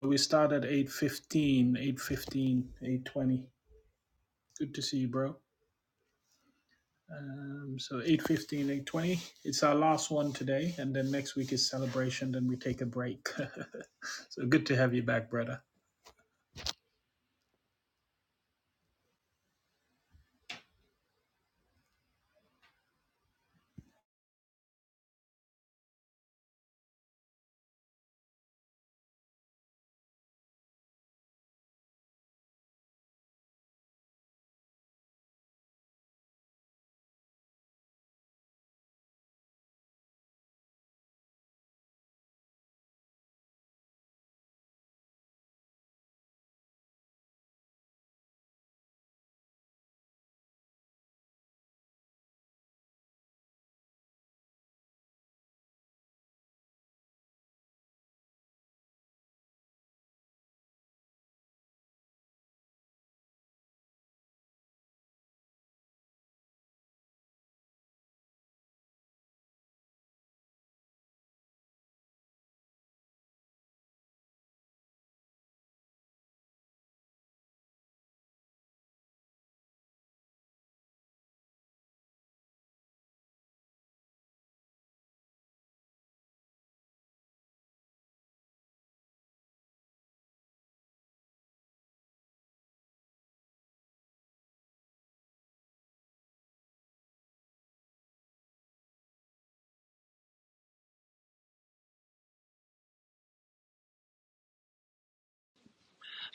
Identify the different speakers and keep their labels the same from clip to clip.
Speaker 1: We start at eight fifteen, eight fifteen, eight twenty. Good to see you, bro. Um, so eight fifteen, eight twenty. It's our last one today, and then next week is celebration, then we take a break. so good to have you back, brother.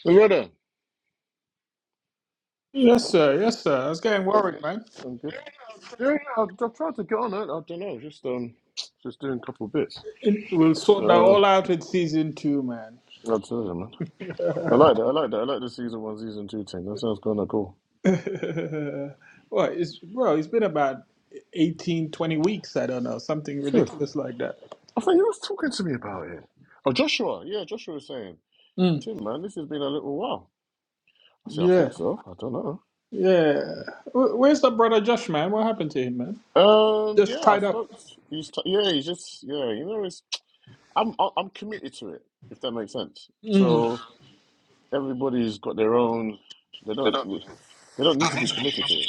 Speaker 2: Loretta,
Speaker 1: Yes, sir. Yes, sir. I was getting worried, man.
Speaker 2: I'm good. Yeah, yeah. I, I tried to get on it. I don't know. Just um, just doing a couple bits.
Speaker 1: We'll sort that
Speaker 2: Uh,
Speaker 1: all out in season two, man.
Speaker 2: I tell you, man. I like that. I like that. I like the season one, season two thing. That sounds kind of cool.
Speaker 1: well, it's well, it's been about 18, 20 weeks. I don't know, something
Speaker 2: Serious.
Speaker 1: ridiculous like that.
Speaker 2: I think you was talking to me about it. Oh, Joshua. Yeah, Joshua was saying,
Speaker 1: Mm,
Speaker 2: Tim, man, this has been a little while. I said, I
Speaker 1: yeah.
Speaker 2: think so. I don't know.
Speaker 1: Yeah. Wh- Where's the brother Josh, man? What happened to him, man?
Speaker 2: Um,
Speaker 1: Just
Speaker 2: yeah, I
Speaker 1: tied
Speaker 2: spoke.
Speaker 1: up.
Speaker 2: He's t- yeah, he's just yeah. You know, it's I'm I- I'm committed to it. If that makes sense.
Speaker 1: Mm.
Speaker 2: So Everybody's got their own. They
Speaker 1: They
Speaker 2: don't.
Speaker 1: don't.
Speaker 2: They don't need to be committed to it.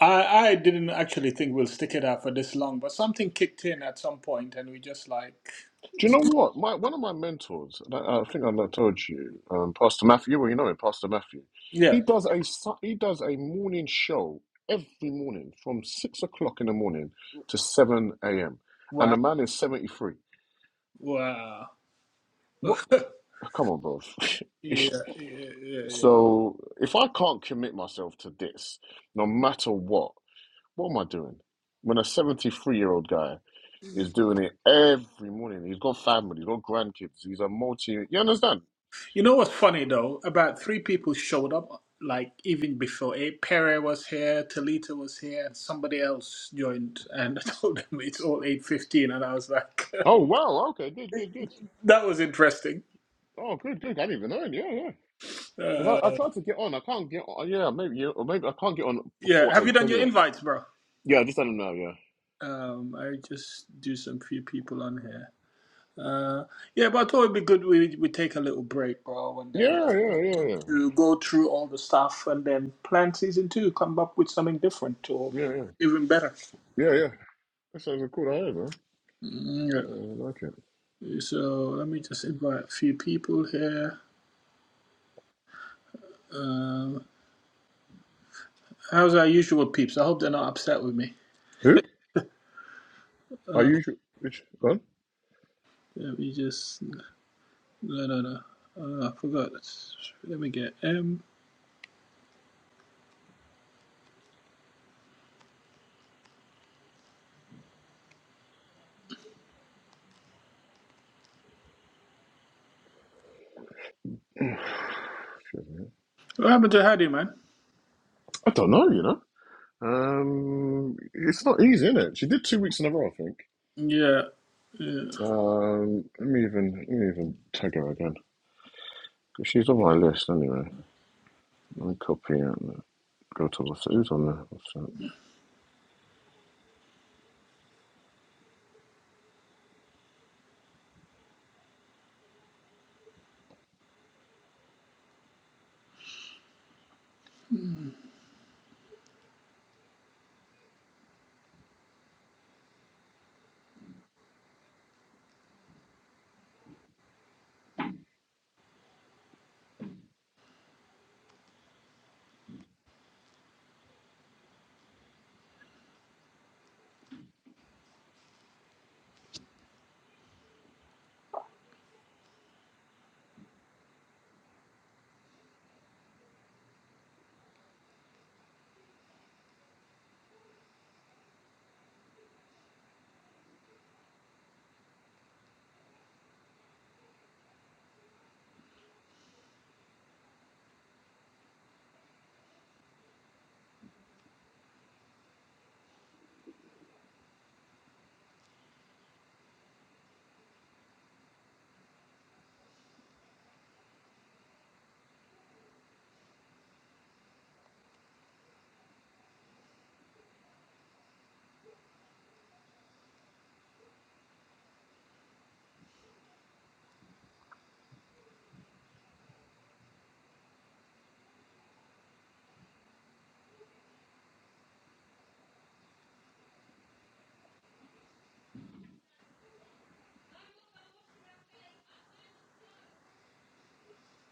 Speaker 1: I, I didn't actually think we'll stick it out for this long, but something kicked in at some point, and we just like,
Speaker 2: Do you know what? My one of my mentors, and I, I think I told you, um, Pastor Matthew. Well, you know him, Pastor Matthew.
Speaker 1: yeah,
Speaker 2: He does a su- he does a morning show every morning from six o'clock in the morning to seven a.m. And
Speaker 1: wow,
Speaker 2: the man is seventy three.
Speaker 1: wow,
Speaker 2: What?
Speaker 1: yeah,
Speaker 2: Come on, bro.
Speaker 1: yeah, yeah, yeah.
Speaker 2: so if I can't commit myself to this, no matter what, what am I doing? When a seventy three year old guy is doing it every morning. He's got family, he's got grandkids, he's a multi. You understand?
Speaker 1: You know what's funny though? About three people showed up, like even before. A Pere was here, Talita was here, and somebody else joined, and I told them it's all eight fifteen, and I was like,
Speaker 2: Oh, wow. Okay, good, good, good.
Speaker 1: that was interesting.
Speaker 2: Oh, good, good. I didn't even know. Yeah, yeah. Because I, I
Speaker 1: Uh,
Speaker 2: tried to get on. I can't get on. Yeah, maybe, yeah, or maybe I can't get on before
Speaker 1: yeah, have you
Speaker 2: eight
Speaker 1: done your
Speaker 2: anyway.
Speaker 1: invites, bro?
Speaker 2: Yeah, I just let him know. Yeah.
Speaker 1: Um, I just do some few people on here. Uh, yeah, but I thought it'd be good we we take a little break, bro, and then
Speaker 2: Yeah, yeah, yeah, yeah.
Speaker 1: to go through all the stuff and then plan season two, come up with something different or
Speaker 2: Yeah, yeah. Yeah,
Speaker 1: even better.
Speaker 2: yeah. yeah. That sounds a cool idea, man.
Speaker 1: Mm,
Speaker 2: Yeah, I like it.
Speaker 1: Yeah. So let me just invite a few people here. Um, how's our usual peeps? I hope they're not upset with me.
Speaker 2: Who? Are you su- which one?
Speaker 1: Let me just no no no. Uh, I forgot. Let me get um. What happened to Hadi, man?
Speaker 2: I don't know, you know. Um, it's not easy, is it? She did two weeks in a row, I think.
Speaker 1: Yeah, yeah.
Speaker 2: Um, let me even let me even tag her again. 'Cause She's on my list anyway. Let me copy and go to what's who's on there. What's that?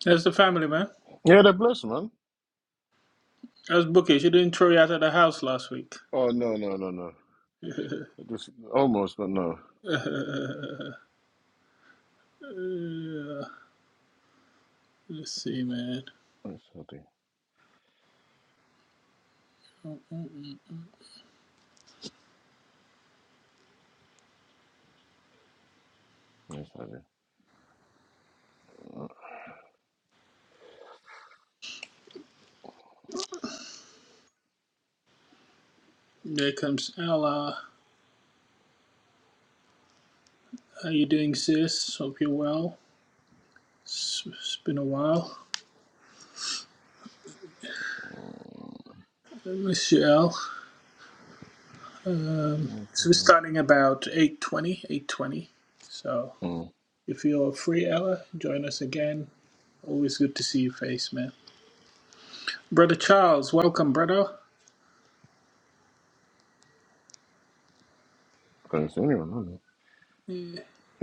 Speaker 1: That's the family, man.
Speaker 2: Yeah, they're blessed, man.
Speaker 1: That's Bookie. She didn't throw you out of the house last week.
Speaker 2: Oh no, no, no, no. It just almost, but no.
Speaker 1: Yeah. Let's see, man.
Speaker 2: That's healthy.
Speaker 1: Mm-mm-mm.
Speaker 2: That's healthy.
Speaker 1: There comes Ella. How you doing, sis? Hope you're well. It's, it's been a while. I miss you, El. Um, so we're starting about 8.20, 8.20. So
Speaker 2: Mm.
Speaker 1: if you're free, Ella, join us again. Always good to see your face, man. Brother Charles, welcome, brother.
Speaker 2: Can't see anyone. huh?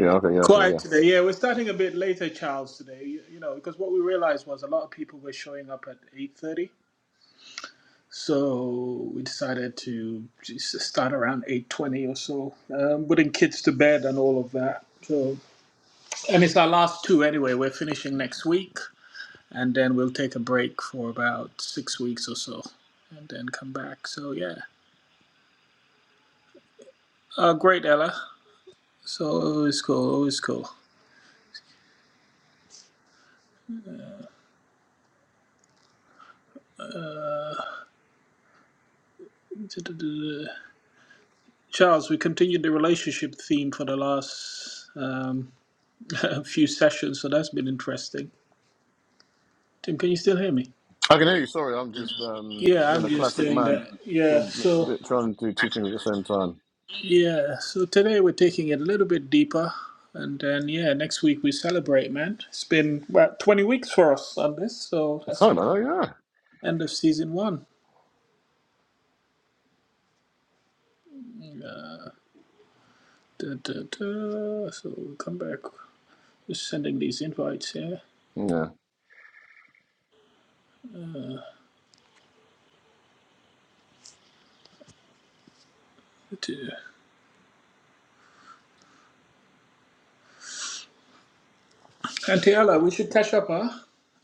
Speaker 2: Yeah. Okay. Yeah. So
Speaker 1: Quiet
Speaker 2: yeah.
Speaker 1: today. Yeah, we're starting a bit later, Charles. Today, you, you know, because what we realized was a lot of people were showing up at eight thirty, so we decided to just start around eight twenty or so, um, putting kids to bed and all of that. So, and it's our last two anyway. We're finishing next week, and then we'll take a break for about six weeks or so, and then come back. So yeah, uh, great, Ella. So always cool, always cool. Charles, we continued the relationship theme for the last um, few sessions, so that's been interesting. Tim, can you still hear me?
Speaker 2: I can hear you. Sorry, I'm just um
Speaker 1: Yeah,
Speaker 2: being
Speaker 1: I'm
Speaker 2: a
Speaker 1: just
Speaker 2: classic
Speaker 1: doing
Speaker 2: man,
Speaker 1: that. Yeah,
Speaker 2: doing,
Speaker 1: so
Speaker 2: doing- trying to do two things at the same time.
Speaker 1: yeah, so today we're taking it a little bit deeper, and then yeah, next week we celebrate, man. It's been about 20 weeks for us on this, so that's
Speaker 2: Sorry,
Speaker 1: the
Speaker 2: man.
Speaker 1: end of season one. Da, da, da. So we come back. Just sending these invites here.
Speaker 2: Yeah. Yeah.
Speaker 1: Da, da. Auntie Ella, we should catch up, huh?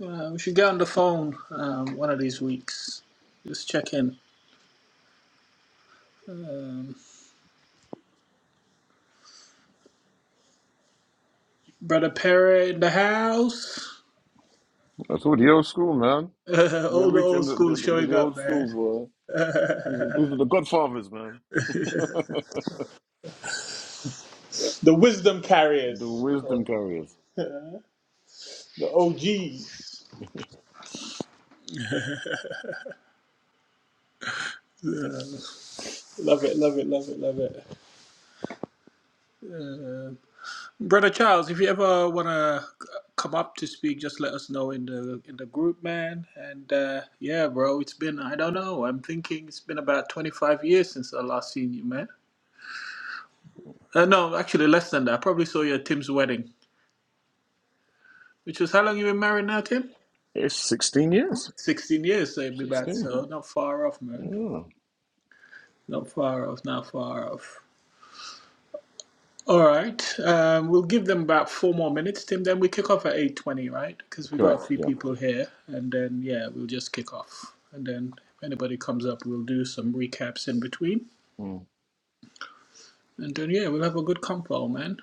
Speaker 1: Uh, we should get on the phone um, one of these weeks. Just check in. Brother Perry in the house.
Speaker 2: That's all the old school, man.
Speaker 1: Uh,
Speaker 2: They're
Speaker 1: all the
Speaker 2: reaching
Speaker 1: old
Speaker 2: the,
Speaker 1: school
Speaker 2: the, the,
Speaker 1: showing
Speaker 2: the
Speaker 1: up,
Speaker 2: old school,
Speaker 1: man.
Speaker 2: boy. These are, these are the godfathers, man.
Speaker 1: the wisdom
Speaker 2: The
Speaker 1: carriers, we call
Speaker 2: wisdom
Speaker 1: them.
Speaker 2: carriers.
Speaker 1: The OGs. Love it, love it, love it, love it. Uh, Brother Charles, if you ever want to come up to speak, just let us know in the in the group, man. And uh, yeah, bro, it's been I don't know. I'm thinking it's been about 25 years since I last seen you, man. Uh, no, actually less than that. I probably saw you at Tim's wedding, which was how long you been married now, Tim?
Speaker 2: It's 16 years.
Speaker 1: Sixteen years, so it'd be about
Speaker 2: 16.
Speaker 1: so not far off, man.
Speaker 2: Oh,
Speaker 1: Not far off, not far off. All right, um, we'll give them about four more minutes, Tim. Then we kick off at eight twenty, right? Because we got a
Speaker 2: correct.
Speaker 1: few
Speaker 2: Yep.
Speaker 1: people here, and then yeah, we'll just kick off, and then if anybody comes up, we'll do some recaps in between,
Speaker 2: Mm.
Speaker 1: and then yeah, we'll have a good convo, man.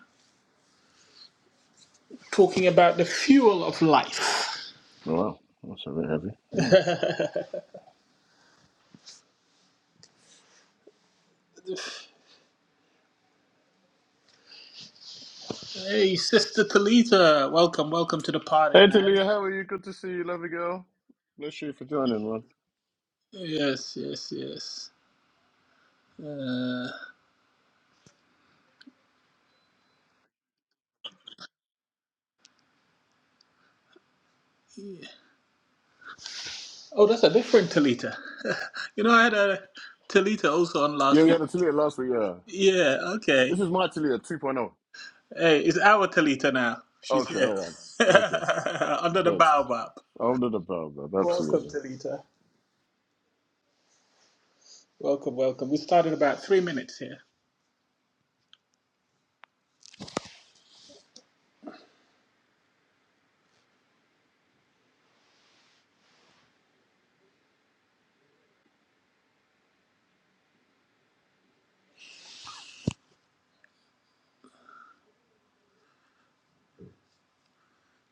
Speaker 1: Talking about the fuel of life.
Speaker 2: Oh, Wow. That's a bit heavy. Mm.
Speaker 1: Hey, Sister Talita, welcome, welcome to the party,
Speaker 2: Hey,
Speaker 1: man.
Speaker 2: Talia, how are you? Good to see you. lovely girl. Bless you for joining, man.
Speaker 1: Yes, yes, yes. Uh, oh, that's a different Talita. you know, I had a Talita also on
Speaker 2: Yeah,
Speaker 1: last
Speaker 2: we
Speaker 1: week.
Speaker 2: had a Talia last week, yeah.
Speaker 1: Yeah,
Speaker 2: This
Speaker 1: okay.
Speaker 2: is my Talia 2.0.
Speaker 1: Hey, it's our Talita now. She's
Speaker 2: Okay,
Speaker 1: here.
Speaker 2: all right. Okay,
Speaker 1: Under the
Speaker 2: yes.
Speaker 1: baobab.
Speaker 2: Under the bell, bro.
Speaker 1: Welcome,
Speaker 2: Absolutely.
Speaker 1: Talita. Welcome, welcome. We start in about three minutes here.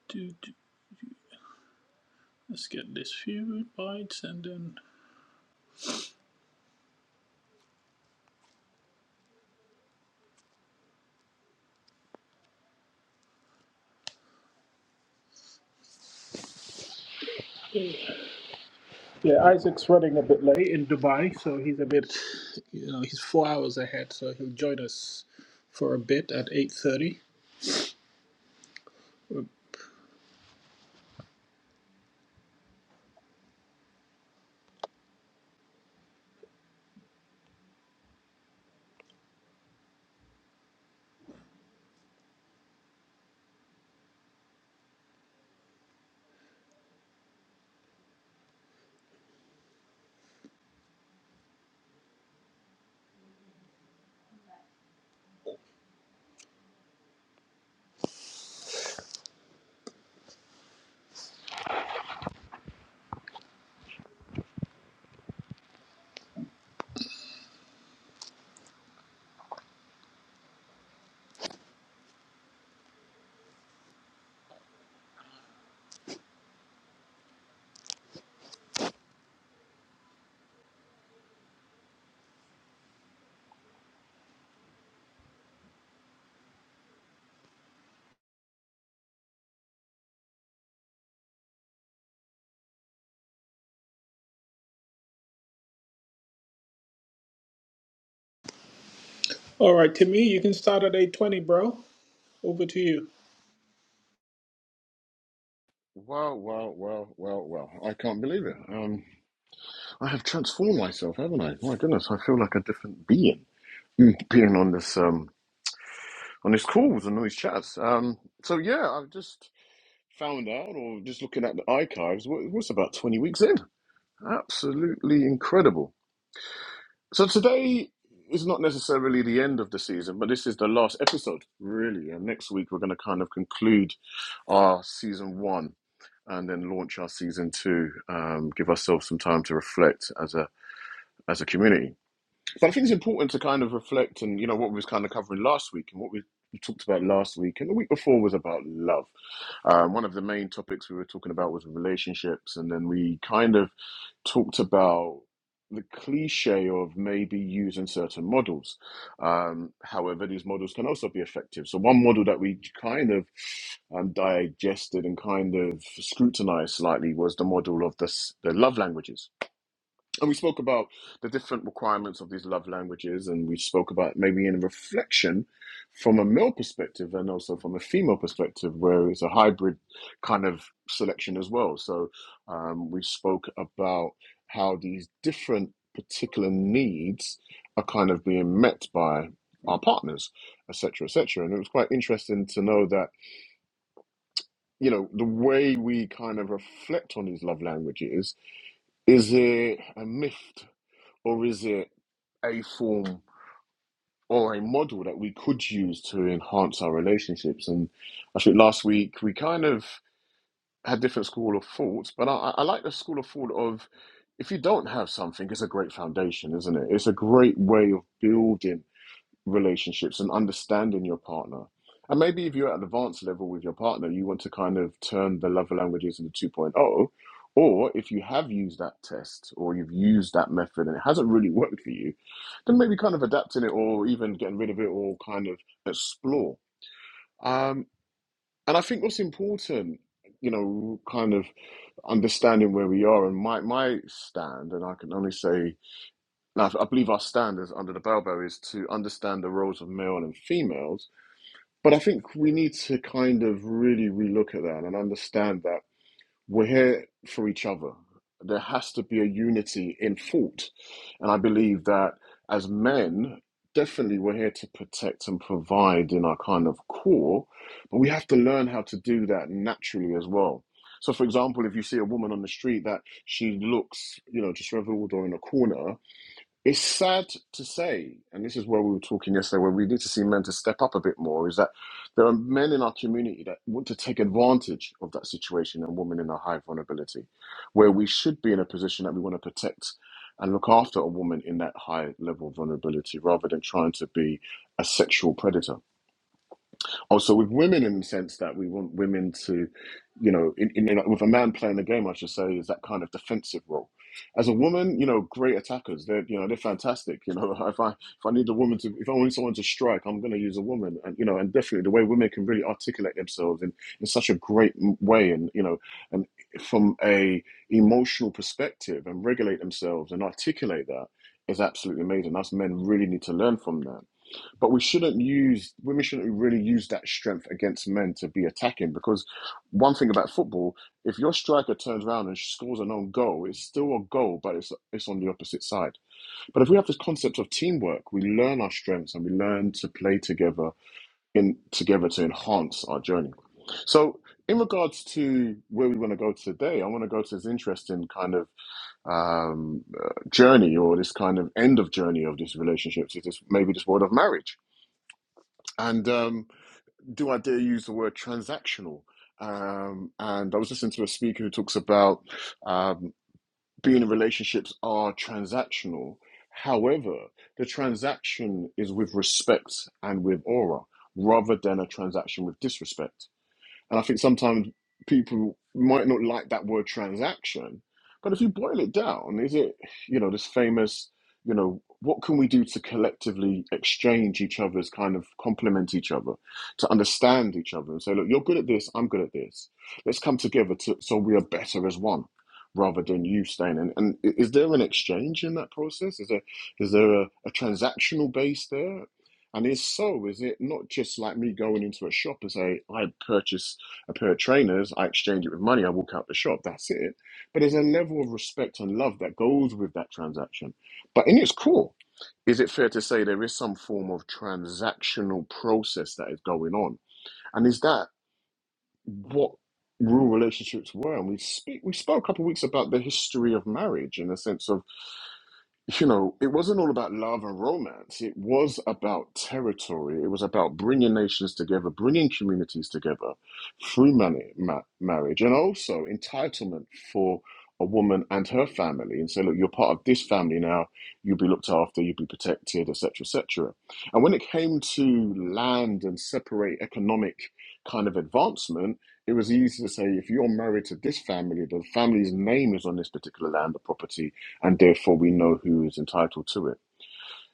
Speaker 1: Do, do. Let's get this few bites and then. Yeah, Isaac's running a bit late in Dubai, so he's a bit, you know, he's four hours ahead, so he'll join us for a bit at 8.30 All right, Timmy, you can start at 820, bro. Over to you.
Speaker 2: Wow, wow, wow, wow, wow. I can't believe it. Um, I have transformed myself, haven't I? My goodness, I feel like a different being. Mm, Being on this um on this calls and all these chats. Um, so yeah, I've just found out, or just looking at the archives, wh- was about 20 weeks in? Absolutely incredible. So today is not necessarily the end of the season, but this is the last episode, really. And next week, we're going to kind of conclude our season one and then launch our season two, um, give ourselves some time to reflect as a as a community. But I think it's important to kind of reflect and, you know, what we was kind of covering last week and what we we talked about last week and the week before was about love. Um, one of the main topics we were talking about was relationships, and then we kind of talked about the cliche of maybe using certain models. Um, however, these models can also be effective. So, one model that we kind of um, digested and kind of scrutinized slightly was the model of the, s- the love languages. And we spoke about the different requirements of these love languages, and we spoke about maybe in reflection from a male perspective and also from a female perspective, where it's a hybrid kind of selection as well. So um, we spoke about how these different particular needs are kind of being met by our partners, etc., etc. And it was quite interesting to know that you know the way we kind of reflect on these love languages is it a myth or is it a form or a model that we could use to enhance our relationships? And I think last week we kind of had different school of thoughts, but I, I I like the school of thought of if you don't have something, it's a great foundation, isn't it? It's a great way of building relationships and understanding your partner. And maybe if you're at an advanced level with your partner, you want to kind of turn the love languages into 2.0. Or if you have used that test or you've used that method and it hasn't really worked for you, then maybe kind of adapting it or even getting rid of it or kind of explore. Um, and I think what's important, you know, kind of understanding where we are and my, my stand, and I can only say, and I I believe our stand is under the bellbow is to understand the roles of male and females but I think we need to kind of really relook at that and understand that we're here for each other. There has to be a unity in thought. And I believe that as men, definitely we're here to protect and provide in our kind of core, but we have to learn how to do that naturally as well. So, for example, if you see a woman on the street that she looks, you know, just reveled or in a corner, it's sad to say, and this is where we were talking yesterday, where we need to see men to step up a bit more, is that there are men in our community that want to take advantage of that situation and women in a high vulnerability, where we should be in a position that we want to protect and look after a woman in that high level of vulnerability rather than trying to be a sexual predator also with women in the sense that we want women to, you know, in, in, in, with a man playing the game, I should say, is that kind of defensive role. As a woman, you know, great attackers. They're you know they're fantastic. You know, if I if I need a woman to if I want someone to strike, I'm going to use a woman. And you know, and definitely the way women can really articulate themselves in in such a great m- way, and you know, and from a emotional perspective, and regulate themselves and articulate that is absolutely amazing. Us men really need to learn from that but we shouldn't use women shouldn't really use that strength against men to be attacking because one thing about football, if your striker turns around and scores an own goal, it's still a goal, but it's it's on the opposite side. But if we have this concept of teamwork, we learn our strengths and we learn to play together in together to enhance our journey. So in regards to where we want to go today, I want to go to this interesting kind of um, uh, journey or this kind of end of journey of this relationship, so this maybe this world of marriage and um, do I dare use the word transactional? Um, and I was listening to a speaker who talks about um, being in relationships are transactional. However, the transaction is with respect and with aura rather than a transaction with disrespect. And I think sometimes people might not like that word transaction, but if you boil it down, is it, you know, this famous, you know, what can we do to collectively exchange each other's kind of complement each other, to understand each other and say, look, you're good at this, I'm good at this. Let's come together to, so we are better as one rather than you staying in. And i- is there an exchange in that process? Is there, is there a, a transactional base there? And if so, is it not just like me going into a shop and say, I purchase a pair of trainers, I exchange it with money, I walk out the shop, that's it. But there's a level of respect and love that goes with that transaction. But in its core, is it fair to say there is some form of transactional process that is going on? And is that what real relationships were? And we speak we spoke a couple of weeks about the history of marriage in the sense of you know, it wasn't all about love and romance. It was about territory. It was about bringing nations together, bringing communities together through money, ma- marriage, and also entitlement for a woman and her family and say, look, you're part of this family now. You'll be looked after. You'll be protected, etc., etc. And when it came to land and separate economic kind of advancement, it was easy to say if you're married to this family, the family's name is on this particular land or property and therefore we know who is entitled to it.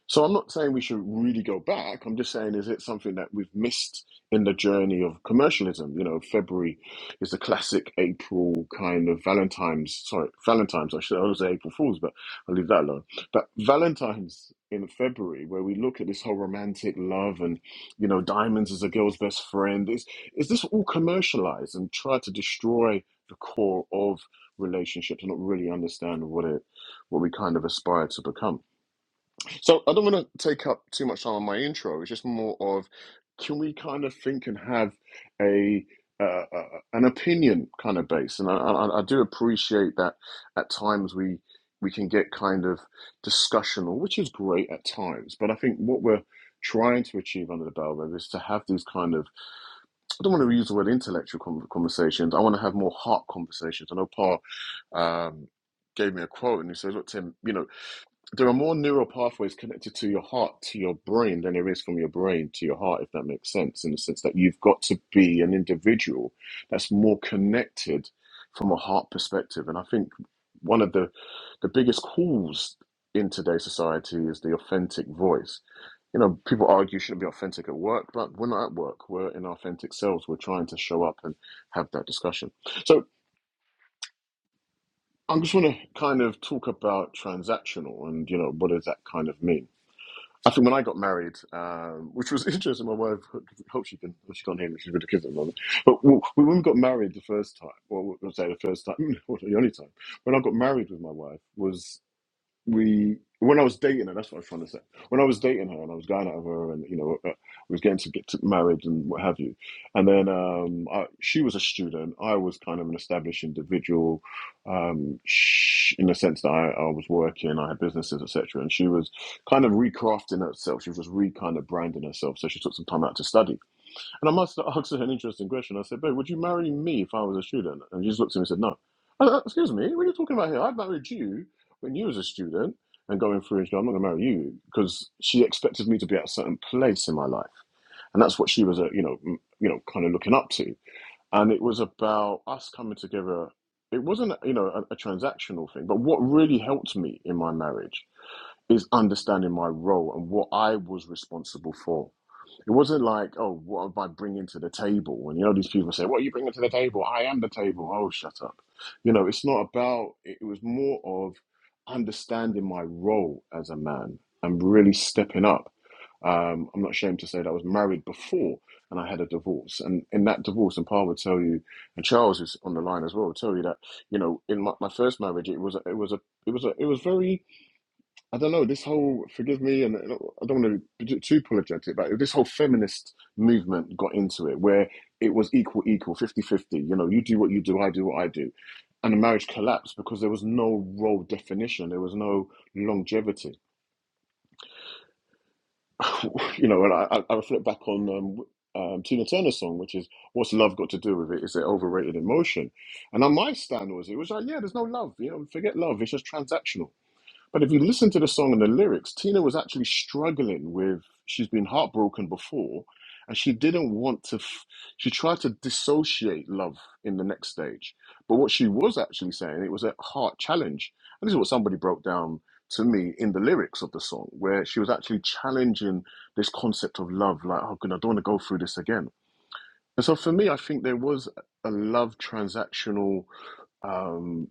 Speaker 2: So I'm not saying we should really go back. I'm just saying, is it something that we've missed in the journey of commercialism? You know, February is the classic April kind of Valentine's. Sorry, Valentine's. I should I was April Fools, but I'll leave that alone. But Valentine's in February, where we look at this whole romantic love and you know, diamonds as a girl's best friend. Is is this all commercialized and try to destroy the core of relationships and not really understand what it what we kind of aspire to become? So I don't want to take up too much time on my intro. It's just more of can we kind of think and have a uh, uh, an opinion kind of base, and I, I, I do appreciate that at times we we can get kind of discussional, which is great at times. But I think what we're trying to achieve under the bell Rev is to have these kind of I don't want to use the word intellectual con- conversations. I want to have more heart conversations. I know Paul um, gave me a quote, and he says, "Look, Tim, you know." there are more neural pathways connected to your heart to your brain than there is from your brain to your heart, if that makes sense, in the sense that you've got to be an individual that's more connected from a heart perspective. And I think one of the the biggest calls in today's society is the authentic voice. You know, people argue you shouldn't be authentic at work, but we're not at work. We're in our authentic selves. We're trying to show up and have that discussion. So i just want to kind of talk about transactional and you know what does that kind of mean. I think when I got married, um, which was interesting, my wife, hope she can, well, she can't hear me, she's with the kids at the moment. But w- when we got married the first time, well, I would say the first time, or the only time, when I got married with my wife was we when I was dating her, that's what I was trying to say. When I was dating her and I was going out of her, and you know, uh, we was getting to get to married and what have you, and then um, I, she was a student. I was kind of an established individual, um, sh in the sense that I, I was working, I had businesses, etc. And she was kind of recrafting herself. She was just re kind of branding herself. So she took some time out to study. And I must ask her an interesting question. I said, Babe, would you marry me if I was a student? And she just looked at me and said, No. I said, "Uh, Excuse me, what are you talking about here? I married you when you was a student and going through and she said, I'm not gonna marry you because she expected me to be at a certain place in my life. And that's what she was, uh, you know, m- you know, kind of looking up to. And it was about us coming together. It wasn't, you know, a, a transactional thing, but what really helped me in my marriage is understanding my role and what I was responsible for it wasn't like, oh, what am I bringing to the table? And you know, these people say, what are you bringing to the table? I am the table. Oh, shut up. You know, it's not about, it was more of understanding my role as a man and really stepping up. Um, I'm not ashamed to say that I was married before and I had a divorce. And in that divorce, and Paul would tell you, and Charles is on the line as well, would tell you that, you know, in my, my first marriage, it was, a- it was a, it was a, it was very, I don't know, this whole, forgive me, and uh, I don't want to be too apologetic, but this whole feminist movement got into it where it was equal, equal, fifty-fifty. You know, you do what you do, I do what I do. And the marriage collapsed because there was no role definition, there was no longevity. You know, and I, I I reflect back on um, um, Tina Turner's song, which is What's Love Got to Do with It? Is it overrated emotion? And on my stand was, it was like, yeah, there's no love. You know, forget love, it's just transactional but if you listen to the song and the lyrics, Tina was actually struggling with, she's been heartbroken before, and she didn't want to, f- she tried to dissociate love in the next stage. But what she was actually saying, it was a heart challenge. And this is what somebody broke down to me in the lyrics of the song, where she was actually challenging this concept of love, like, oh, God, I don't want to go through this again. And so for me, I think there was a love transactional um,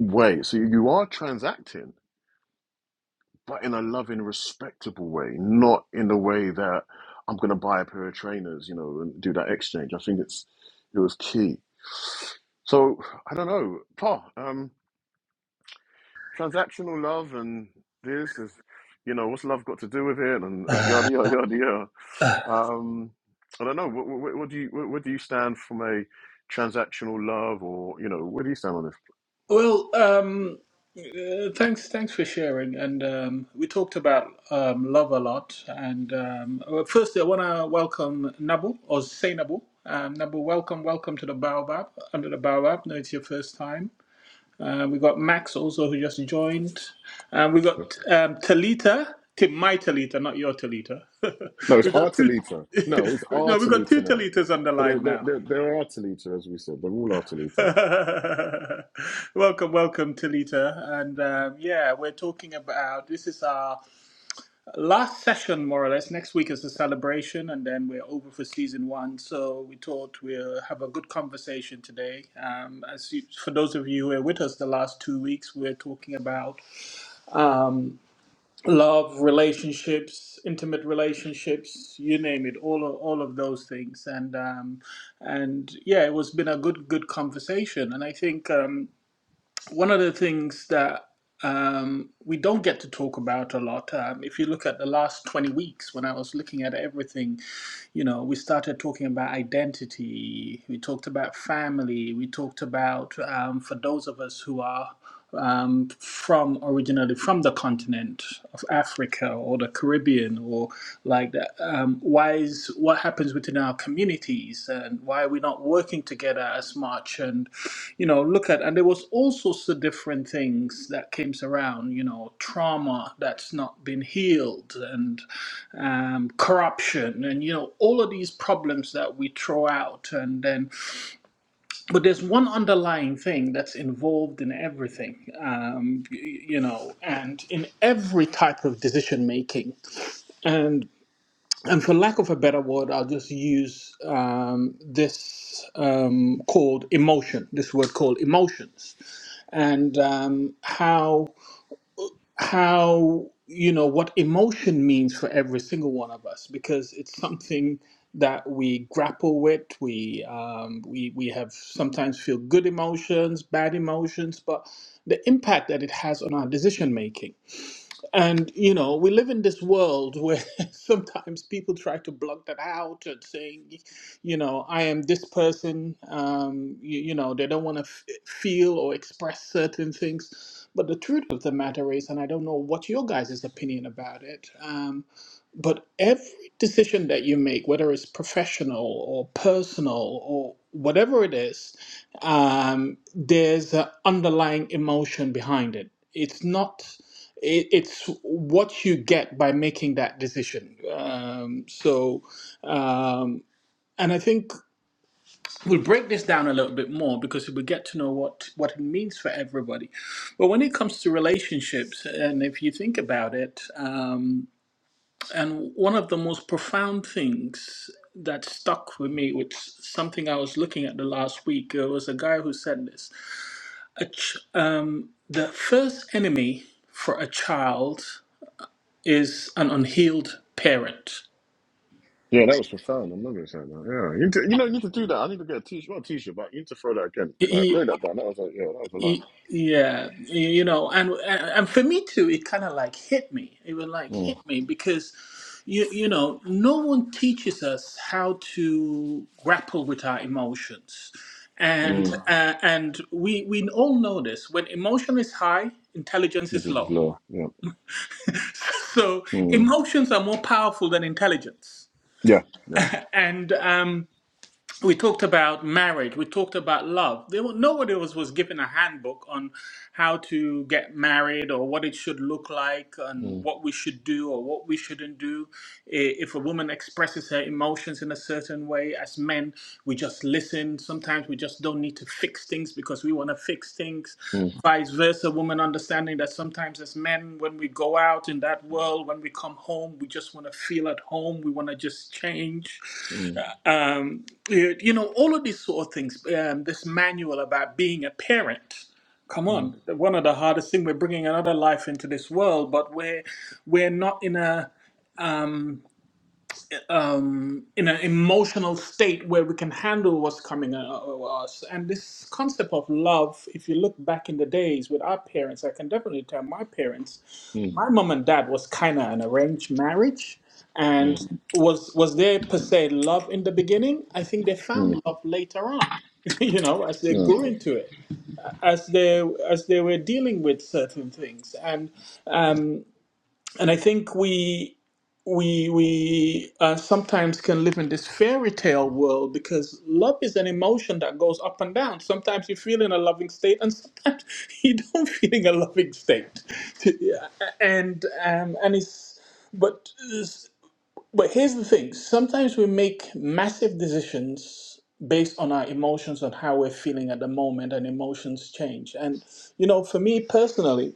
Speaker 2: way. So you you are transacting but in a loving, respectable way, not in the way that I'm going to buy a pair of trainers, you know, and do that exchange. I think it's it was key. So I don't know, Pa, um, transactional love and this is, you know, what's love got to do with it and uh, yada yada yada yada.
Speaker 1: Uh, uh,
Speaker 2: Um, I don't know. What, what, what do you what, what do you stand from a transactional love or you know where do you stand on this?
Speaker 1: Well, um, uh, thanks, thanks for sharing. And um, we talked about um, love a lot. And um, well, firstly, I want to welcome Nabu or Say Nabu. Um, Nabu, welcome, welcome to the Baobab, under the Baobab. No, it's your first time. Uh, we got Max also who just joined. Um, we got
Speaker 2: Yeah.
Speaker 1: um, Talita, Tim, my Talita, not your Talita.
Speaker 2: No, it's
Speaker 1: we got two.
Speaker 2: Artalita. No, it's
Speaker 1: no, we got
Speaker 2: Artalita
Speaker 1: two
Speaker 2: now.
Speaker 1: Talitas on the
Speaker 2: But they're,
Speaker 1: line
Speaker 2: they're,
Speaker 1: now.
Speaker 2: they're they're Artalita, as we said. They're all Artalita.
Speaker 1: welcome, welcome, Talita, and um, yeah, we're talking about this is our last session, more or less. Next week is the celebration, and then we're over for season one. So we thought we'll have a good conversation today. Um, as you, for those of you who were with us the last two weeks, we're talking about um, love, relationships, intimate relationships, you name it, all of, all of those things. And um, and yeah, it was been a good good conversation. And I think. Um, one of the things that um, we don't get to talk about a lot, um, if you look at the last 20 weeks when I was looking at everything, you know, we started talking about identity, we talked about family, we talked about, um, for those of us who are um, from originally from the continent of Africa or the Caribbean or like that, um, why is what happens within our communities and why are we not working together as much and you know look at and there was all sorts of different things that came around you know trauma that's not been healed and um, corruption and you know all of these problems that we throw out and then but there's one underlying thing that's involved in everything um, y- y- you know and in every type of decision making and and for lack of a better word i'll just use um, this um, called emotion this word called emotions and um, how how you know what emotion means for every single one of us because it's something that we grapple with we um, we we have sometimes feel good emotions bad emotions but the impact that it has on our decision making and you know, we live in this world where sometimes people try to block that out and saying, you know, I am this person. Um, you, you know, they don't want to f- feel or express certain things. But the truth of the matter is, and I don't know what your guys' opinion about it. Um, but every decision that you make, whether it's professional or personal or whatever it is, um, there's an underlying emotion behind it. It's not. It, it's what you get by making that decision. Um, so, um, and I think we'll break this down a little bit more because we get to know what what it means for everybody. But when it comes to relationships, and if you think about it. Um, and one of the most profound things that stuck with me, which something I was looking at the last week, there was a guy who said this. A ch- um, the first enemy for a child is an unhealed parent.
Speaker 2: Yeah, that was profound. i remember saying that. Yeah, you, need to, you know, you need to do that. I need to get a t-shirt, not a t-shirt, but you need to throw that again. Like throw that down. That was like, yeah, that was a line.
Speaker 1: Y- Yeah, y- you know, and and and for me too, it kind of like hit me. It was like
Speaker 2: Mm,
Speaker 1: hit me because you you know, no one teaches us how to grapple with our emotions. And
Speaker 2: mm,
Speaker 1: Mhm. uh, and we we all know this. When emotion is high, intelligence
Speaker 2: this
Speaker 1: is
Speaker 2: is
Speaker 1: low.
Speaker 2: low. Yeah,
Speaker 1: So
Speaker 2: mm,
Speaker 1: emotions are more powerful than intelligence.
Speaker 2: yeah, yeah.
Speaker 1: And um we talked about marriage we talked about love there were, nobody was, was given a handbook on how to get married or what it should look like and
Speaker 2: Mm,
Speaker 1: what we should do or what we shouldn't do I- if a woman expresses her emotions in a certain way as men we just listen sometimes we just don't need to fix things because we want to fix things
Speaker 2: mm,
Speaker 1: vice versa women understanding that sometimes as men when we go out in that world when we come home we just want to feel at home we want to just change
Speaker 2: mm,
Speaker 1: Uh, um, you, you know all of these sort of things um, this manual about being a parent come on
Speaker 2: mm,
Speaker 1: one of the hardest thing we're bringing another life into this world but we're we're not in a um, um, in an emotional state where we can handle what's coming at us. And this concept of love, if you look back in the days with our parents, I can definitely tell my parents,
Speaker 2: mm,
Speaker 1: my mom and dad was kind of an arranged marriage.
Speaker 2: mm,
Speaker 1: And was was there per se love in the beginning? I think they
Speaker 2: mm,
Speaker 1: found love later on, you know, as
Speaker 2: mm,
Speaker 1: they grew
Speaker 2: mm.
Speaker 1: into it, as they as they were dealing with certain things. And um, and I think we we we uh, sometimes can live in this fairy tale world because love is an emotion that goes up and down. Sometimes you feel in a loving state, and sometimes you don't feel in a loving state. Yeah, and um, and it's but but here's the thing: sometimes we make massive decisions based on our emotions and how we're feeling at the moment, and emotions change. And you know, for me personally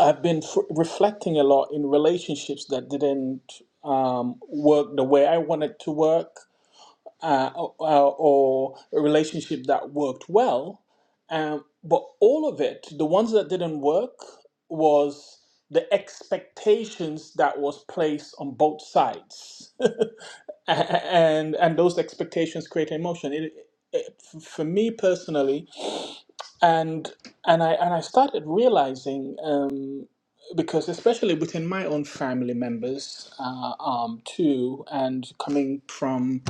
Speaker 1: I've been f- reflecting a lot in relationships that didn't um, work the way I wanted to work, uh, or, or a relationship that worked well. Um, but all of it, the ones that didn't work, was the expectations that was placed on both sides, A- and and those expectations create emotion. It, it, for me personally, and and I and I started realizing. Um, because especially within my own family members uh, um, too and coming from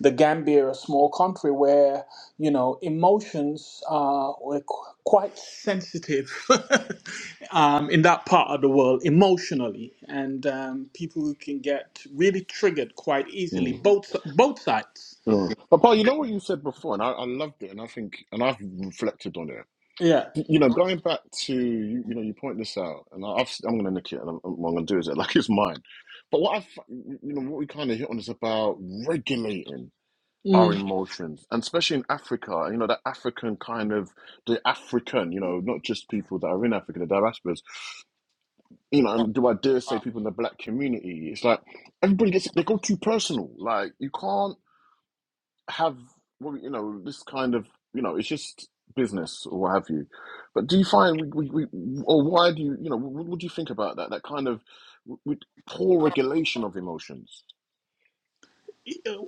Speaker 1: the gambia a small country where you know emotions uh, were qu- quite sensitive um, in that part of the world emotionally and um, people can get really triggered quite easily
Speaker 2: mm.
Speaker 1: both both sides
Speaker 2: But Paul, you know what you said before, and I, I loved it, and I think, and I've reflected on it.
Speaker 1: yeah
Speaker 2: You know, going back to you, you know, you point this out, and I- I've, I'm going to nick it, and I'm, what I'm going to do is it like it's mine. But what I, you know, what we kind of hit on is about regulating our
Speaker 1: Mm.
Speaker 2: emotions and especially in africa you know that african kind of the african you know not just people that are in africa the diasporas you know and do i dare say people in the black community it's like everybody gets they go too personal like you can't have well you know this kind of you know it's just business or what have you but do you find we, we, we or why do you you know what, what do you think about that that kind of w- poor regulation of emotions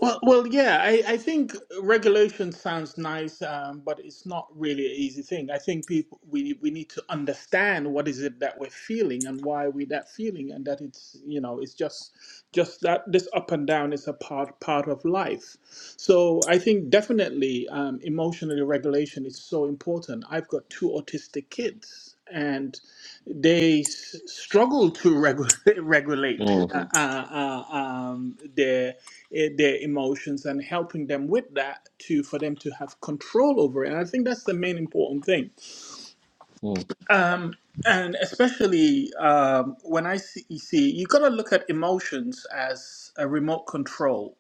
Speaker 1: Well, well, yeah. I, I think regulation sounds nice, um, but it's not really an easy thing. I think people we we need to understand what is it that we're feeling and why we that feeling, and that it's you know it's just just that this up and down is a part part of life. So I think definitely um, emotional regulation is so important. I've got two autistic kids, and they s- struggle to regu- regulate
Speaker 2: mm,
Speaker 1: uh, uh, uh, um, their eh, their emotions and helping them with that to for them to have control over it. And I think that's the main important thing.
Speaker 2: mm,
Speaker 1: Um, and especially um, when I see, you see, you got to look at emotions as a remote control.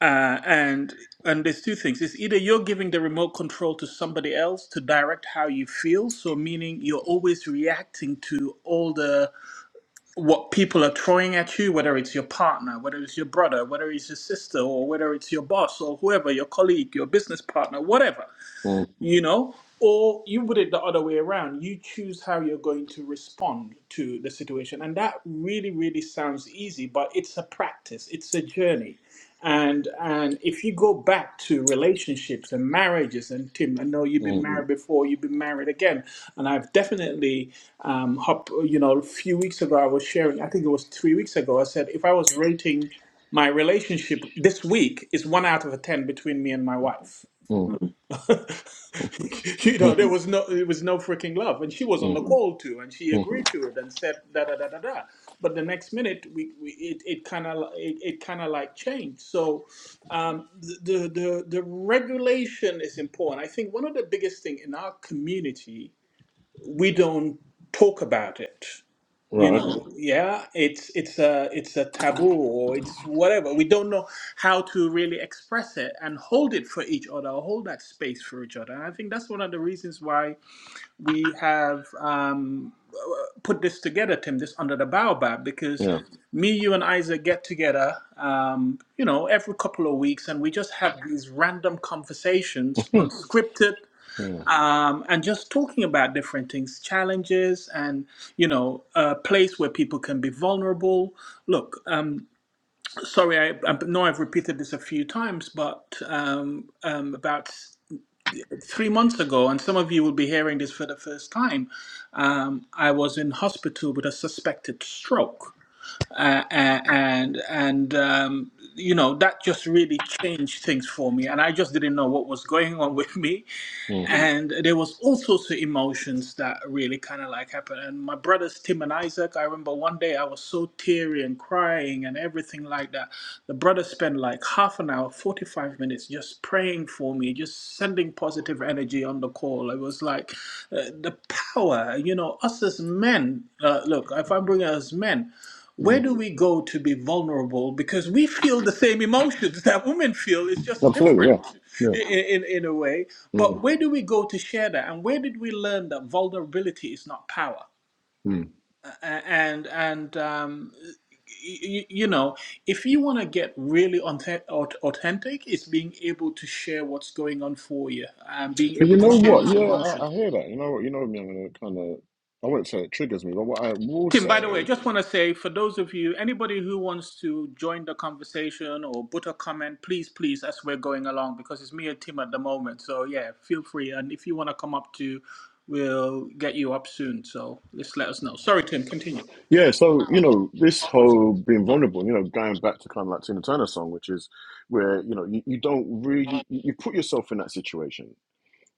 Speaker 1: Uh, and and there's two things. It's either you're giving the remote control to somebody else to direct how you feel, so meaning you're always reacting to all the what people are throwing at you, whether it's your partner, whether it's your brother, whether it's your sister, or whether it's your boss or whoever, your colleague, your business partner, whatever
Speaker 2: mm,
Speaker 1: you know or you put it the other way around you choose how you're going to respond to the situation and that really really sounds easy but it's a practice it's a journey and and if you go back to relationships and marriages and tim i know you've been
Speaker 2: mm,
Speaker 1: married before you've been married again and i've definitely um hop, you know a few weeks ago i was sharing i think it was three weeks ago i said if i was rating my relationship this week is one out of a ten between me and my wife
Speaker 2: mm,
Speaker 1: you
Speaker 2: mm,
Speaker 1: know, there was no, it was no freaking love, and she was on
Speaker 2: mm,
Speaker 1: the call too, and she
Speaker 2: mm.
Speaker 1: agreed to it and said da da da da da. But the next minute, we, we it it kind of it, it kind of like changed. So, um, the, the the the regulation is important. I think one of the biggest thing in our community we don't talk about it you
Speaker 2: right
Speaker 1: know
Speaker 2: okay
Speaker 1: Mhm. yeah it's it's a it's a taboo or it's whatever we don't know how to really express it and hold it for each other or hold that space for each other and i think that's one of the reasons why we have um put this together tim this under the baobab because
Speaker 2: Yeah.
Speaker 1: me you and isaac get together um you know every couple of weeks and we just have these random conversations
Speaker 2: Mm,
Speaker 1: unscripted
Speaker 2: mm,
Speaker 1: um, and just talking about different things, challenges, and you know, a place where people can be vulnerable. Look, um, sorry, I, I know I've repeated this a few times, but um, um, about three months ago, and some of you will be hearing this for the first time, um, I was in hospital with a suspected stroke. Uh, and and um, you know that just really changed things for me, and I just didn't know what was going on with me
Speaker 2: mm,
Speaker 1: and there was all sorts of emotions that really kind of like happened and my brothers tim and isaac i remember one day i was so teary and crying and everything like that the brothers spent like half an hour 45 minutes just praying for me just sending positive energy on the call it was like uh, the power you know us as men uh, look if i'm bringing us men where
Speaker 2: mm.
Speaker 1: do we go to be vulnerable because we feel the same emotions that women feel it's just
Speaker 2: Absolutely. Yeah.
Speaker 1: different
Speaker 2: Yeah.
Speaker 1: in, in, in a way
Speaker 2: Mm,
Speaker 1: but where do we go to share that and where did we learn that vulnerability is not power
Speaker 2: mm.
Speaker 1: A- and and um, you, you know if you want to get really authe- aut- authentic it's being able to share what's going on for you and being
Speaker 2: But you
Speaker 1: able to
Speaker 2: know
Speaker 1: share
Speaker 2: what?
Speaker 1: those
Speaker 2: Yeah,
Speaker 1: emotions.
Speaker 2: I, I hear that. You know what? You know me. I'm gonna kind of. I won't say it triggers me, but what I will
Speaker 1: Tim, by the way, I
Speaker 2: say,
Speaker 1: just want to say for those of you, anybody who wants to join the conversation or put a comment, please, please, as we're going along, because it's me and Tim at the moment. So, yeah, feel free. And if you want to come up too, we'll get you up soon. So, just let us know. Sorry, Tim, continue.
Speaker 2: yeah. So you know, this whole being vulnerable. You know, going back to kind of like Tina Turner song, which is where you know you, you don't really you, you put yourself in that situation.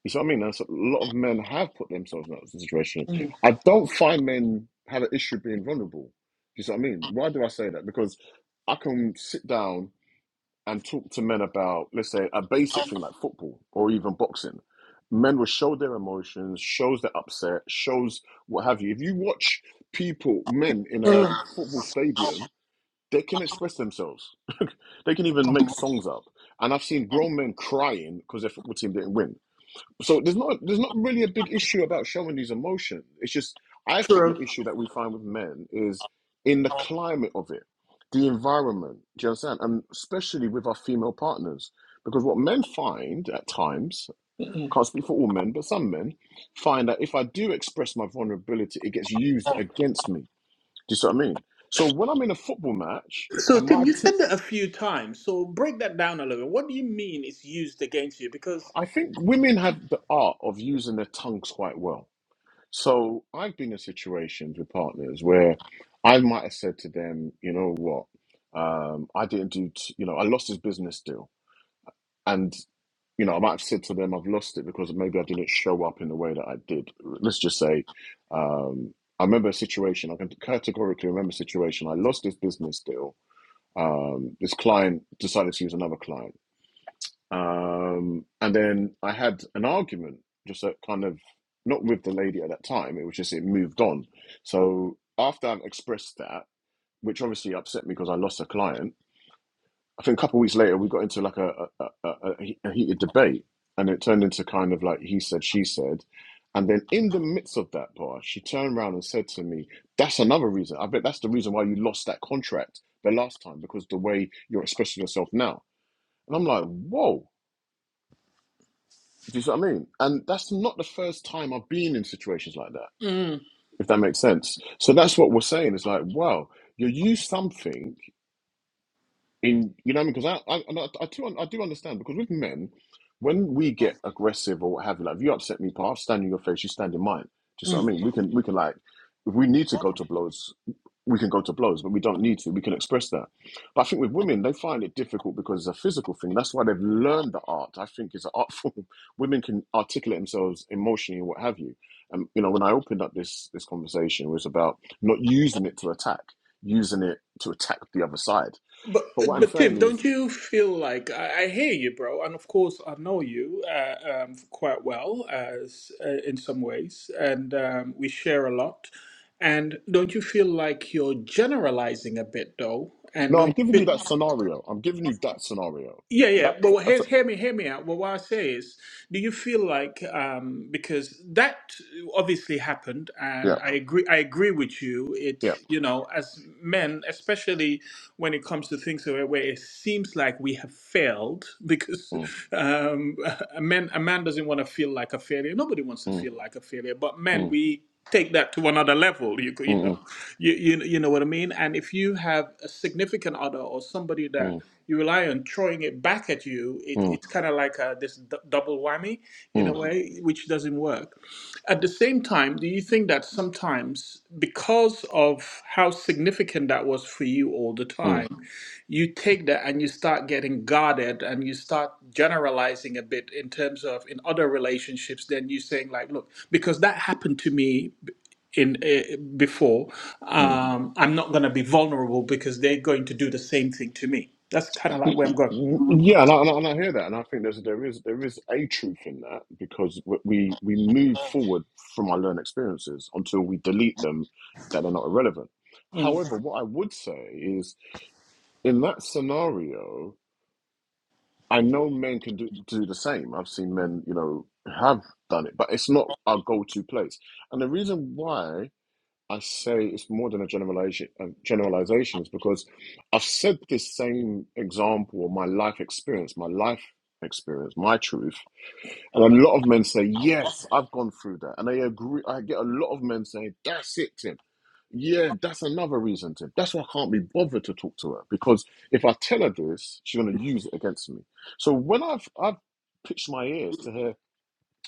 Speaker 2: You see what I mean? That's a lot of men have put themselves in that situation. I don't find men have an issue being vulnerable. You see what I mean? Why do I say that? Because I can sit down and talk to men about, let's say, a basic thing like football or even boxing, men will show their emotions, shows their upset, shows what have you. If you watch people, men in a
Speaker 1: Mm,
Speaker 2: football stadium, they can express themselves. They can even make songs up. And I've seen grown men crying because their football team didn't win so there's not there's not really a big issue about showing these emotions. It's just I think
Speaker 1: true.
Speaker 2: the issue that we find with men is in the climate of it, the environment. Do you understand? And especially with our female partners, because what men find at times, I
Speaker 1: Mm-mm.
Speaker 2: can't speak for all men, but some men find that if I do express my vulnerability, it gets used against me. Do you see what I mean? So when I'm in a football match
Speaker 1: So,
Speaker 2: and my
Speaker 1: Tim, you
Speaker 2: team,
Speaker 1: said that a few times. So, break that down a little. What do you mean it's used against you? Because.
Speaker 2: I think women have the art of using their tongues quite well. So I've been in situations with partners where I might have said to them, you know what, um, I didn't do, t- you know, I lost this business deal. And, you know, I might have said to them, I've lost it because maybe I didn't show up in the way that I did. Let's just say, um, I remember a situation, I can categorically remember a situation, I lost this business deal. Um, this client decided to use another client. Um, and then I had an argument, just a kind of not with the lady at that time. It was just it moved on. So after I've expressed that, which obviously upset me because I lost a client, I think a couple of weeks later we got into like a a, a, a heated debate, and it turned into kind of like he said, she said. And then in the midst of that bar, she turned around and said to me, That's another reason. I bet that's the reason why you lost that contract the last time, because the way you're expressing yourself now. And I'm like, Whoa Do you see what I mean? And that's not the first time I've been in situations like that,
Speaker 1: Mm,
Speaker 2: if that makes sense. So that's what we're saying. It's like, wow, you use something in you know what I mean? Because I I, and I I do I do understand because with men, when we get aggressive or what have you, like if you upset me, pal, I'll stand in your face, you stand in mine. Do you see what I
Speaker 1: mm.
Speaker 2: mean? We can we can like if we need to go to blows, we can go to blows, but we don't need to. We can express that. But I think with women, they find it difficult because it's a physical thing. That's why they've learned the art. I think it's an art form. Women can articulate themselves emotionally and what have you. And you know, when I opened up this this conversation, it was about not using it to attack, using it to attack the other side.
Speaker 1: But
Speaker 2: But what I'm
Speaker 1: but Tim,
Speaker 2: saying is,
Speaker 1: don't you feel like I, I hear you, bro? And of course, I know you uh, um, quite well as uh, in some ways, and um, we share a lot. And don't you feel like you're generalizing a bit, though? And
Speaker 2: no,
Speaker 1: don't
Speaker 2: I'm
Speaker 1: you
Speaker 2: giving
Speaker 1: feel
Speaker 2: you that scenario. I'm giving you that scenario.
Speaker 1: yeah, yeah.
Speaker 2: That
Speaker 1: But well,
Speaker 2: that's
Speaker 1: hear,
Speaker 2: a
Speaker 1: hear me, hear me out. Well, what I say is, do you feel like um, because that obviously happened,
Speaker 2: yeah
Speaker 1: and I agree, I agree with you.
Speaker 2: yeah.
Speaker 1: It's you know, as men, especially when it comes to things where, where it seems like we have failed, because
Speaker 2: Mm,
Speaker 1: um, a man, a man doesn't want to feel like a failure. Nobody wants to
Speaker 2: mm,
Speaker 1: feel like a failure, but men,
Speaker 2: mm,
Speaker 1: we take that to another level. You, you
Speaker 2: mm,
Speaker 1: know,
Speaker 2: mm,
Speaker 1: you, you you know what I mean. And if you have a significant other or somebody that
Speaker 2: mm,
Speaker 1: you rely on throwing it back at you. It,
Speaker 2: mm,
Speaker 1: it's kind of like uh this d- double whammy in a
Speaker 2: mm,
Speaker 1: way, which doesn't work. At the same time, do you think that sometimes, because of how significant that was for you all the
Speaker 2: mm.
Speaker 1: time, you take that and you start getting guarded and you start generalizing a bit in terms of in other relationships, then you saying, like, look, because that happened to me in uh, before
Speaker 2: mm.
Speaker 1: um, I'm not going to be vulnerable because they're going to do the same thing to me. That's kind of like where I'm going.
Speaker 2: Yeah, and I, and I and I hear that, and I think there's there is there is a truth in that because we we we move forward from our learned experiences until we delete them that are not irrelevant.
Speaker 1: Mm.
Speaker 2: However, what I would say is in that scenario, I know men can do do the same. I've seen men, you know, have done it, but it's not our go-to place. And the reason why I say it's more than a generalization, a generalization is because I've said this same example, my life experience, my life experience, my truth and a lot of men say, Yes, I've gone through that. And I agree. I get a lot of men saying, That's it, Tim. Yeah, that's another reason, Tim. That's why I can't be bothered to talk to her. Because if I tell her this, she's going to use it against me. So when I've, I've pitched my ears to her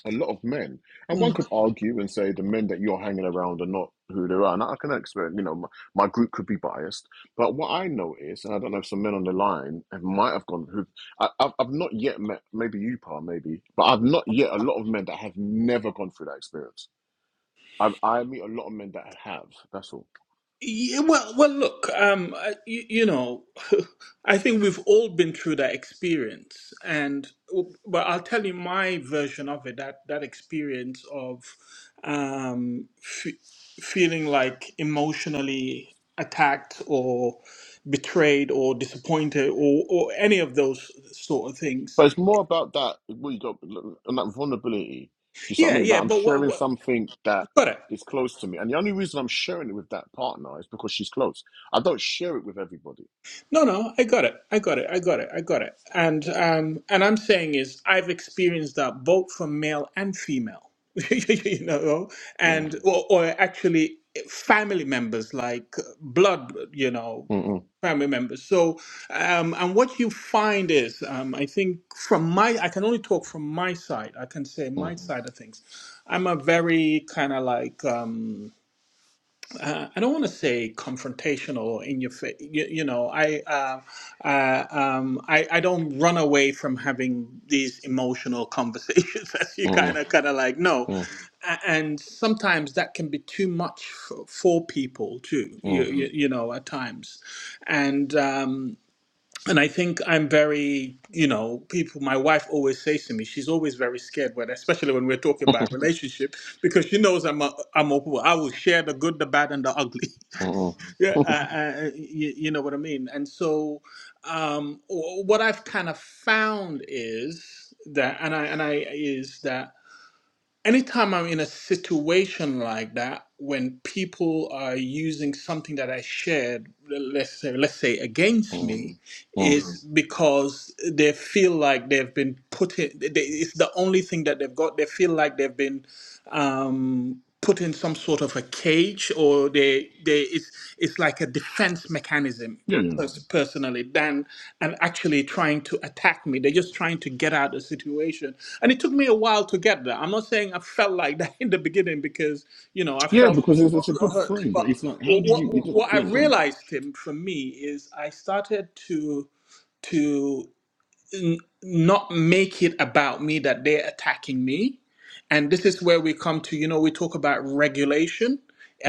Speaker 2: a lot of men, and one could
Speaker 1: Mm.
Speaker 2: argue and say the men that you're hanging around are not who they are. And I can expect, you know, my, my group could be biased, but what I know is, and I don't know if some men on the line have- might have gone who I, I've, I've not yet met, maybe you, Pa, maybe, but I've not yet a lot of men that have never gone through that experience. I, I meet a lot of men that have. That's all.
Speaker 1: Yeah, well, well, look, um, I- you, you know, I think we've all been through that experience, and but I'll tell you my version of it. That that experience of um, f- feeling like emotionally attacked or betrayed or disappointed or, or any of those sort of things.
Speaker 2: But it's more about that what you got and that vulnerability. Do you see what I
Speaker 1: Yeah,
Speaker 2: mean? That
Speaker 1: yeah,
Speaker 2: I'm
Speaker 1: but
Speaker 2: sharing
Speaker 1: what?
Speaker 2: something that
Speaker 1: Got it.
Speaker 2: is close to me, and the only reason I'm sharing it with that partner is because she's close. I don't share it with everybody.
Speaker 1: No, no, I got it. I got it. I got it. I got it. And um, and I'm saying is I've experienced that both from male and female, you know,
Speaker 2: Mm,
Speaker 1: and or, or actually family members like blood, you know,
Speaker 2: mm,
Speaker 1: family members. So um, and what you find is um, I think from my I can only talk from my side. I can say
Speaker 2: mm,
Speaker 1: my side of things. I'm a very kind of like. Um, uh, I don't want to say confrontational or in your face. You, you know, I, uh, uh, um, I I don't run away from having these emotional conversations. As you
Speaker 2: mm,
Speaker 1: kind of kind of like no,
Speaker 2: mm,
Speaker 1: A- and sometimes that can be too much for, for people too. You,
Speaker 2: mm,
Speaker 1: you you know at times, and. Um, and I think I'm very, you know, people. My wife always says to me, she's always very scared when, especially when we're talking about relationship, because she knows I'm a, I'm open. I will share the good, the bad, and the ugly.
Speaker 2: mm, mm,
Speaker 1: yeah, uh, uh, uh, you, you know what I mean. And so, um, wh- what I've kind of found is that, and I and I is that anytime I'm in a situation like that, when people are using something that I shared, let's say, let's say against
Speaker 2: mm,
Speaker 1: me,
Speaker 2: mm.
Speaker 1: is Mm. because they feel like they've been put in. They, it's the only thing that they've got. They feel like they've been um, put in some sort of a cage or they they it's it's like a defense mechanism
Speaker 2: Yeah, yeah,
Speaker 1: pers- personally than and actually trying to attack me they're just trying to get out of the situation and it took me a while to get there i'm not saying i felt like that in the beginning because you know i
Speaker 2: yeah.
Speaker 1: felt
Speaker 2: Because it's, it's a good
Speaker 1: hurt
Speaker 2: frame, but
Speaker 1: but
Speaker 2: it's like, how did
Speaker 1: what
Speaker 2: you? you
Speaker 1: what,
Speaker 2: just,
Speaker 1: what i
Speaker 2: yeah, go on.
Speaker 1: realized him from me is i started to to n- not make it about me that they're attacking me. And this is where we come to, you know, we talk about regulation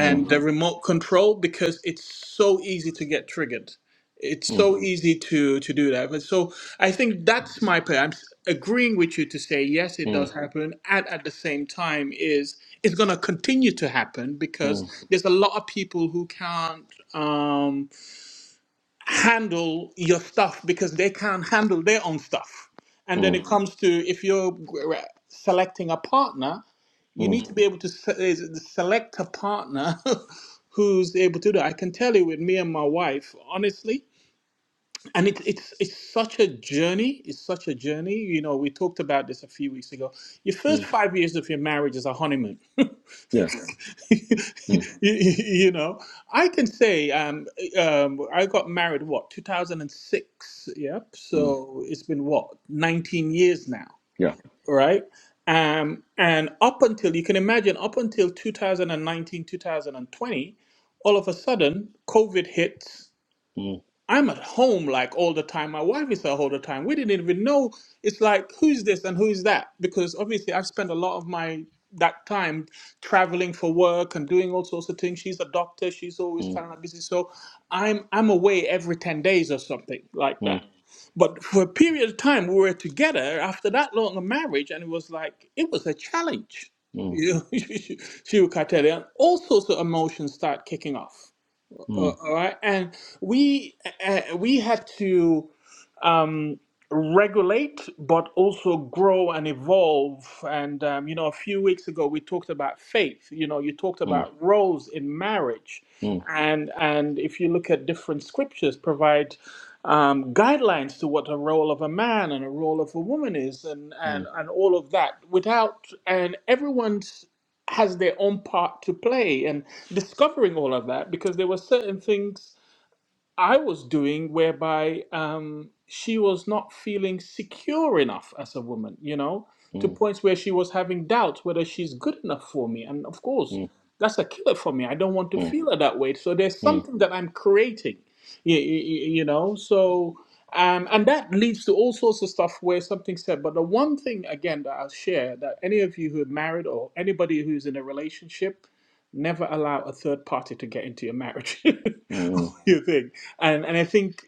Speaker 2: Mm,
Speaker 1: the Mhm. remote control because it's so easy to get triggered. It's
Speaker 2: mm,
Speaker 1: so easy to to do that. But so I think that's my point. I'm s- agreeing with you to say yes, it
Speaker 2: mm,
Speaker 1: does happen, and at the same time, is it's going to continue to happen because
Speaker 2: mm,
Speaker 1: there's a lot of people who can't. Um, handle your stuff because they can't handle their own stuff. And then
Speaker 2: mm,
Speaker 1: it comes to if you're selecting a partner, you
Speaker 2: mm,
Speaker 1: need to be able to se- select a partner who's able to do. that. I can tell you with me and my wife, honestly, and it's it's it's such a journey. It's such a journey. You know, we talked about this a few weeks ago. Your first
Speaker 2: mm.
Speaker 1: five years of your marriage is a honeymoon
Speaker 2: Yeah, mm,
Speaker 1: you know, I can say um, um, I got married what 2006. Yep.
Speaker 2: mm,
Speaker 1: So it's been what 19 years now,
Speaker 2: yeah.
Speaker 1: right? Um, and up until you can imagine, up until 2019, 2020, all of a sudden COVID hits
Speaker 2: Mm,
Speaker 1: I'm at home like all the time. My wife is at home all the time. We didn't even know. It's like who's this and who's that? Because obviously I've spent a lot of my that time traveling for work and doing all sorts of things. She's a doctor. She's always
Speaker 2: mm,
Speaker 1: kind of like busy. So I'm I'm away every ten days or something like
Speaker 2: mm,
Speaker 1: that. But for a period of time, we were together after that long of marriage, and it was like it was a challenge.
Speaker 2: mm,
Speaker 1: You know, she would cut it, and all sorts of emotions start kicking off. Uh,
Speaker 2: mm,
Speaker 1: all right, and we uh, uh, we had to um, regulate, but also grow and evolve. And um, you know, a few weeks ago we talked about faith. You know, you talked
Speaker 2: mm,
Speaker 1: about roles in marriage,
Speaker 2: mm,
Speaker 1: and and if you look at different scriptures, provide um, guidelines to what a role of a man and a role of a woman is, and and
Speaker 2: mm.
Speaker 1: and all of that. Without and everyone's has their own part to play, and discovering all of that because there were certain things I was doing, whereby um, she was not feeling secure enough as a woman, you know,
Speaker 2: mm,
Speaker 1: to points where she was having doubts whether she's good enough for me. And of course,
Speaker 2: Mm,
Speaker 1: that's a killer for me. I don't want to
Speaker 2: mm,
Speaker 1: feel her that way. So there's
Speaker 2: mm,
Speaker 1: something that I'm creating, you, you know. So, um, and that leads to all sorts of stuff where something's said. But the one thing, again, that I'll share that any of you who are married or anybody who's in a relationship, never allow a third party to get into your marriage.
Speaker 2: mm,
Speaker 1: you think? and and I think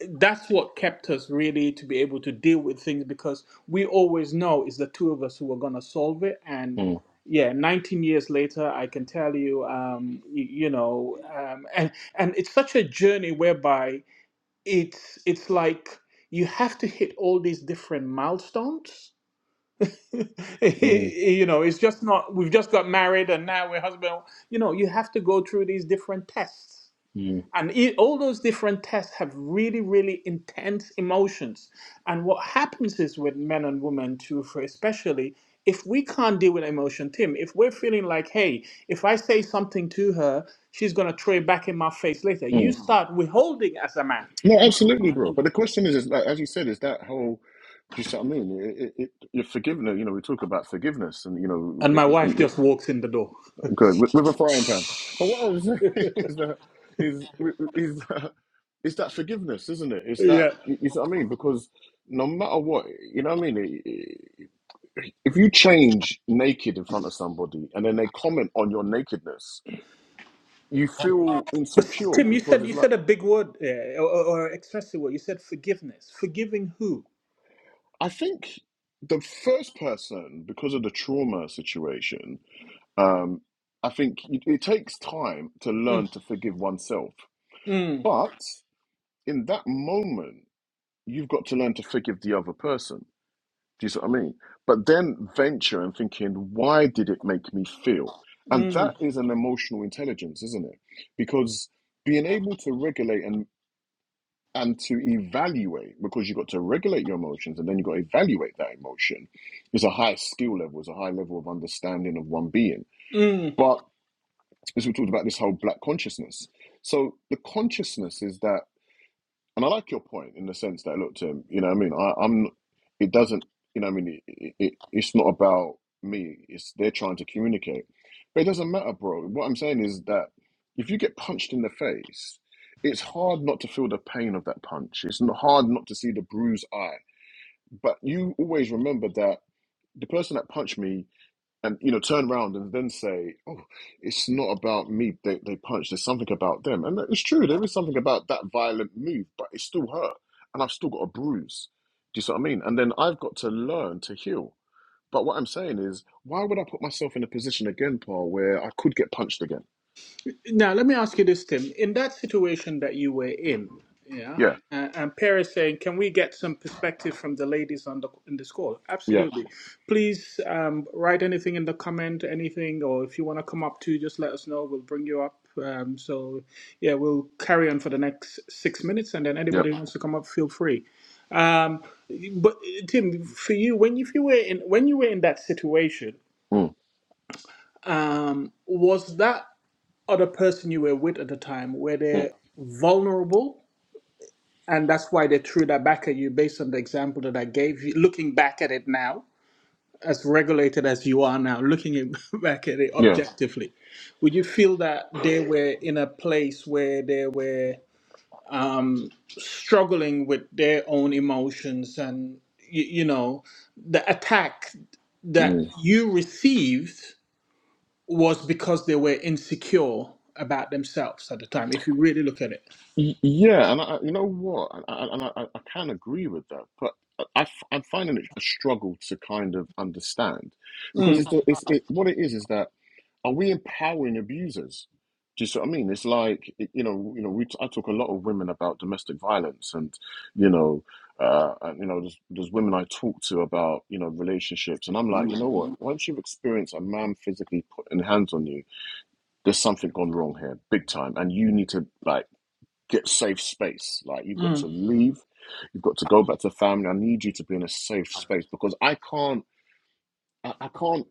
Speaker 1: that's what kept us really to be able to deal with things because we always know it's the two of us who are gonna solve it. And
Speaker 2: mm,
Speaker 1: yeah, 19 years later, I can tell you, um, you, you know, um, and and it's such a journey whereby it's it's like you have to hit all these different milestones.
Speaker 2: mm,
Speaker 1: you know, it's just not. We've just got married, and now we're husband. You know, you have to go through these different tests
Speaker 2: mm,
Speaker 1: and i- all those different tests have really, really intense emotions. And what happens is with men and women too, for especially if we can't deal with emotion, Tim, if we're feeling like, hey, if I say something to her, she's gonna throw it back in my face later. You
Speaker 2: mm.
Speaker 1: start withholding as a man,
Speaker 2: No, absolutely, bro. But the question is, is like, as you said, is that whole? Do you see what I mean? It, it, it, your forgiveness. You know, we talk about forgiveness, and you know,
Speaker 1: and
Speaker 2: y-
Speaker 1: my
Speaker 2: y- y-
Speaker 1: wife just
Speaker 2: y-
Speaker 1: walks in the door.
Speaker 2: good with, with a frying pan. But what I was saying is that is is that it's that forgiveness, isn't it? It's that
Speaker 1: Yeah.
Speaker 2: you see what I mean? Because no matter what, you know what I mean. It- it- If you change naked in front of somebody, and then they comment on your nakedness, you feel
Speaker 1: But s-
Speaker 2: insecure
Speaker 1: Tim, you
Speaker 2: because
Speaker 1: said
Speaker 2: it's
Speaker 1: you
Speaker 2: like
Speaker 1: said a big word uh, or, or or expressive word. You said forgiveness. Forgiving who?
Speaker 2: I think the first person, because of the trauma situation, um, I think it, it takes time to
Speaker 1: Mm,
Speaker 2: learn to forgive oneself.
Speaker 1: mm,
Speaker 2: But in that moment, you've got to learn to forgive the other person. Do you see what I mean? But then venture and thinking, why did it make me feel? And that
Speaker 1: mm,
Speaker 2: is an emotional intelligence, isn't it? Because being able to regulate and and to evaluate because you've got to regulate your emotions and then you've got to evaluate that emotion It's a high skill level it's a high level of understanding of one being
Speaker 1: mm.
Speaker 2: but as we talked about this whole black consciousness so the consciousness is that and I like your point in the sense that look to him, you know, what I mean, I, I'm. It doesn't, you know, what I mean, it, it, it's not about me. It's they're trying to communicate, but it doesn't matter, bro. What I'm saying is that if you get punched in the face, it's hard not to feel the pain of that punch. It's not hard not to see the bruised eye. But you always remember that the person that punched me and you know turn around and then say oh it's not about me they, they punch there's something about them and it's true there is something about that violent move but it still hurt and i've still got a bruise do you see what i mean and then i've got to learn to heal but what i'm saying is why would i put myself in a position again paul where i could get punched again
Speaker 1: Now, let me ask you this, Tim. In that situation that you were in, yeah,
Speaker 2: yeah
Speaker 1: uh, and Paris saying, "Can we get some perspective from the ladies on the in this call?"
Speaker 2: yeah
Speaker 1: Absolutely. Please um, write anything in the comment, anything, or if you want to come up too, just let us know. We'll bring you up. Um, so, yeah, we'll carry on for the next six minutes, and then
Speaker 2: yeah
Speaker 1: anybody who wants to come up, feel free. Um, but uh, Tim, for you, when you- if you were in when you were in that situation,
Speaker 2: mm,
Speaker 1: um, was that other person you were with at the time, were
Speaker 2: mm,
Speaker 1: they vulnerable? And that's why they threw that back at you based on the example that I gave you. Looking back at it now, as regulated as you are now, looking at- back at it
Speaker 2: yeah
Speaker 1: objectively, would you feel that they were in a place where they were struggling with their own emotions and, you, you know, the attack
Speaker 2: mm.
Speaker 1: that you received was because they were insecure about themselves at the time, if you really look at it?
Speaker 2: Y- Yeah, and I, you know what, and I, and I, I I can agree with that, but I, am finding it a struggle to kind of understand because
Speaker 1: Mm.
Speaker 2: it's, the, it's it, what it is is that are we empowering abusers? Do you see what I mean? It's like it- you know, you know, we t- I talk a lot of women about domestic violence, and you know, uh, and, you know, there's, there's women I talk to about you know relationships, and I'm like, you know what? Once you've experienced a man physically putting hands on you, there's something gone wrong here, big time, and you need to like get safe space. Like you've got
Speaker 1: mm.
Speaker 2: to leave, you've got to go back to family. I need you to be in a safe space because I can't I, I can't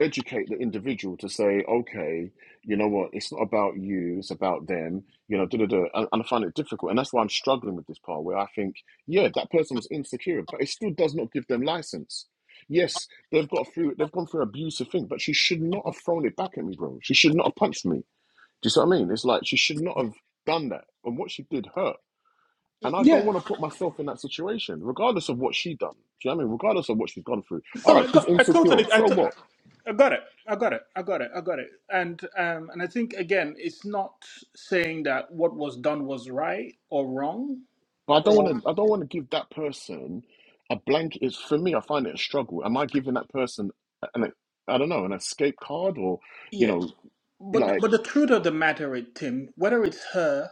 Speaker 2: educate the individual to say, okay, you know what, it's not about you, it's about them, you know, da da da. And, and I find it difficult. And that's why I'm struggling with this part where I think, yeah, that person was insecure, but it still does not give them license. Yes, they've got through they've gone through an abusive thing, but she should not have thrown it back at me, bro. She should not have punched me. Do you see what I mean? It's like she should not have done that. And what she did hurt. And I don't
Speaker 1: Yeah.
Speaker 2: want to put myself in that situation, regardless of what she done. Do you know what I mean? Regardless of what she's gone through. All
Speaker 1: Oh,
Speaker 2: right,
Speaker 1: I
Speaker 2: she's
Speaker 1: got. I
Speaker 2: insecure.
Speaker 1: totally. I,
Speaker 2: So
Speaker 1: to,
Speaker 2: what?
Speaker 1: I got it. I got it. I got it. I got it. And um, and I think again, it's not saying that what was done was right or wrong
Speaker 2: But I don't want
Speaker 1: or
Speaker 2: to. I don't want to give that person a blank. It's for me. I find it a struggle. Am I giving that person an? I don't know, an escape card, or you
Speaker 1: yeah.
Speaker 2: know,
Speaker 1: But
Speaker 2: like,
Speaker 1: but the truth of the matter, is, Tim, whether it's her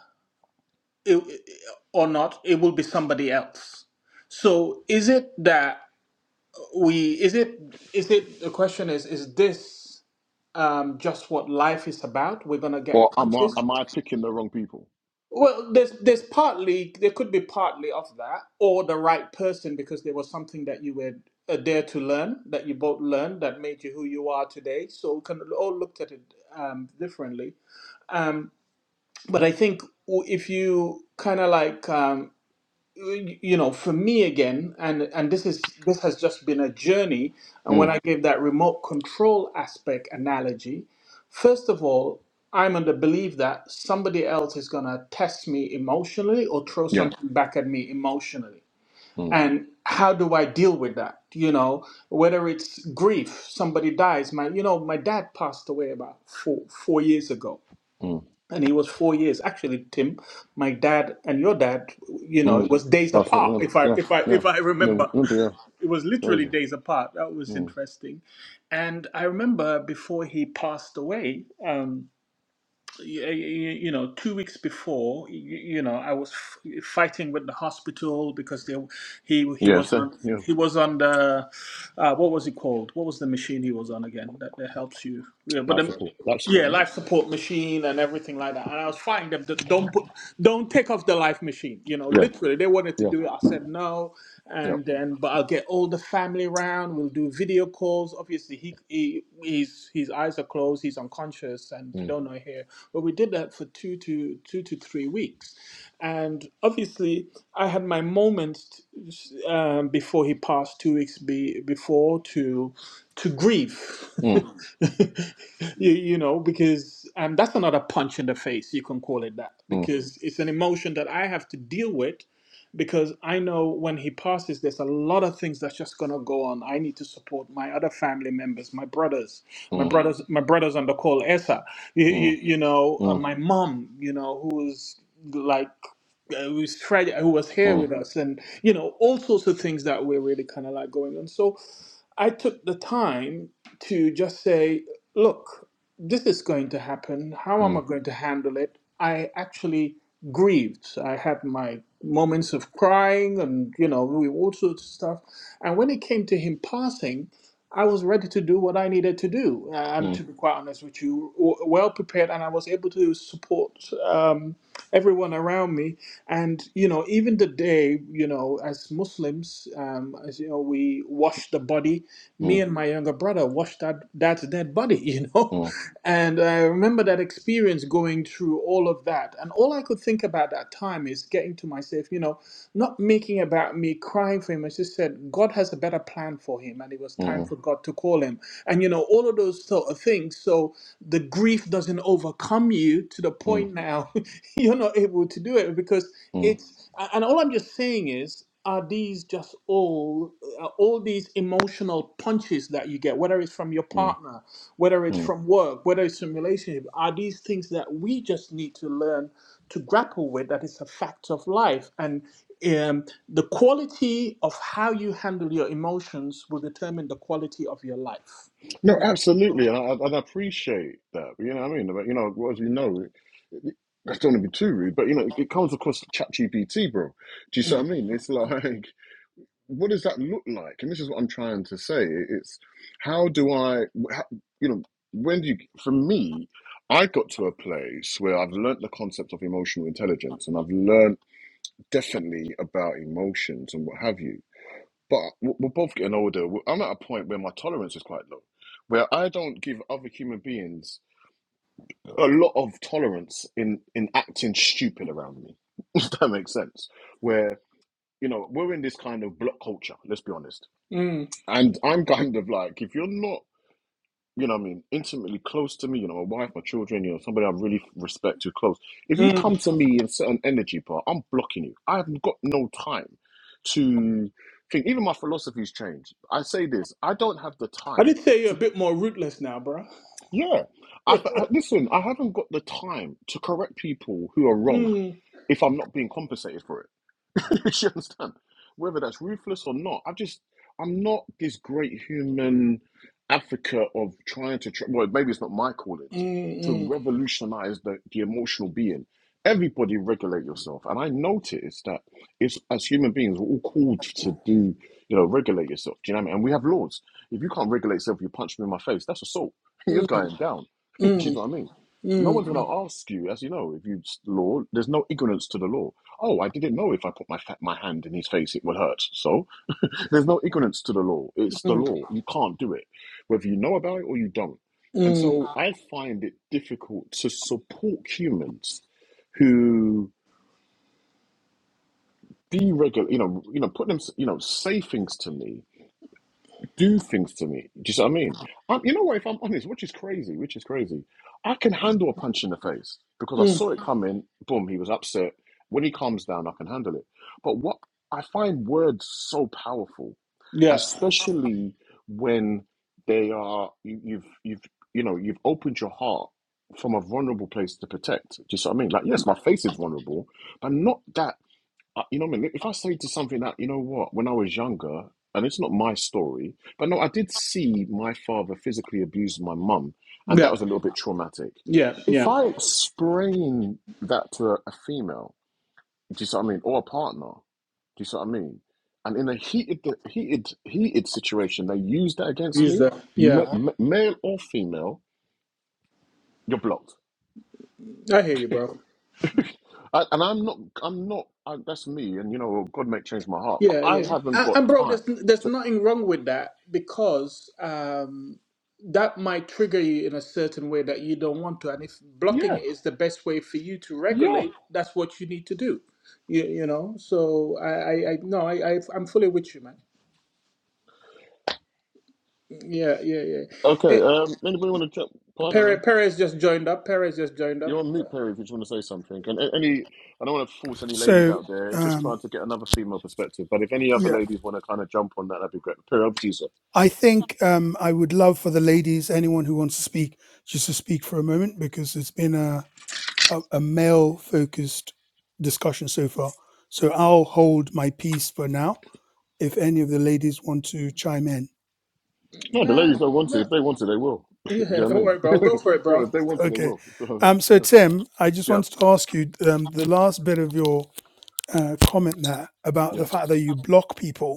Speaker 1: it, or not, it will be somebody else. So is it that we? Is it? Is it? The question is: Is this um, just what life is about? We're gonna get
Speaker 2: or am I
Speaker 1: punches.
Speaker 2: am I picking the wrong people?
Speaker 1: Well, there's there's partly there could be partly of that, or the right person because there was something that you were uh, there to learn that you both learned that made you who you are today. So we can all looked at it um, differently. Um, but I think w- if you kind of like um, y- you know, for me again, and and this is this has just been a journey. And when
Speaker 2: Mm,
Speaker 1: I gave that remote control aspect analogy, First of all, I'm under belief that somebody else is going to test me emotionally or throw
Speaker 2: yeah.
Speaker 1: something back at me emotionally.
Speaker 2: Mm,
Speaker 1: And how do I deal with that? You know, whether it's grief, somebody dies. My, you know, my dad passed away about four four years ago,
Speaker 2: mm,
Speaker 1: and he was four years. Actually, Tim, my dad and your dad, you know, it
Speaker 2: mm.
Speaker 1: was days apart.
Speaker 2: Personally,
Speaker 1: If I
Speaker 2: yeah,
Speaker 1: if I
Speaker 2: yeah,
Speaker 1: if I
Speaker 2: yeah, yeah,
Speaker 1: remember,
Speaker 2: yeah. yeah.
Speaker 1: it was literally
Speaker 2: Crazy.
Speaker 1: days apart. That was
Speaker 2: Mm.
Speaker 1: interesting. And I remember before he passed away. Um, you know, two weeks before, you know, I was fighting with the hospital because they, he he
Speaker 2: Yeah.
Speaker 1: was
Speaker 2: So
Speaker 1: on
Speaker 2: yeah,
Speaker 1: he was on the uh, what was it called? What was the machine he was on again that, that helps you? Yeah, but
Speaker 2: life
Speaker 1: the,
Speaker 2: support. Life
Speaker 1: yeah,
Speaker 2: support.
Speaker 1: life support machine and everything like that. And I was fighting them. that Don't put, don't take off the life machine. You know,
Speaker 2: Yeah.
Speaker 1: literally, they wanted to
Speaker 2: Yeah.
Speaker 1: do it. I said no,
Speaker 2: Yeah.
Speaker 1: and then but I'll get all the family round. We'll do video calls. Obviously, he, he his his eyes are closed. He's unconscious and
Speaker 2: Yeah. Mm.
Speaker 1: don't know here. But we did that for two to two to three weeks, and obviously, I had my moment um, before he passed, two weeks be, before, to to grieve.
Speaker 2: mm.
Speaker 1: you, you know, because um, that's another punch in the face. You can call it that
Speaker 2: Mm,
Speaker 1: because it's an emotion that I have to deal with. Because I know when he passes, there's a lot of things that's just gonna go on. I need to support my other family members, my brothers, my
Speaker 2: mm,
Speaker 1: brothers, my brothers on the call, Esa, you, you,
Speaker 2: mm,
Speaker 1: you know, uh,
Speaker 2: mm,
Speaker 1: my mom, you know, who is like uh, who is Fred, who was here
Speaker 2: mm,
Speaker 1: with us, and you know all sorts of things that were really kind of like going on. So I took the time to just say, look, this is going to happen. How am I
Speaker 2: mm,
Speaker 1: going to handle it? I actually grieved. I had my moments of crying and you know we- all sorts of stuff. And when it came to him passing. I was ready to do what I needed to do. Uh, I'm
Speaker 2: mm,
Speaker 1: to be quite honest with you, w- well prepared, and I was able to support um, everyone around me and you know, even today, you know, as Muslims, um, as you know, we wash the body. Me
Speaker 2: mm,
Speaker 1: and my younger brother washed that that dead body, you know.
Speaker 2: mm,
Speaker 1: And I remember that experience going through all of that. And all I could think about that time is getting to myself, you know, not making about me, crying for him. I just said, God has a better plan for him, and it was time
Speaker 2: mm,
Speaker 1: for God to call him. And you know, all of those sort of things. So the grief doesn't overcome you to the
Speaker 2: mm,
Speaker 1: point now you're not able to do it because
Speaker 2: mm,
Speaker 1: it's and all i'm just saying is are these just all are all these emotional punches that you get whether it's from your
Speaker 2: mm,
Speaker 1: partner whether it's
Speaker 2: mm.
Speaker 1: from work whether it's from relationship are these things that we just need to learn to grapple with that is a fact of life and um, the quality of how you handle your emotions will determine the quality of your life
Speaker 2: No, absolutely, and I, I- and I appreciate that. You know what I mean? But you know, well, as you know, I don't want to be too rude, but you know, it it comes across chat GPT, bro. Do you see what
Speaker 1: Mm,
Speaker 2: I mean? It's like, what does that look like? And this is what I'm trying to say. It's how do I, how, you know, when do you? For me, I got to a place where I've learnt the concept of emotional intelligence, and I've learned definitely about emotions and what have you. But w- we're both getting older. W- I'm at a point where my tolerance is quite low, where I don't give other human beings a lot of tolerance in in acting stupid around me. If that makes sense. Where you know we're in this kind of block culture. Let's be honest.
Speaker 1: mm,
Speaker 2: And I'm kind of like, if you're not you know what I mean, intimately close to me, you know, my wife, my children, you know, somebody I really respect too close. If you
Speaker 1: mm.
Speaker 2: come to me in certain energy part, I'm blocking you. I haven't got no time to think. Even my philosophy's changed. I say this, I don't have the
Speaker 1: i
Speaker 2: time.
Speaker 1: did say you're a
Speaker 2: To,
Speaker 1: bit more rootless now bro
Speaker 2: yeah, I, I- listen. I haven't got the time to correct people who are wrong
Speaker 1: Mm,
Speaker 2: if I'm not being compensated for it. you understand? Whether that's ruthless or not, I just I'm not this great human advocate of trying to tr- well, maybe it's not my calling to, to
Speaker 1: mm, mm,
Speaker 2: revolutionize the, the emotional being. Everybody regulate yourself, and I noticed that it's as human beings we're all called to do you know regulate yourself. Do you know what I mean? And we have laws. If you can't regulate yourself, you punch me in my face. That's assault. You're
Speaker 1: mm,
Speaker 2: going down. do
Speaker 1: mm.
Speaker 2: you know what I mean? No
Speaker 1: Mm,
Speaker 2: one's going to ask you, as you know, if you law. There's no ignorance to the law Oh, I didn't know if I put my fa- my hand in his face, it will hurt. So there's no ignorance to the law. It's the
Speaker 1: mm,
Speaker 2: law. You can't do it, whether you know about it or you don't. And
Speaker 1: mm,
Speaker 2: so I find it difficult to support humans who deregulate, you know, you know, put them, you know, say things to me do things to me. Do you see what I mean? Um, you know what? If I'm honest, which is crazy, which is crazy, I can handle a punch in the face because I
Speaker 1: mm.
Speaker 2: saw it coming. Boom, he was upset. When he calms down, I can handle it. But what I find words so powerful,
Speaker 1: Yeah,
Speaker 2: especially when they are you, you've you've you know you've opened your heart from a vulnerable place to protect. Do you see what I mean? Like yes, my face is vulnerable, but not that. I, you know what I mean? If I say to something that, you know what, when I was younger, and it's not my story, but no, I did see my father physically abuse my mum, and that
Speaker 1: yeah,
Speaker 2: was a little bit traumatic.
Speaker 1: yeah,
Speaker 2: If
Speaker 1: yeah.
Speaker 2: I explain that to a, a female, do you see what I mean? Or a partner, do you see what I mean? And in a heated, heated, heated situation, they use that against
Speaker 1: Use
Speaker 2: me,
Speaker 1: that.
Speaker 2: ma-
Speaker 1: Yeah,
Speaker 2: ma- male or female, you're blocked.
Speaker 1: I hear you, bro.
Speaker 2: I, and I'm not, I'm not, I, that's me, and you know, God may change my heart, but
Speaker 1: Yeah,
Speaker 2: I
Speaker 1: yeah.
Speaker 2: haven't
Speaker 1: And,
Speaker 2: got
Speaker 1: and bro,
Speaker 2: time.
Speaker 1: there's there's nothing wrong with that because um, that might trigger you in a certain way that you don't want to. And if blocking
Speaker 2: Yeah,
Speaker 1: it is the best way for you to
Speaker 2: yeah.
Speaker 1: regulate, that's what you need to do. You, you know. So I, I, I no, I, I, I'm fully with you, man. Yeah, yeah, yeah.
Speaker 2: Okay.
Speaker 1: Eh,
Speaker 2: Um, anybody want to jump? Pardon us.
Speaker 1: Perez, Perez just joined up. Perez just joined up.
Speaker 2: You're on mute, Perry. If you just want to say something, and a- any, I don't want to force any ladies
Speaker 3: So,
Speaker 2: out there. It's just
Speaker 3: um,
Speaker 2: trying to get another female perspective. But if any other
Speaker 3: yeah,
Speaker 2: ladies want to kind of jump on that, that'd be great. Perry, up to you, sir.
Speaker 3: I think um, I would love for the ladies, anyone who wants to speak, just to speak for a moment because it's been a, a, a male focused discussion so far. So I'll hold my peace for now if any of the ladies want to chime in.
Speaker 2: No, the
Speaker 1: Nah,
Speaker 2: ladies don't want to.
Speaker 1: no.
Speaker 2: If they want to, they will. Do you
Speaker 1: Yeah,
Speaker 2: know
Speaker 1: don't worry, bro.
Speaker 2: what I
Speaker 1: Go for
Speaker 2: mean,
Speaker 1: it,
Speaker 2: bro? If
Speaker 1: bro.
Speaker 2: they want to, they
Speaker 3: Okay.
Speaker 2: will. So
Speaker 3: Um, so,
Speaker 2: yeah,
Speaker 3: Tim, I just wanted to ask you um, the last bit of your uh, comment there about the
Speaker 2: yeah,
Speaker 3: fact that you block people.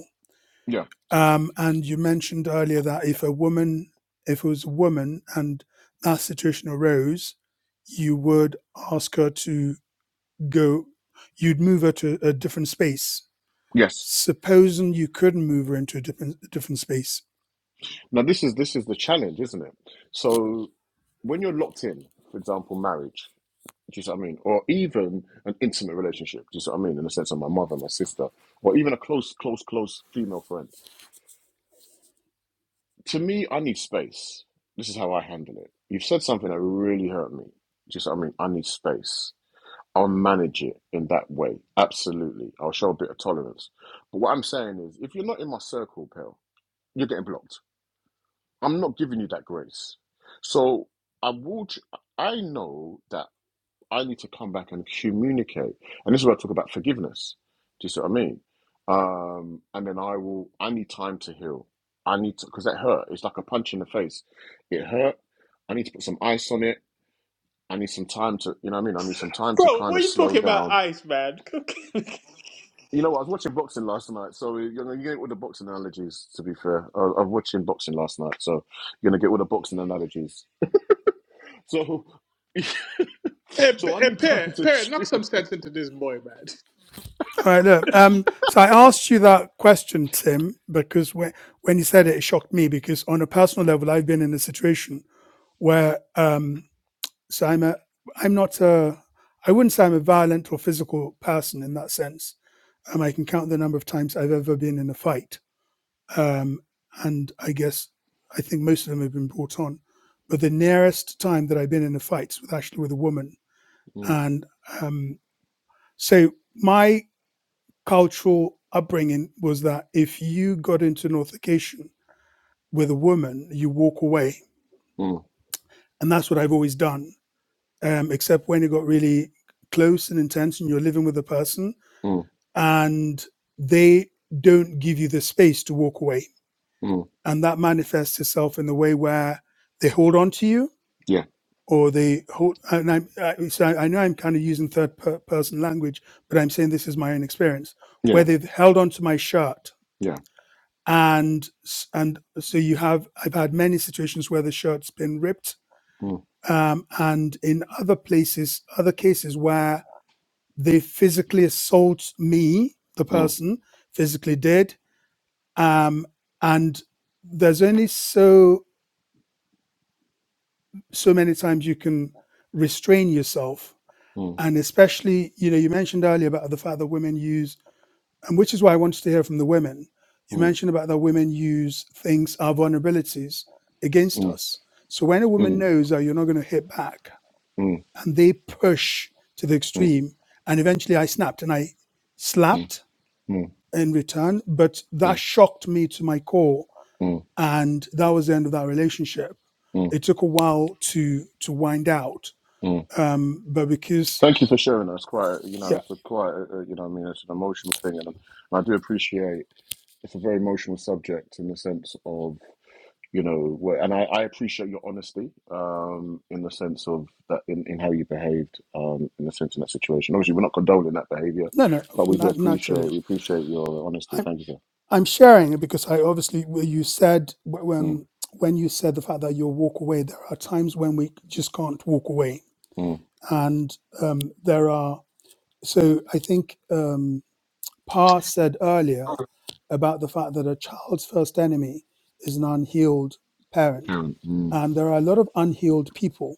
Speaker 2: yeah, yeah.
Speaker 3: Um, and you mentioned earlier that if a woman, if it was a woman and that situation arose, you would ask her to go, you'd move her to a different space.
Speaker 2: Yes.
Speaker 3: Supposing you couldn't move her into a different a different space.
Speaker 2: Now this is this is the challenge, isn't it? So when you're locked in, for example, marriage. Do you see what I mean? Or even an intimate relationship. Do you see what I mean? In the sense of my mother, my sister, or even a close, close, close female friend. To me, I need space. This is how I handle it. You've said something that really hurt me. Do you see what I mean? I need space. I'll manage it in that way. Absolutely. I'll show a bit of tolerance. But what I'm saying is, if you're not in my circle, pal, you're getting blocked. I'm not giving you that grace. So I will. I know that I need to come back and communicate. And this is where I talk about forgiveness. Do you see what I mean? Um, and then I will, I need time to heal. I need to, because that hurt. It's like a punch in the face. It hurt. I need to put some ice on it. I need some time to, you know what I mean? I need some time to
Speaker 1: Bro,
Speaker 2: kind
Speaker 1: what
Speaker 2: of
Speaker 1: are you
Speaker 2: slow
Speaker 1: talking about
Speaker 2: down.
Speaker 1: ice, man?
Speaker 2: You know, what? I was watching boxing last night, so you're gonna get all the boxing analogies. To be fair, I, I was watching boxing last night, so you're gonna get all the boxing analogies. So,
Speaker 1: Hey, P-
Speaker 2: so I
Speaker 1: hey
Speaker 2: need time
Speaker 1: Pear,
Speaker 2: to
Speaker 1: Pear, knock
Speaker 2: chew.
Speaker 1: some sense into this boy,
Speaker 3: All right, look. Um, so I asked you that question, Tim, because when when you said it, it shocked me because on a personal level, I've been in a situation where um, so I'm a, I'm not a, I wouldn't say I'm a violent or physical person in that sense, Um, I can count the number of times I've ever been in a fight. Um, and I guess I think most of them have been brought on. But the nearest time that I've been in a fight was actually with a woman.
Speaker 2: Mm,
Speaker 3: And um, so my cultural upbringing was that if you got into an altercation with a woman, you walk away.
Speaker 2: mm,
Speaker 3: And that's what I've always done, um, except when it got really close and intense and you're living with a person
Speaker 2: mm,
Speaker 3: and they don't give you the space to walk away
Speaker 2: mm.
Speaker 3: and that manifests itself in the way where they hold on to you or they hold and i'm I, so I, know i'm kind of using third per- person language but i'm saying this is my own experience where
Speaker 2: Yeah,
Speaker 3: they've held on to my shirt
Speaker 2: yeah.
Speaker 3: and and so you have i've had many situations where the shirt's been ripped
Speaker 2: Mm,
Speaker 3: um, and in other places other cases where they physically assault me the
Speaker 2: mm,
Speaker 3: person physically did um, and there's only so so many times you can restrain yourself.
Speaker 2: mm,
Speaker 3: And especially, you know, you mentioned earlier about the fact that women use, and which is why I wanted to hear from the women. You
Speaker 2: mm,
Speaker 3: mentioned about that women use things, our vulnerabilities against
Speaker 2: mm,
Speaker 3: us. So when a woman
Speaker 2: mm,
Speaker 3: knows that you're not going to hit back
Speaker 2: mm,
Speaker 3: and they push to the
Speaker 2: mm, mm,
Speaker 3: extreme, and eventually I snapped and I
Speaker 2: mm,
Speaker 3: slapped
Speaker 2: mm,
Speaker 3: in return, but that
Speaker 2: mm,
Speaker 3: shocked me to my core. And that was the end of that relationship
Speaker 2: mm,
Speaker 3: it took a while to to wind out
Speaker 2: mm.
Speaker 3: um, but because
Speaker 2: Thank you for sharing that. It's quite, you know,
Speaker 3: yeah,
Speaker 2: it's a quite, uh, uh, you know, what I mean, it's an emotional thing, and, and I do appreciate it's a very emotional subject in the sense of, you know, where, and I, I appreciate your honesty, um, in the sense of that in, in how you behaved, um, in the sense in that situation. Obviously, we're not condoning that behaviour,
Speaker 3: no, no,
Speaker 2: but we do
Speaker 3: not
Speaker 2: appreciate
Speaker 3: naturally.
Speaker 2: we appreciate your honesty.
Speaker 3: I'm
Speaker 2: Thank you, sir.
Speaker 3: I'm sharing it because I obviously well, you said
Speaker 2: Mm,
Speaker 3: when when you said the fact that you'll walk away. There are times when we just can't walk away,
Speaker 2: mm,
Speaker 3: and um, there are. So I think um, Pa said earlier about the fact that a child's first enemy is an unhealed parent,
Speaker 2: Karen, mm,
Speaker 3: and there are a lot of unhealed people.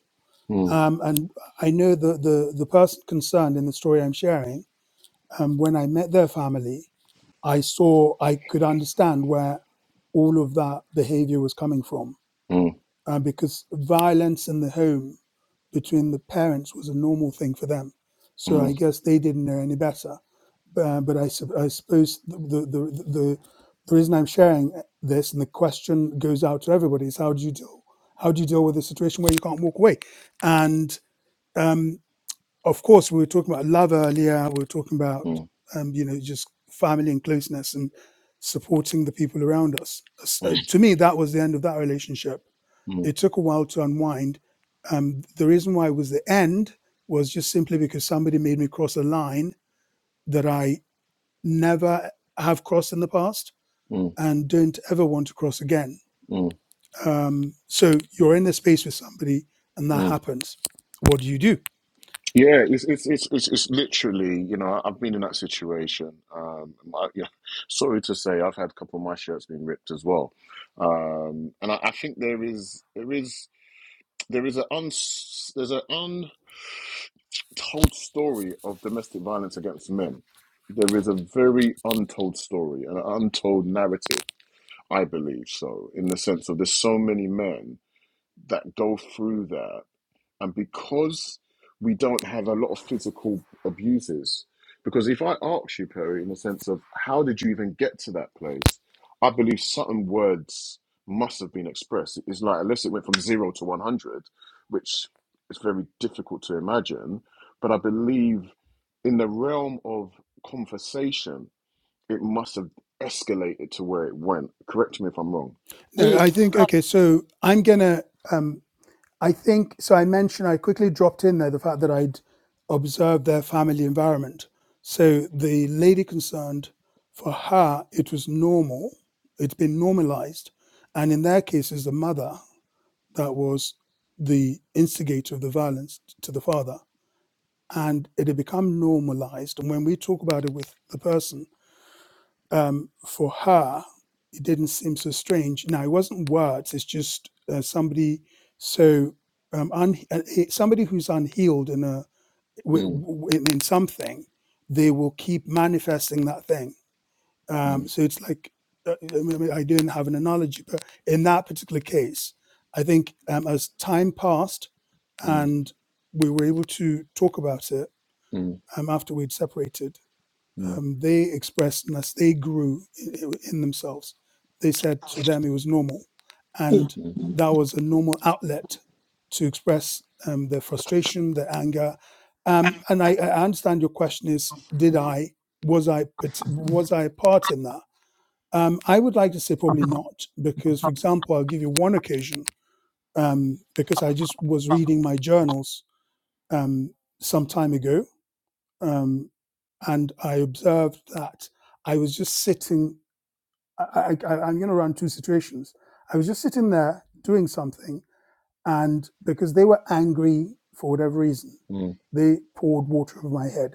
Speaker 2: mm,
Speaker 3: Um, and I know the, the the person concerned in the story I'm sharing um, when I met their family, I saw, I could understand where all of that behavior was coming from
Speaker 2: mm.
Speaker 3: uh, because violence in the home between the parents was a normal thing for them. So I
Speaker 2: Mm,
Speaker 3: guess they didn't know any better. Uh, but I, sup- I suppose the, the, the, the, the reason I'm sharing this and the question goes out to everybody is how do you deal? How do you deal with a situation where you can't walk away? And um, of course, we were talking about love earlier. We were talking about,
Speaker 2: mm,
Speaker 3: um, you know, just family and closeness and supporting the people around us. So
Speaker 2: mm,
Speaker 3: to me, that was the end of that relationship.
Speaker 2: mm,
Speaker 3: It took a while to unwind. Um, the reason why it was the end was just simply because somebody made me cross a line that I never have crossed in the past
Speaker 2: mm,
Speaker 3: and don't ever want to cross again.
Speaker 2: mm,
Speaker 3: Um, so you're in a space with somebody and that
Speaker 2: mm.
Speaker 3: happens. What do you do?
Speaker 2: Yeah, it's, it's it's it's it's literally, you know, I've been in that situation. Um, my, yeah, sorry to say, I've had a couple of my shirts being ripped as well, um, and I, I think there is there is there is an uns there's an untold story of domestic violence against men. There is a very untold story, an untold narrative, I believe so, in the sense of there's so many men that go through that. and because we don't have a lot of physical abuses because if i ask you perry in the sense of how did you even get to that place i believe certain words must have been expressed it's like unless it went from zero to 100 which is very difficult to imagine but i believe in the realm of conversation it must have escalated to where it went correct me if i'm wrong
Speaker 3: No,
Speaker 1: man.
Speaker 3: I think, okay, so I'm going to. um, I think so. I mentioned I quickly dropped in there the fact that I'd observed their family environment. So the lady concerned, for her, it was normal. It's been normalized, and in their case, is the mother that was the instigator of the violence to the father, and it had become normalized. And when we talk about it with the person, um, for her, it didn't seem so strange. Now, it wasn't words, it's just uh, somebody so, um, un- uh, somebody who's unhealed in, a
Speaker 2: Mm,
Speaker 3: in something, they will keep manifesting that thing. Um,
Speaker 2: mm,
Speaker 3: so it's like, uh, I, mean, I didn't have an analogy, but in that particular case, I think um, as time passed
Speaker 2: mm,
Speaker 3: and we were able to talk about it
Speaker 2: mm,
Speaker 3: um, after we'd separated,
Speaker 2: mm,
Speaker 3: um, they expressed and as they grew i- in themselves, they said to them it was normal. And
Speaker 2: mm,
Speaker 3: that was a normal outlet to express um, their frustration, their anger. Um, and I, I understand your question is, did I, was I, was I a part in that? Um, I would like to say probably not, because, for example, I'll give you one occasion, um, because I just was reading my journals um, some time ago. um, and I observed that I was just sitting. I, I, I- am going to run two situations. I was just sitting there doing something, and because they were angry for whatever reason,
Speaker 2: mm.
Speaker 3: they poured water over my head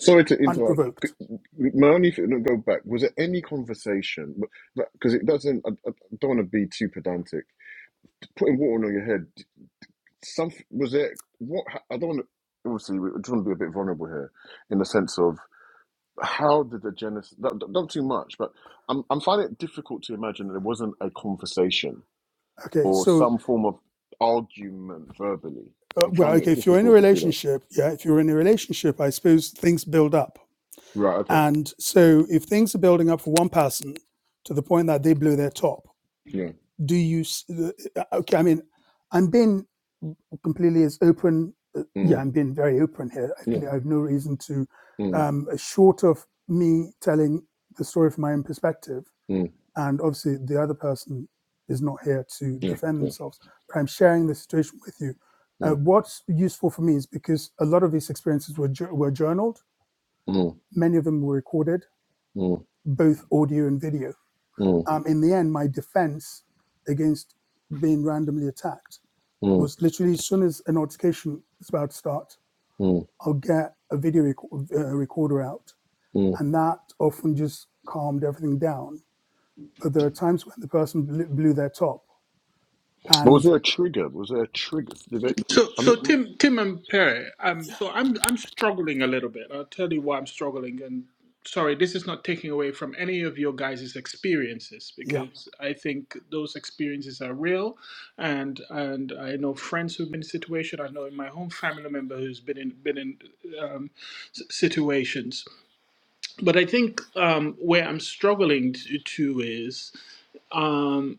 Speaker 2: Sorry to interrupt. C-
Speaker 3: unprovoked.
Speaker 2: My only thing, no, go back. Was there any conversation? Because it doesn't. I, I don't want to be too pedantic. Putting water on your head. Some was there. What ha- I don't want. to Obviously, we just want to be a bit vulnerable here, in the sense of how did the genesis? Not, not too much, but I'm I'm finding it difficult to imagine that there wasn't a conversation
Speaker 3: Okay,
Speaker 2: or
Speaker 3: so
Speaker 2: some form of argument verbally.
Speaker 3: uh,
Speaker 2: I'm
Speaker 3: well,
Speaker 2: finding
Speaker 3: okay,
Speaker 2: it
Speaker 3: if you're in a
Speaker 2: difficult to see that.
Speaker 3: relationship, yeah, if you're in a relationship, I suppose things build up,
Speaker 2: Right. Okay.
Speaker 3: and so if things are building up for one person to the point that they blow their top,
Speaker 2: Yeah.
Speaker 3: do you okay i mean i'm being completely as open uh, yeah
Speaker 2: Mm,
Speaker 3: i'm being very open here i have
Speaker 2: yeah.
Speaker 3: no no reason to
Speaker 2: Mm,
Speaker 3: um uh, short of me telling the story from my own perspective
Speaker 2: mm,
Speaker 3: and obviously the other person is not here to
Speaker 2: yeah.
Speaker 3: defend
Speaker 2: Yeah.
Speaker 3: themselves but i'm sharing the situation with you
Speaker 2: Mm-hmm.
Speaker 3: uh, what's useful for me is because a lot of these experiences were were journaled
Speaker 2: Mm,
Speaker 3: many of them were recorded
Speaker 2: mm,
Speaker 3: both audio and video
Speaker 2: mm,
Speaker 3: um in the end my defense against being randomly attacked
Speaker 2: mm,
Speaker 3: was literally as soon as a notification is about to start,
Speaker 2: mm,
Speaker 3: I'll get a video rec- uh, recorder out,
Speaker 2: mm.
Speaker 3: and that often just calmed everything down. But there are times when the person blew, blew their top,
Speaker 2: But was
Speaker 3: and
Speaker 2: there a trigger? Was there a trigger? Did it?
Speaker 1: So,
Speaker 2: I mean,
Speaker 1: so Tim, Tim, and Perry. Um,
Speaker 3: yeah,
Speaker 1: so I'm, I'm struggling a little bit. I'll tell you why I'm struggling. And sorry, this is not taking away from any of your guys' experiences
Speaker 3: yeah,
Speaker 1: because I think those experiences are real, and and I know friends who've been in situation. I know in my own family member who's been in been in um, situations. But I think um, where I'm struggling to, to is um,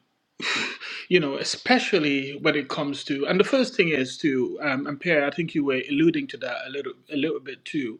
Speaker 1: you know, especially when it comes to, and the first thing is to, um, and Pierre, I think you were alluding to that a little, a little bit too.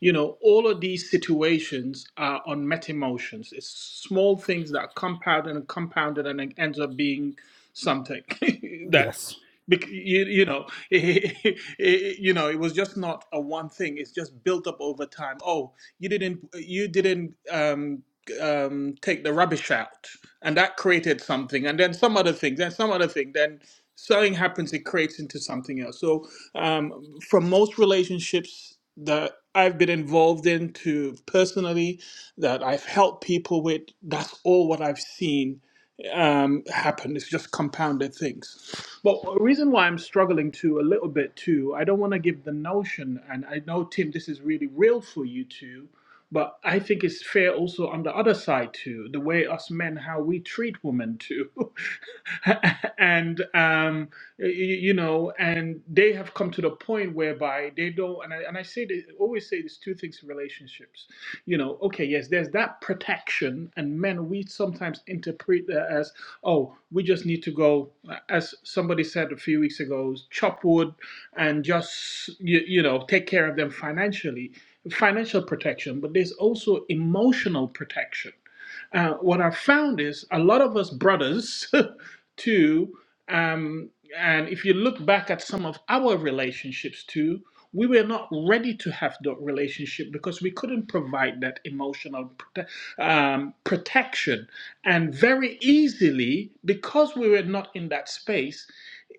Speaker 1: You know, all of these situations are on met emotions. It's small things that compound and compounded, and it ends up being something that,
Speaker 3: yes.
Speaker 1: bec- you, you know, you know, it was just not a one thing. It's just built up over time. Oh, you didn't, you didn't. Um, um, take the rubbish out, and that created something, and then some other thing, then some other thing, then something happens, it creates into something else. So, um, from most relationships that I've been involved in to personally, that I've helped people with, that's all what I've seen um, happen. It's just compounded things. But a reason why I'm struggling to a little bit too, I don't want to give the notion, and I know Tim, this is really real for you too but I think it's fair also on the other side too, the way us men how we treat women too, and um, you, you know, and they have come to the point whereby they don't. And I and I say this, always say there's two things in relationships, you know. Okay, yes, there's that protection, and men we sometimes interpret that as oh, we just need to go, as somebody said a few weeks ago, chop wood and just you, you know take care of them financially financial protection, but there's also emotional protection. Uh, what I found is a lot of us brothers, too, um, and if you look back at some of our relationships too, we were not ready to have that relationship because we couldn't provide that emotional prote- um, protection. And very easily, because we were not in that space,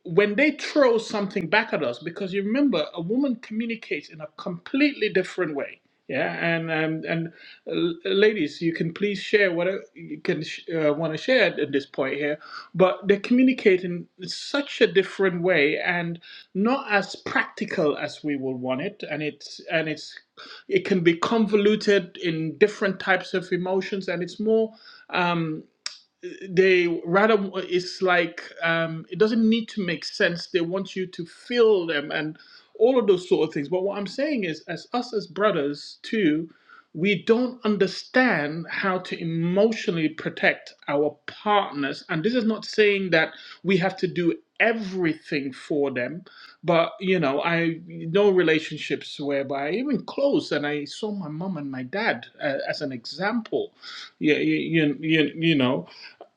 Speaker 1: when they throw something back at us, because you remember a woman communicates in a completely different way. Yeah, and and, and uh, ladies, you can please share whatever you can sh- uh, want to share at this point here, but they communicate in such a different way and not as practical as we would want it, and it's and it's it can be convoluted in different types of emotions, and it's more um, they rather it's like um, it doesn't need to make sense. They want you to feel them and all of those sort of things. But what I'm saying is, as us as brothers too, we don't understand how to emotionally protect our partners. And this is not saying that we have to do everything for them, but you know, I know relationships whereby even close, and I saw my mom and my dad uh, as an example. Yeah, you, you, you, you know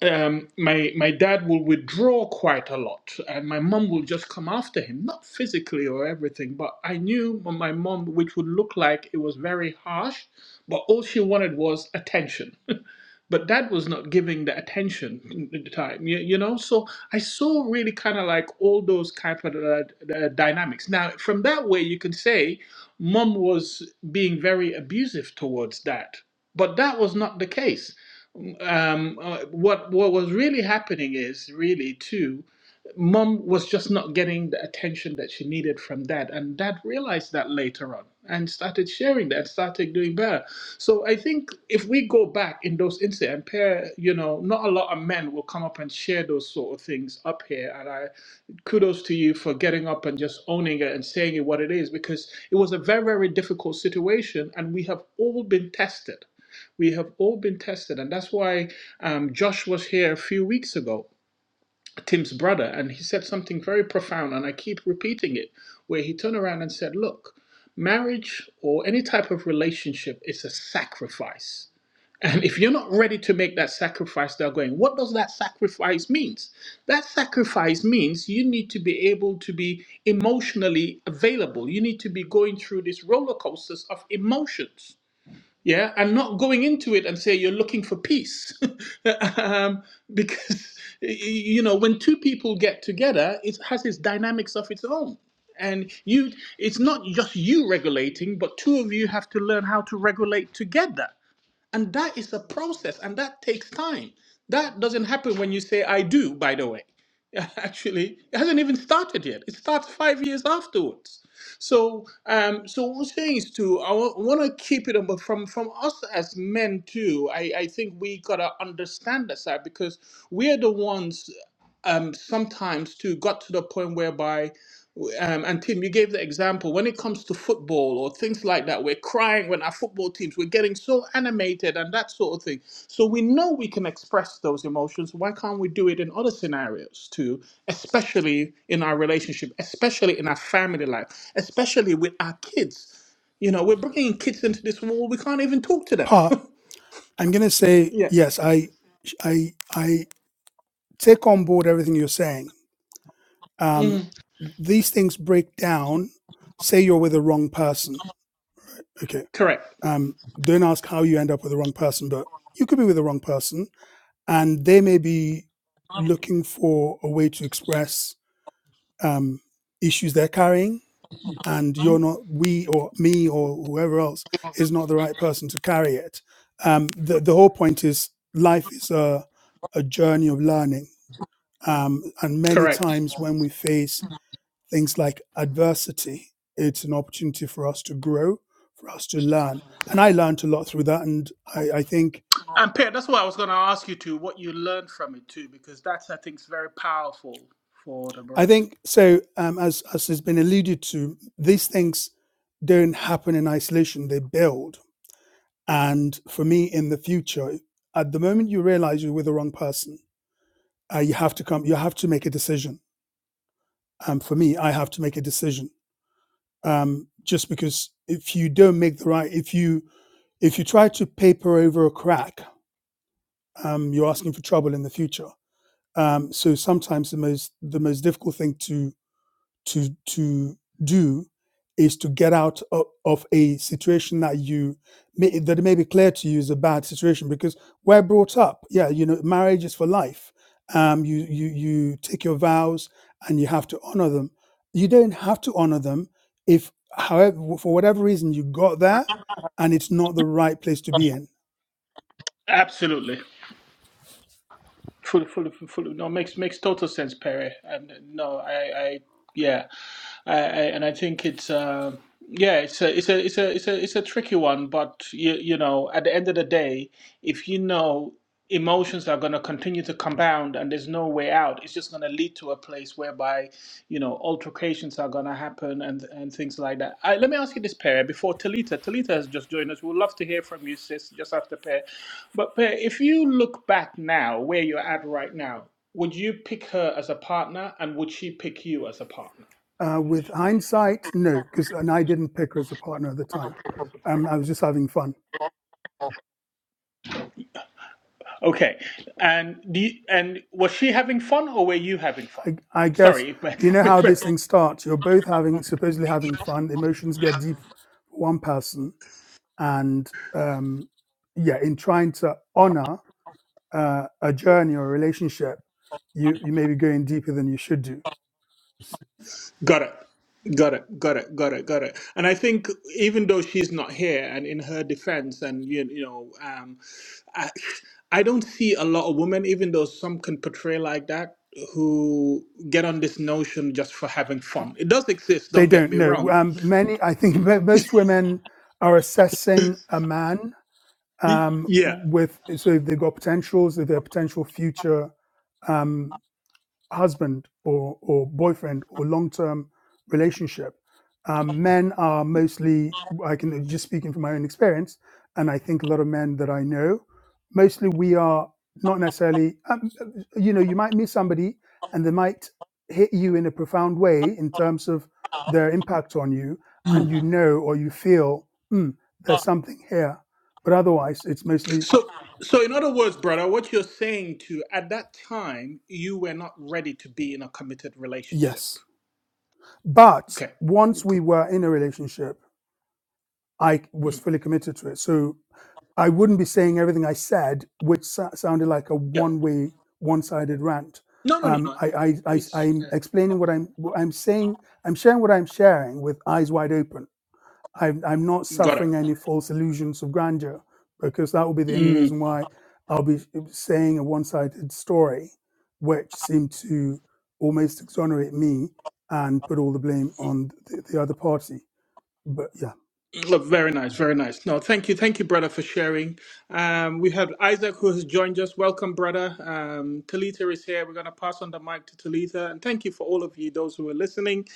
Speaker 1: um, my my dad will withdraw quite a lot, and my mom will just come after him, not physically or everything, but I knew m- my mom, which would look like it was very harsh, but all she wanted was attention. but dad was not giving the attention at the time, you, you know. So I saw really kind of like all those kind of uh, uh, dynamics. Now, from that way, you can say mom was being very abusive towards dad, but that was not the case um, uh, what what was really happening is really too, mom was just not getting the attention that she needed from dad, and dad realized that later on and started sharing that, started doing better. So I think if we go back in those incidents, and pair, you know, not a lot of men will come up and share those sort of things up here, and I kudos to you for getting up and just owning it and saying it what it is because it was a very very difficult situation, and we have all been tested we have all been tested. And that's why um, Josh was here a few weeks ago, Tim's brother, and he said something very profound. And I keep repeating it, where he turned around and said, Look, marriage or any type of relationship is a sacrifice. And if you're not ready to make that sacrifice, they're going, what does that sacrifice means? That sacrifice means you need to be able to be emotionally available. You need to be going through these roller coasters of emotions yeah and not going into it and say you're looking for peace um, because you know when two people get together it has its dynamics of its own and you it's not just you regulating but two of you have to learn how to regulate together and that is a process and that takes time. That doesn't happen when you say, I do, by the way. Actually, it hasn't even started yet. It starts five years afterwards. So, um, so what I'm saying is to I want to keep it, but from from us as men too, I I think we gotta understand that side because we are the ones um, sometimes too got to the point whereby um, and Tim, you gave the example when it comes to football or things like that. We're crying when our football teams we're getting so animated and that sort of thing. So we know we can express those emotions. Why can't we do it in other scenarios too? Especially in our relationship, especially in our family life, especially with our kids. You know, we're bringing kids into this world. We can't even talk to them.
Speaker 3: Pa, I'm gonna say
Speaker 1: yeah.
Speaker 3: yes. I, I, I take on board everything you're saying. Um,
Speaker 1: Mm.
Speaker 3: these things break down. Say you're with the wrong person. Okay.
Speaker 1: Correct.
Speaker 3: Um, don't ask how you end up with the wrong person, but you could be with the wrong person and they may be looking for a way to express um, issues they're carrying and you're not we or me or whoever else is not the right person to carry it um, the, the whole point is life is a, a journey of learning um, and many
Speaker 1: Correct.
Speaker 3: times when we face things like adversity it's an opportunity for us to grow for us to learn and i learned a lot through that and i, I think
Speaker 1: And Pierre, that's what I was going to ask you too. What you learned from it too, because that's I think is very powerful for the
Speaker 3: I
Speaker 1: brothers.
Speaker 3: think so. Um, as as has been alluded to, these things don't happen in isolation; they build. And for me, in the future, at the moment you realize you're with the wrong person, uh, you have to come. You have to make a decision. And Um, for me, I have to make a decision. Um, just because if you don't make the right, if you if you try to paper over a crack, um, you're asking for trouble in the future. Um, so sometimes the most the most difficult thing to to to do is to get out of, of a situation that you may, that it may be clear to you is a bad situation because we're brought up yeah you know marriage is for life um you you you take your vows and you have to honor them you don't have to honor them if however for whatever reason you got there and it's not the right place to be in
Speaker 1: Absolutely, fully, fully, fully. No, makes makes total sense, Perry. And uh, no, I, I yeah, I, I and I think it's um yeah, it's a it's a it's a it's a it's a tricky one, but you you know, at the end of the day, if you know. emotions are going to continue to compound and there's no way out it's just going to lead to a place whereby you know altercations are going to happen and and things like that I, let me ask you this Pear. before talita talita has just joined us we'd love to hear from you sis just after Pear. but Pear, if you look back now where you're at right now would you pick her as a partner and would she pick you as a partner
Speaker 3: uh, with hindsight no because and i didn't pick her as a partner at the time um, i was just having fun
Speaker 1: okay and do you, and was she having fun or were you having fun
Speaker 3: I, I guess
Speaker 1: sorry
Speaker 3: you know
Speaker 1: Big
Speaker 3: how
Speaker 1: Brother.
Speaker 3: this thing starts. You're both having supposedly having fun. Emotions get deep for one person, and um, yeah, in trying to honor uh, a journey or a relationship, you you may be going deeper than you should do. Yeah.
Speaker 1: Got it. Got it. Got it. Got it. Got it. And I think even though she's not here, and in her defense, and you, you know, um, I, I don't see a lot of women, even though some can portray like that, who get on this notion just for having fun. It does exist.
Speaker 3: They
Speaker 1: Don't get
Speaker 3: don't
Speaker 1: me
Speaker 3: know.
Speaker 1: wrong.
Speaker 3: Um, many, I think, mo- most women are assessing a man
Speaker 1: Y-
Speaker 3: um,
Speaker 1: Yeah.
Speaker 3: with so if they've got potentials, if their potential future. Um, husband or, or boyfriend or long term relationship. Um, men are mostly, I can just speaking from my own experience, and I think a lot of men that I know, mostly we are not necessarily, um, you know, you might meet somebody and they might hit you in a profound way in terms of their impact on you, and
Speaker 1: Mm.
Speaker 3: you know or you feel, hmm, there's something here. But otherwise, it's mostly
Speaker 1: So, so in other words, brother, what you're saying to at that time you were not ready to be in a committed relationship.
Speaker 3: yes. But
Speaker 1: Okay.
Speaker 3: once we
Speaker 1: Cool.
Speaker 3: were in a relationship, I was
Speaker 1: Mm.
Speaker 3: fully committed to it. So I wouldn't be saying everything I said, which sa- sounded like a
Speaker 1: Yeah.
Speaker 3: one-way, one-sided rant.
Speaker 1: No, no, no,
Speaker 3: Um,
Speaker 1: no.
Speaker 3: I, I, I,
Speaker 1: It's
Speaker 3: I'm
Speaker 1: yeah.
Speaker 3: explaining what I'm, what I'm saying. I'm sharing what I'm sharing with eyes wide open. I'm, I'm not
Speaker 1: got it.
Speaker 3: suffering any false illusions of grandeur because that will be the only
Speaker 1: Mm,
Speaker 3: reason why I'll be saying a one-sided story, which seemed to almost exonerate me and put all the blame on the, the other party. But yeah.
Speaker 1: look, very nice, very nice. No, thank you, thank you, brother, for sharing. Um, we have Isaac who has joined us. Welcome, brother. Um, Talitha is here. We're going to pass on the mic to Talitha, and thank you for all of you, those who are listening.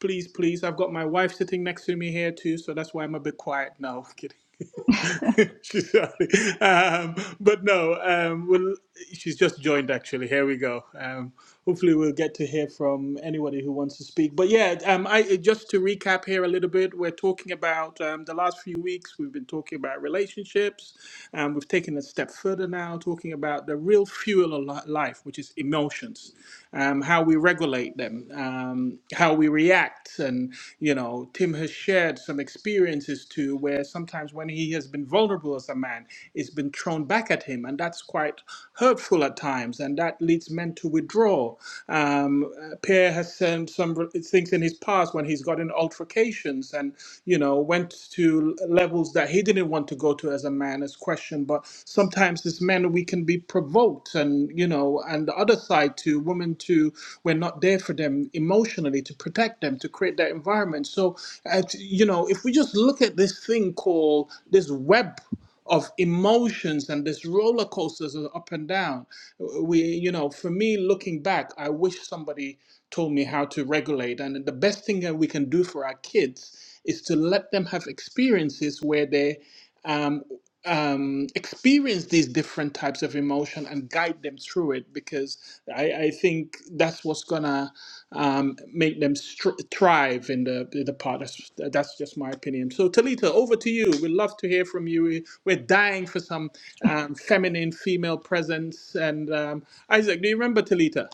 Speaker 1: Please, please, I've got my wife sitting next to me here too, so that's why I'm a bit quiet now. Kidding. she's sorry. Um, but no, um, we'll, she's just joined actually. Here we go. Um, hopefully, we'll get to hear from anybody who wants to speak. But yeah, um, I just to recap here a little bit, we're talking about um, the last few weeks, we've been talking about relationships. Um, we've taken a step further now, talking about the real fuel of li- life, which is emotions, um, how we regulate them, um, how we react react. And, you know, Tim has shared some experiences too, where sometimes when he has been vulnerable as a man, it's been thrown back at him. And that's quite hurtful at times. And that leads men to withdraw. Um, uh, Pierre has sent some re- things in his past when he's gotten altercations and, you know, went to levels that he didn't want to go to as a man, as questioned. But sometimes as men, we can be provoked. And, you you know, and the other side to women to we're not there for them emotionally to protect them, to create that environment. So, at, you know, if we just look at this thing called this web of emotions and this roller coasters of up and down, we, you know, for me looking back, I wish somebody told me how to regulate. And the best thing that we can do for our kids is to let them have experiences where they um, um, experience these different types of emotion and guide them through it because I, I think that's what's gonna um, make them str- thrive in the in the part. That's, that's just my opinion. So Talita, over to you. We'd love to hear from you. We- We're dying for some um, feminine female presence. And um, Isaac, do you remember Talita?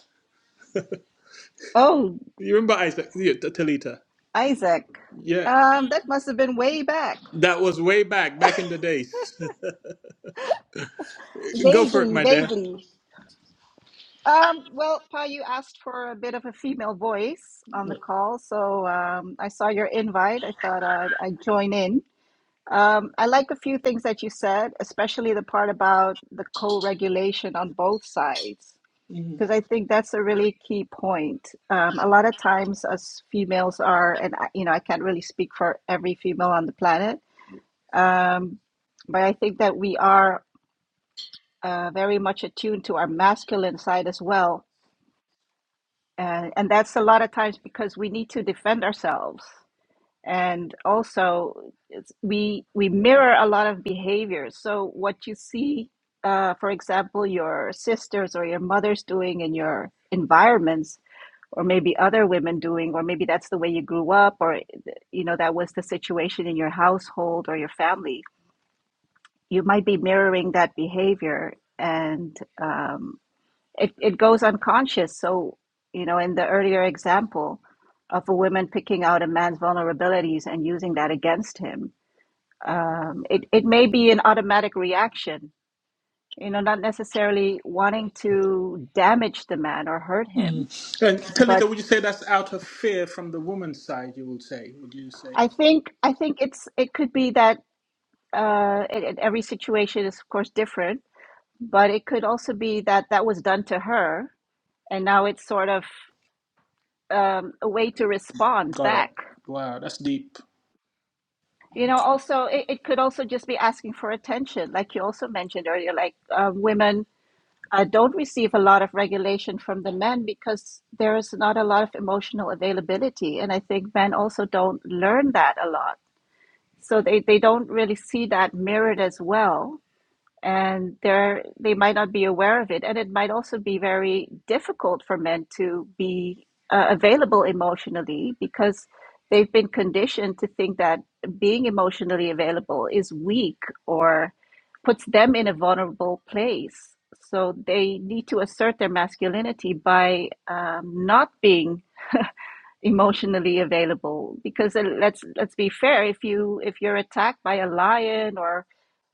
Speaker 4: Oh,
Speaker 1: You remember Isaac? Yeah, T- Talita.
Speaker 4: Isaac.
Speaker 1: Yeah,
Speaker 4: Um, that must have been way back.
Speaker 1: that was way back, back in the days. Go for it,
Speaker 4: Vaguely,
Speaker 1: my dear.
Speaker 4: vaguely. Um, well, Pa, you asked for a bit of a female voice on the call, so um, I saw your invite. I thought I'd, I'd join in. Um, I like a few things that you said, especially the part about the co regulation on both sides, because I think that's a really key point. Um, a lot of times, us females are, and I, you know, I can't really speak for every female on the planet, Um, but I think that we are uh, very much attuned to our masculine side as well. And, and that's a lot of times because we need to defend ourselves. And also, it's, we, we mirror a lot of behaviors. So, what you see, uh, for example, your sisters or your mothers doing in your environments, or maybe other women doing, or maybe that's the way you grew up, or you know, that was the situation in your household or your family you might be mirroring that behavior and um, it, it goes unconscious so you know in the earlier example of a woman picking out a man's vulnerabilities and using that against him um, it, it may be an automatic reaction you know not necessarily wanting to damage the man or hurt him
Speaker 1: Mm. And
Speaker 4: but
Speaker 1: Talita, would you say that's out of fear from the woman's side? You would say, would you say?
Speaker 4: i think i think it's it could be that uh, it, it- every situation is of course different but it could also be that that was done to her and now it's sort of um, a way to respond
Speaker 1: Got it.
Speaker 4: back
Speaker 1: Wow, that's deep.
Speaker 4: you know also it, it could also just be asking for attention like you also mentioned earlier like uh, women uh, don't receive a lot of regulation from the men because there is not a lot of emotional availability and i think men also don't learn that a lot so they, they don't really see that mirrored as well and they're they might not be aware of it and it might also be very difficult for men to be uh, available emotionally because they've been conditioned to think that being emotionally available is weak or puts them in a vulnerable place so they need to assert their masculinity by um, not being emotionally available because uh, let's let's be fair if you if you're attacked by a lion or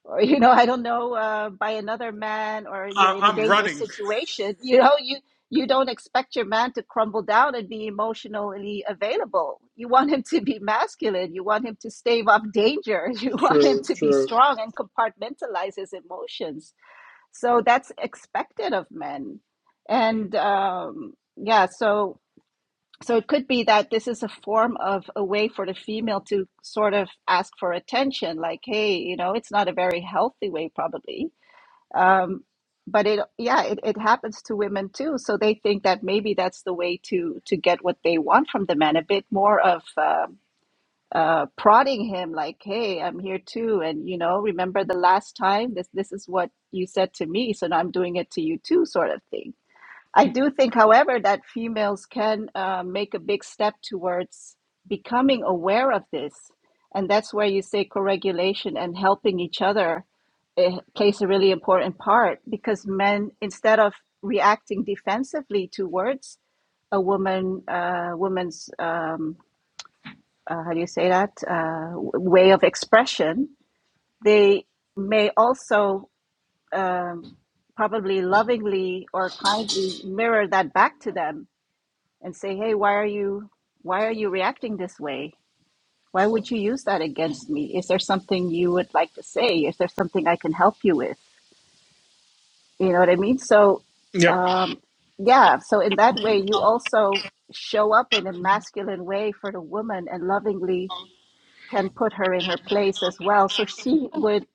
Speaker 4: or you know i don't know uh, by another man or you're
Speaker 1: I,
Speaker 4: in a
Speaker 1: I'm
Speaker 4: dangerous
Speaker 1: running.
Speaker 4: situation you know you you don't expect your man to crumble down and be emotionally available you want him to be masculine you want him to stave off danger you want him
Speaker 1: True,
Speaker 4: to be
Speaker 1: true.
Speaker 4: strong and compartmentalize his emotions so that's expected of men and um yeah so so it could be that this is a form of a way for the female to sort of ask for attention, like, hey, you know, it's not a very healthy way, probably. Um, but it, yeah, it, it happens to women too. So they think that maybe that's the way to to get what they want from the man, a bit more of uh, uh, prodding him, like, hey, I'm here too, and you know, remember the last time this this is what you said to me, so now I'm doing it to you too, sort of thing I do think, however, that females can uh, make a big step towards becoming aware of this. And that's where you say co regulation and helping each other eh, plays a really important part because men, instead of reacting defensively towards a woman, uh, woman's, um, uh, how do you say that, uh, way of expression, they may also um, probably lovingly or kindly mirror that back to them and say, "Hey, why are you why are you reacting this way? Why would you use that against me? Is there something you would like to say? Is there something I can help you with?" You know what I mean? So,
Speaker 1: Yep.
Speaker 4: um, yeah. So in that way, you also show up in a masculine way for the woman and lovingly can put her in her place as well. So she would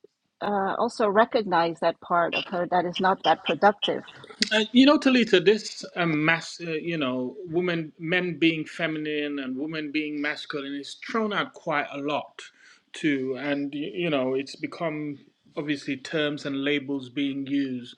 Speaker 4: uh, also recognize that part of her that is not that productive.
Speaker 1: Uh, you know, Talita, this um, mass, uh, you know, women, men being feminine and women being masculine is thrown out quite a lot, too. And, y- you know, it's become obviously terms and labels being used.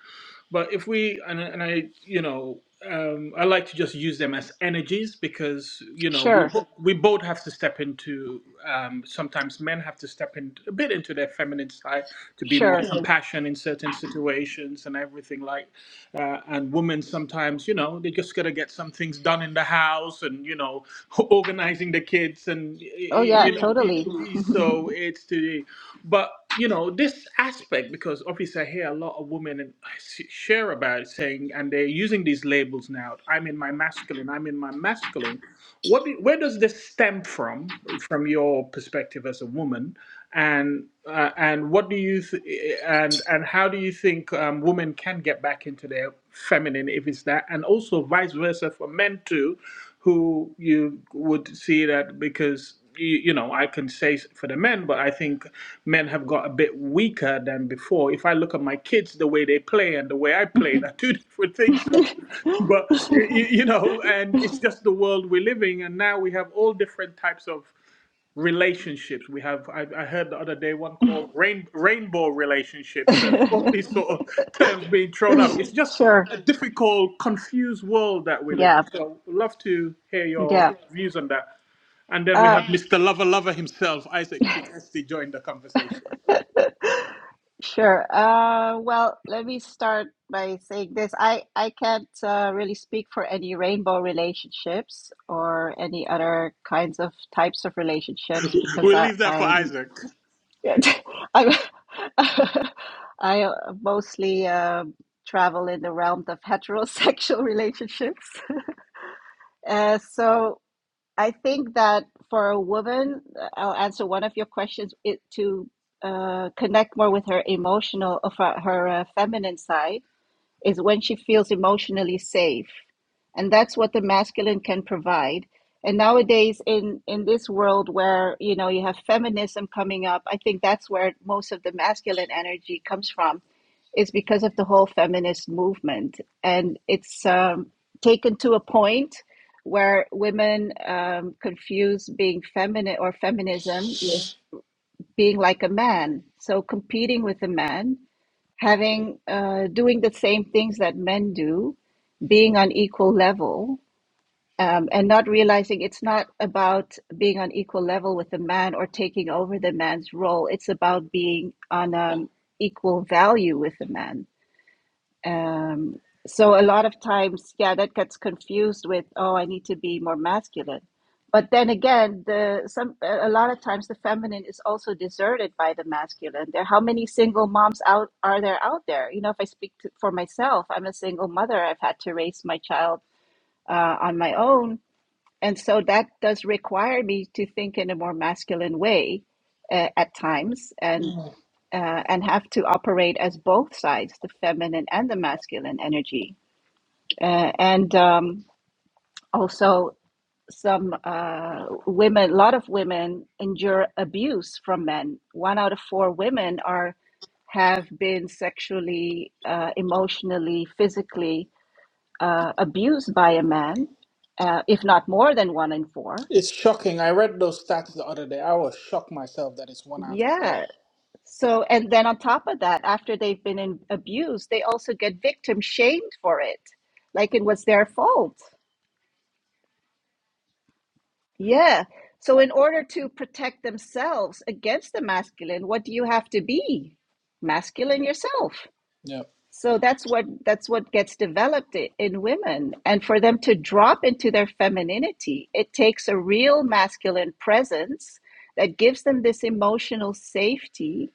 Speaker 1: But if we, and, I- and I, you know, um, I like to just use them as energies because, you know, we,
Speaker 4: Sure,
Speaker 1: bo- we both have to step into, um, sometimes men have to step in a bit into their feminine side to be more
Speaker 4: sure.
Speaker 1: compassionate in certain situations and everything like uh, and women sometimes you know they just gotta get some things done in the house and you know organizing the kids and y-
Speaker 4: Oh
Speaker 1: y-
Speaker 4: yeah,
Speaker 1: you know Mhm.
Speaker 4: totally.
Speaker 1: so it's the but you know this aspect because obviously i hear a lot of women and I s- share about it saying and they're using these labels now i'm in my masculine i'm in my masculine what do, where does this stem from from your perspective as a woman and uh, and what do you th- and and how do you think um, women can get back into their feminine if it's that and also vice versa for men too who you would see that because you, you know i can say s- for the men but i think men have got a bit weaker than before if i look at my kids the way they play and the way i play they're two different things so, but you, you know and it's just the world we're living and now we have all different types of relationships. We have I, I heard the other day one called rain, rainbow relationships, and all these sort of terms being thrown up. It's just
Speaker 4: sure.
Speaker 1: a difficult, confused world that we live in.
Speaker 4: Yeah.
Speaker 1: So love to hear your
Speaker 4: Yeah.
Speaker 1: views on that. And then we
Speaker 4: Uh,
Speaker 1: have Mr. Lover Lover himself, Isaac Chikesti, join the conversation.
Speaker 4: sure. Uh, well, let me start by saying this. I, I can't uh, really speak for any rainbow relationships or any other kinds of types of relationships because
Speaker 1: We'll
Speaker 4: I,
Speaker 1: leave that for
Speaker 4: I'm
Speaker 1: Isaac.
Speaker 4: I'm I uh, mostly um travel in the realm of heterosexual relationships. Uh, so I think that for a woman, I'll answer one of your questions it, to uh, connect more with her emotional, of her, her uh, feminine side is when she feels emotionally safe and that's what the masculine can provide and nowadays in in this world where you know you have feminism coming up i think that's where most of the masculine energy comes from is because of the whole feminist movement and it's um, taken to a point where women um, confuse being feminine or feminism with being like a man so competing with a man having uh, doing the same things that men do, being on equal level, um, and not realizing it's not about being on equal level with the man or taking over the man's role. It's about being on um, equal value with the man um, so a lot of times, yeah, that gets confused with, oh, I need to be more masculine. But then again, the some a lot of times the feminine is also deserted by the masculine. There, how many single moms out are there out there? You know, if I speak to, for myself, I'm a single mother. I've had to raise my child uh, on my own, and so that does require me to think in a more masculine way uh, at times and uh, and have to operate as both sides, the feminine and the masculine energy. Uh, and um, also, some uh, women, a lot of women endure abuse from men. One out of four women are have been sexually, uh, emotionally, physically uh, abused by a man, uh, if not more than one in four.
Speaker 1: It's shocking. I read those stats the other day. I was shocked myself that it's one out of
Speaker 4: Yeah,
Speaker 1: four.
Speaker 4: So, and then on top of that, after they've been in, abused, they also get victim shamed for it, like it was their fault. Yeah. So, in order to protect themselves against the masculine, what do you have to be? Masculine yourself.
Speaker 1: Yeah.
Speaker 4: So that's what that's what gets developed i- in women, and for them to drop into their femininity, it takes a real masculine presence that gives them this emotional safety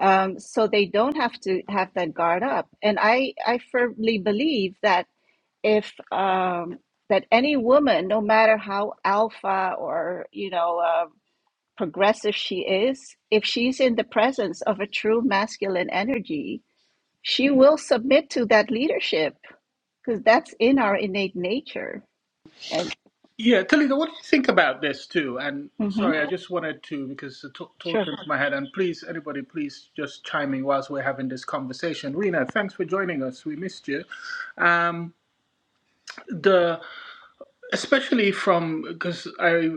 Speaker 4: um, so they don't have to have that guard up. And I, I firmly believe that if um, that any woman, no matter how alpha or you know uh, progressive she is, if she's in the presence of a true masculine energy, she will submit to that leadership because that's in our innate nature. And
Speaker 1: Yeah, Talita, what do you think about this too? And
Speaker 4: hmm
Speaker 1: sorry, I just wanted to because the t- thought
Speaker 4: sure,
Speaker 1: came to my head. And please, anybody, please just chime in whilst we're having this conversation. Rena, thanks for joining us. We missed you. Um, the especially from because I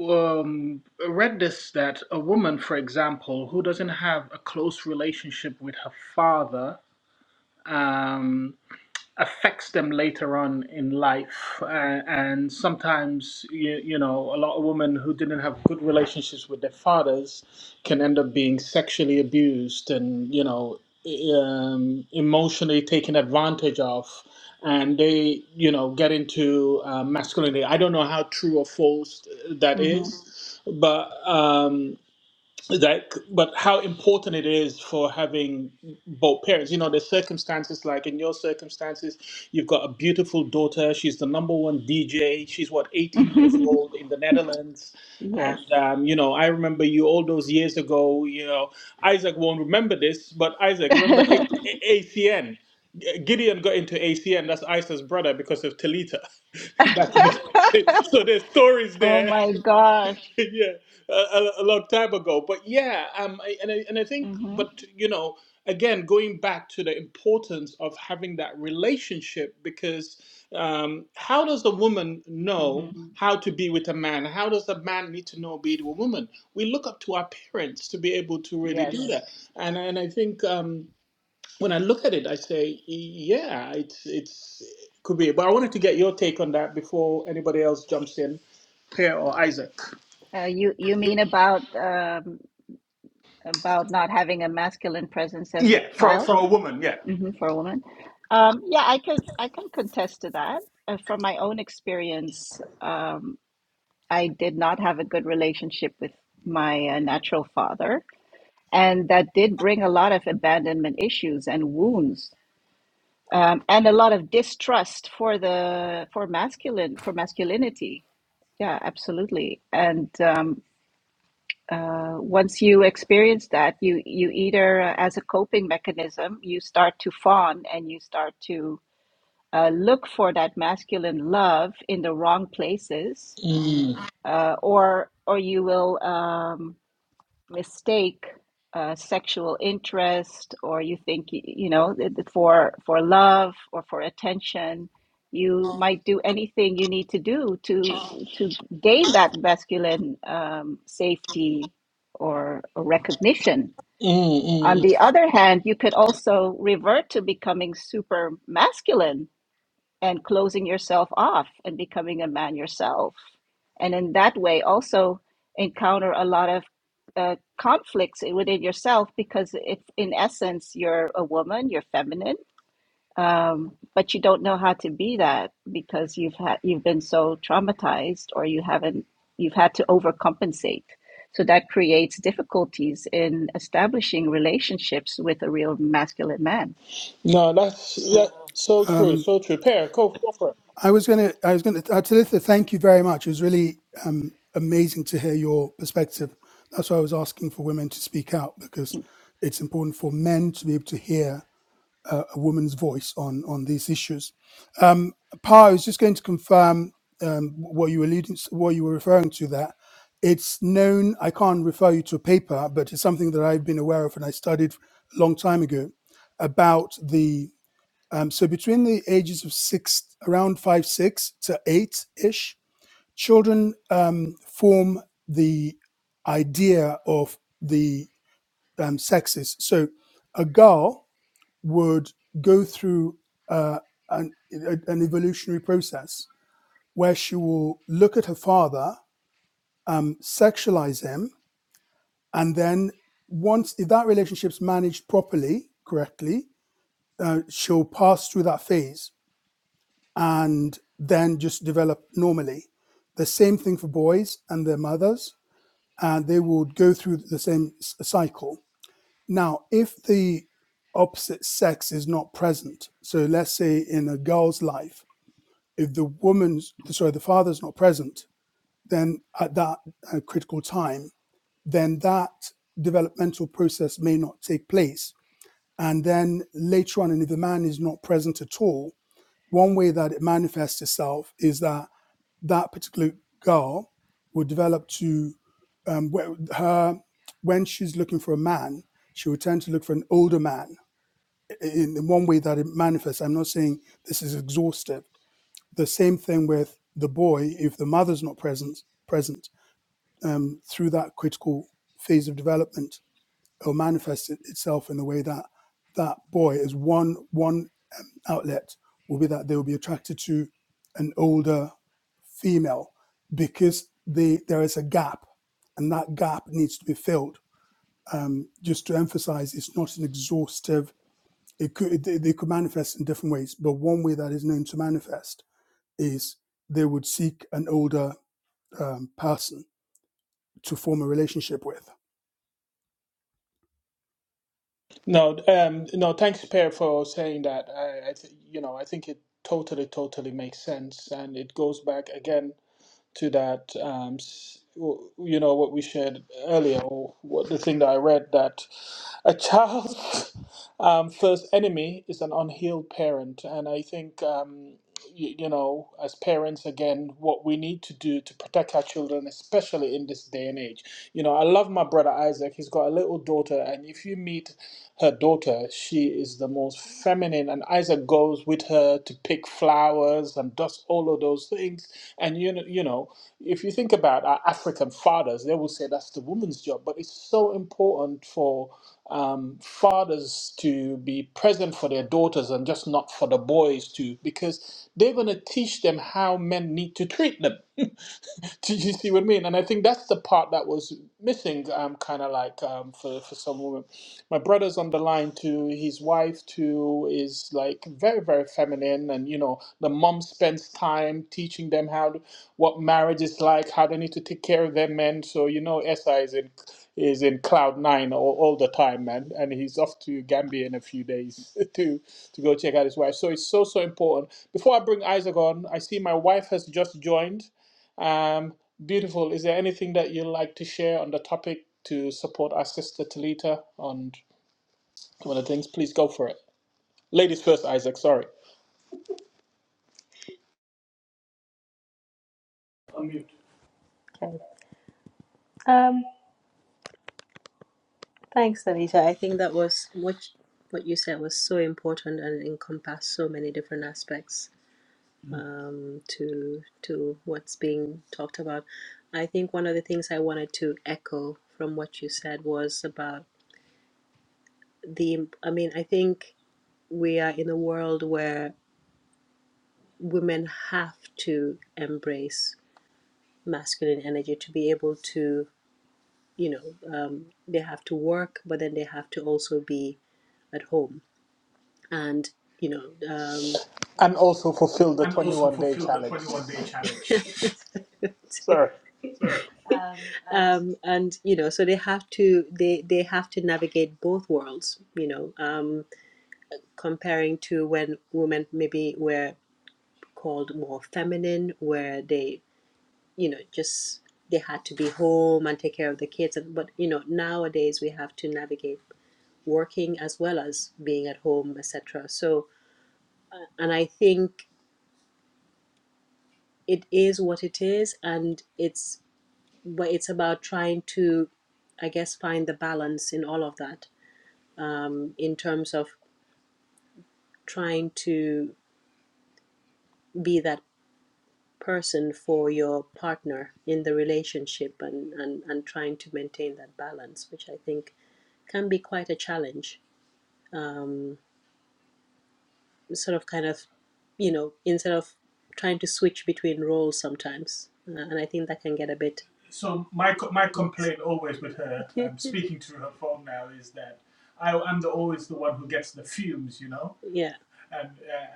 Speaker 1: um, read this that a woman, for example, who doesn't have a close relationship with her father. Um, affects them later on in life. Uh, and sometimes, you, you know, a lot of women who didn't have good relationships with their fathers can end up being sexually abused and, you know, e- um, emotionally taken advantage of. And they, you know, get into uh, masculinity. I don't know how true or false uh, that
Speaker 4: hmm
Speaker 1: is, but. um, that but how important it is for having both parents you know the circumstances like in your circumstances you've got a beautiful daughter she's the number one dj she's what 18 years old in the netherlands
Speaker 4: yes.
Speaker 1: and um, you know i remember you all those years ago you know isaac won't remember this but isaac remember A- A- acn G- Gideon got into ACN, that's Isa's brother, because of Talita back in the So there's stories
Speaker 4: oh
Speaker 1: there.
Speaker 4: my gosh.
Speaker 1: yeah, a, a, a long time ago. But yeah, um, I, and I, and I think,
Speaker 4: hmm
Speaker 1: but you know, again, going back to the importance of having that relationship, because um, how does a woman
Speaker 4: hmm
Speaker 1: know Mhm. how to be with a man? How does a man need to know be to a woman? We look up to our parents to be able to really do Yeah.
Speaker 4: Yes.
Speaker 1: that. And and I think um, when I look at it, I say, yeah, it's it's. it Could be, but I wanted to get your take on that before anybody else jumps in. Pierre or Isaac.
Speaker 4: Uh, you you mean about um, about not having a masculine presence as a
Speaker 1: Yeah, for
Speaker 4: child
Speaker 1: for a woman, yeah.
Speaker 4: hmm for a woman? Um, yeah, I can I can contest to that. Uh, from my own experience, um, I did not have a good relationship with my uh, natural father, and that did bring a lot of abandonment issues and wounds, um, and a lot of distrust for the for masculine for masculinity. Yeah, absolutely. And um, uh, once you experience that, you you either uh, as a coping mechanism, you start to fawn and you start to uh, look for that masculine love in the wrong places,
Speaker 1: Mm,
Speaker 4: uh, or or you will. Um, mistake uh, sexual interest or you think you know for for love or for attention you might do anything you need to do to to gain that masculine um, safety or, or recognition
Speaker 1: mm,
Speaker 4: on
Speaker 1: mm.
Speaker 4: the other hand you could also revert to becoming super masculine and closing yourself off and becoming a man yourself. And in that way, also encounter a lot of uh, conflicts within yourself because if in essence you're a woman, you're feminine, um, but you don't know how to be that because you've had you've been so traumatized or you haven't you've had to overcompensate. So that creates difficulties in establishing relationships with a real masculine man.
Speaker 1: No, that's that, so true,
Speaker 3: Um,
Speaker 1: so true. Per, go, go for it.
Speaker 3: I was going to, I was going to, Talitha, thank you very much. It was really um, amazing to hear your perspective. That's why I was asking for women to speak out because it's important for men to be able to hear uh, a woman's voice on on these issues. Um, pa, I was just going to confirm um, what you were alluding, what you were referring to. That it's known. I can't refer you to a paper, but it's something that I've been aware of and I studied a long time ago about the um, so between the ages of six, around five, six to eight ish, children um, form the idea of the um, sexes. So a girl would go through uh, an, an evolutionary process where she will look at her father, um, sexualize him, and then once if that relationship's managed properly, correctly, uh, she'll pass through that phase and then just develop normally. The same thing for boys and their mothers, and they would go through the same cycle. Now, if the opposite sex is not present, so let's say in a girl's life, if the woman's, sorry, the father's not present, then at that uh, critical time, then that developmental process may not take place. And then later on, and if the man is not present at all, one way that it manifests itself is that that particular girl will develop to um, her when she's looking for a man she will tend to look for an older man in, in one way that it manifests i'm not saying this is exhaustive the same thing with the boy if the mother's not present present um, through that critical phase of development it'll manifest it, itself in the way that that boy is one one outlet will be that they will be attracted to an older female because they, there is a gap and that gap needs to be filled. Um, just to emphasize, it's not an exhaustive, it could, they, they could manifest in different ways, but one way that is known to manifest is they would seek an older um, person to form a relationship with.
Speaker 1: No, um, no, thanks, Per, for saying that. I, I th you know, I think it totally, totally makes sense, and it goes back again to that, um, s w you know, what we shared earlier, or what the thing that I read that a child's um, first enemy is an unhealed parent, and I think. Um, y- you know, as parents, again, what we need to do to protect our children, especially in this day and age. You know, I love my brother Isaac. He's got a little daughter, and if you meet her daughter, she is the most feminine. And Isaac goes with her to pick flowers and does all of those things. And you know, you know, if you think about our African fathers, they will say that's the woman's job, but it's so important for um, fathers to be present for their daughters and just not for the boys to, because they're going to teach them how men need to treat them. Do you see what I mean? And I think that's the part that was missing, um, kind of like um, for for some women. My brother's on the line too. His wife too is like very very feminine, and you know the mom spends time teaching them how to, what marriage is like, how they need to take care of their men. So you know, SI is in is in cloud nine all, all the time, man, and he's off to Gambia in a few days to to go check out his wife. So it's so so important. Before I bring Isaac on, I see my wife has just joined. Um, beautiful. Is there anything that you'd like to share on the topic to support our sister Talita on one of the things? Please go for it. Ladies first, Isaac. Sorry,
Speaker 5: Okay. Um, thanks, Anita. I think that was what what you said was so important and encompassed so many different aspects um, to to what's being talked about. I think one of the things I wanted to echo from what you said was about the. I mean, I think we are in a world where women have to embrace masculine energy to be able to, you know, um, they have to work, but then they have to also be at home and you know um,
Speaker 1: and also fulfill the
Speaker 5: and also
Speaker 1: 21 day
Speaker 5: fulfill the
Speaker 1: challenge.
Speaker 5: 21 day challenge.
Speaker 1: Sorry.
Speaker 5: Sorry. um, and you know so they have to they they have to navigate both worlds you know um, comparing to when women maybe were called more feminine where they you know just they had to be home and take care of the kids and but you know nowadays we have to navigate working as well as being at home etc so uh, and i think it is what it is and it's but it's about trying to i guess find the balance in all of that um, in terms of trying to be that person for your partner in the relationship and, and, and trying to maintain that balance which i think can be quite a challenge Um. sort of kind of you know instead of trying to switch between roles sometimes uh, and i think that can get a bit So my my complaint always with her, I'm speaking to her phone now, is that I, I'm the always the one who gets the fumes, you know. yeah And uh,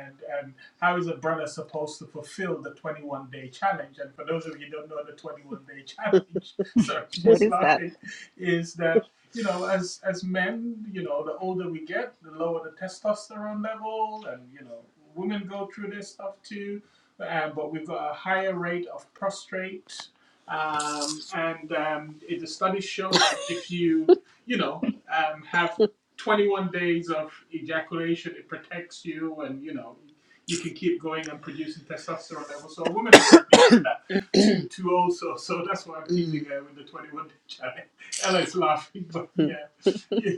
Speaker 5: and and how is a brother supposed to fulfill the 21 day challenge? And for those of you who don't know the 21 day challenge, sorry,
Speaker 4: What
Speaker 5: she's
Speaker 4: is that?
Speaker 5: laughing, is that you know, as as men, you know, the older we get, the lower the testosterone level, and you know, women go through this stuff too. Um, but we've got a higher rate of prostrate, um, and um, it, the studies show that if you, you know, um, have 21 days of ejaculation, it protects you, and you know, you can keep going and producing testosterone levels. So women are too, too also. So so that's why I'm teasing her with the 21 day challenge. Alex laughing, but yeah,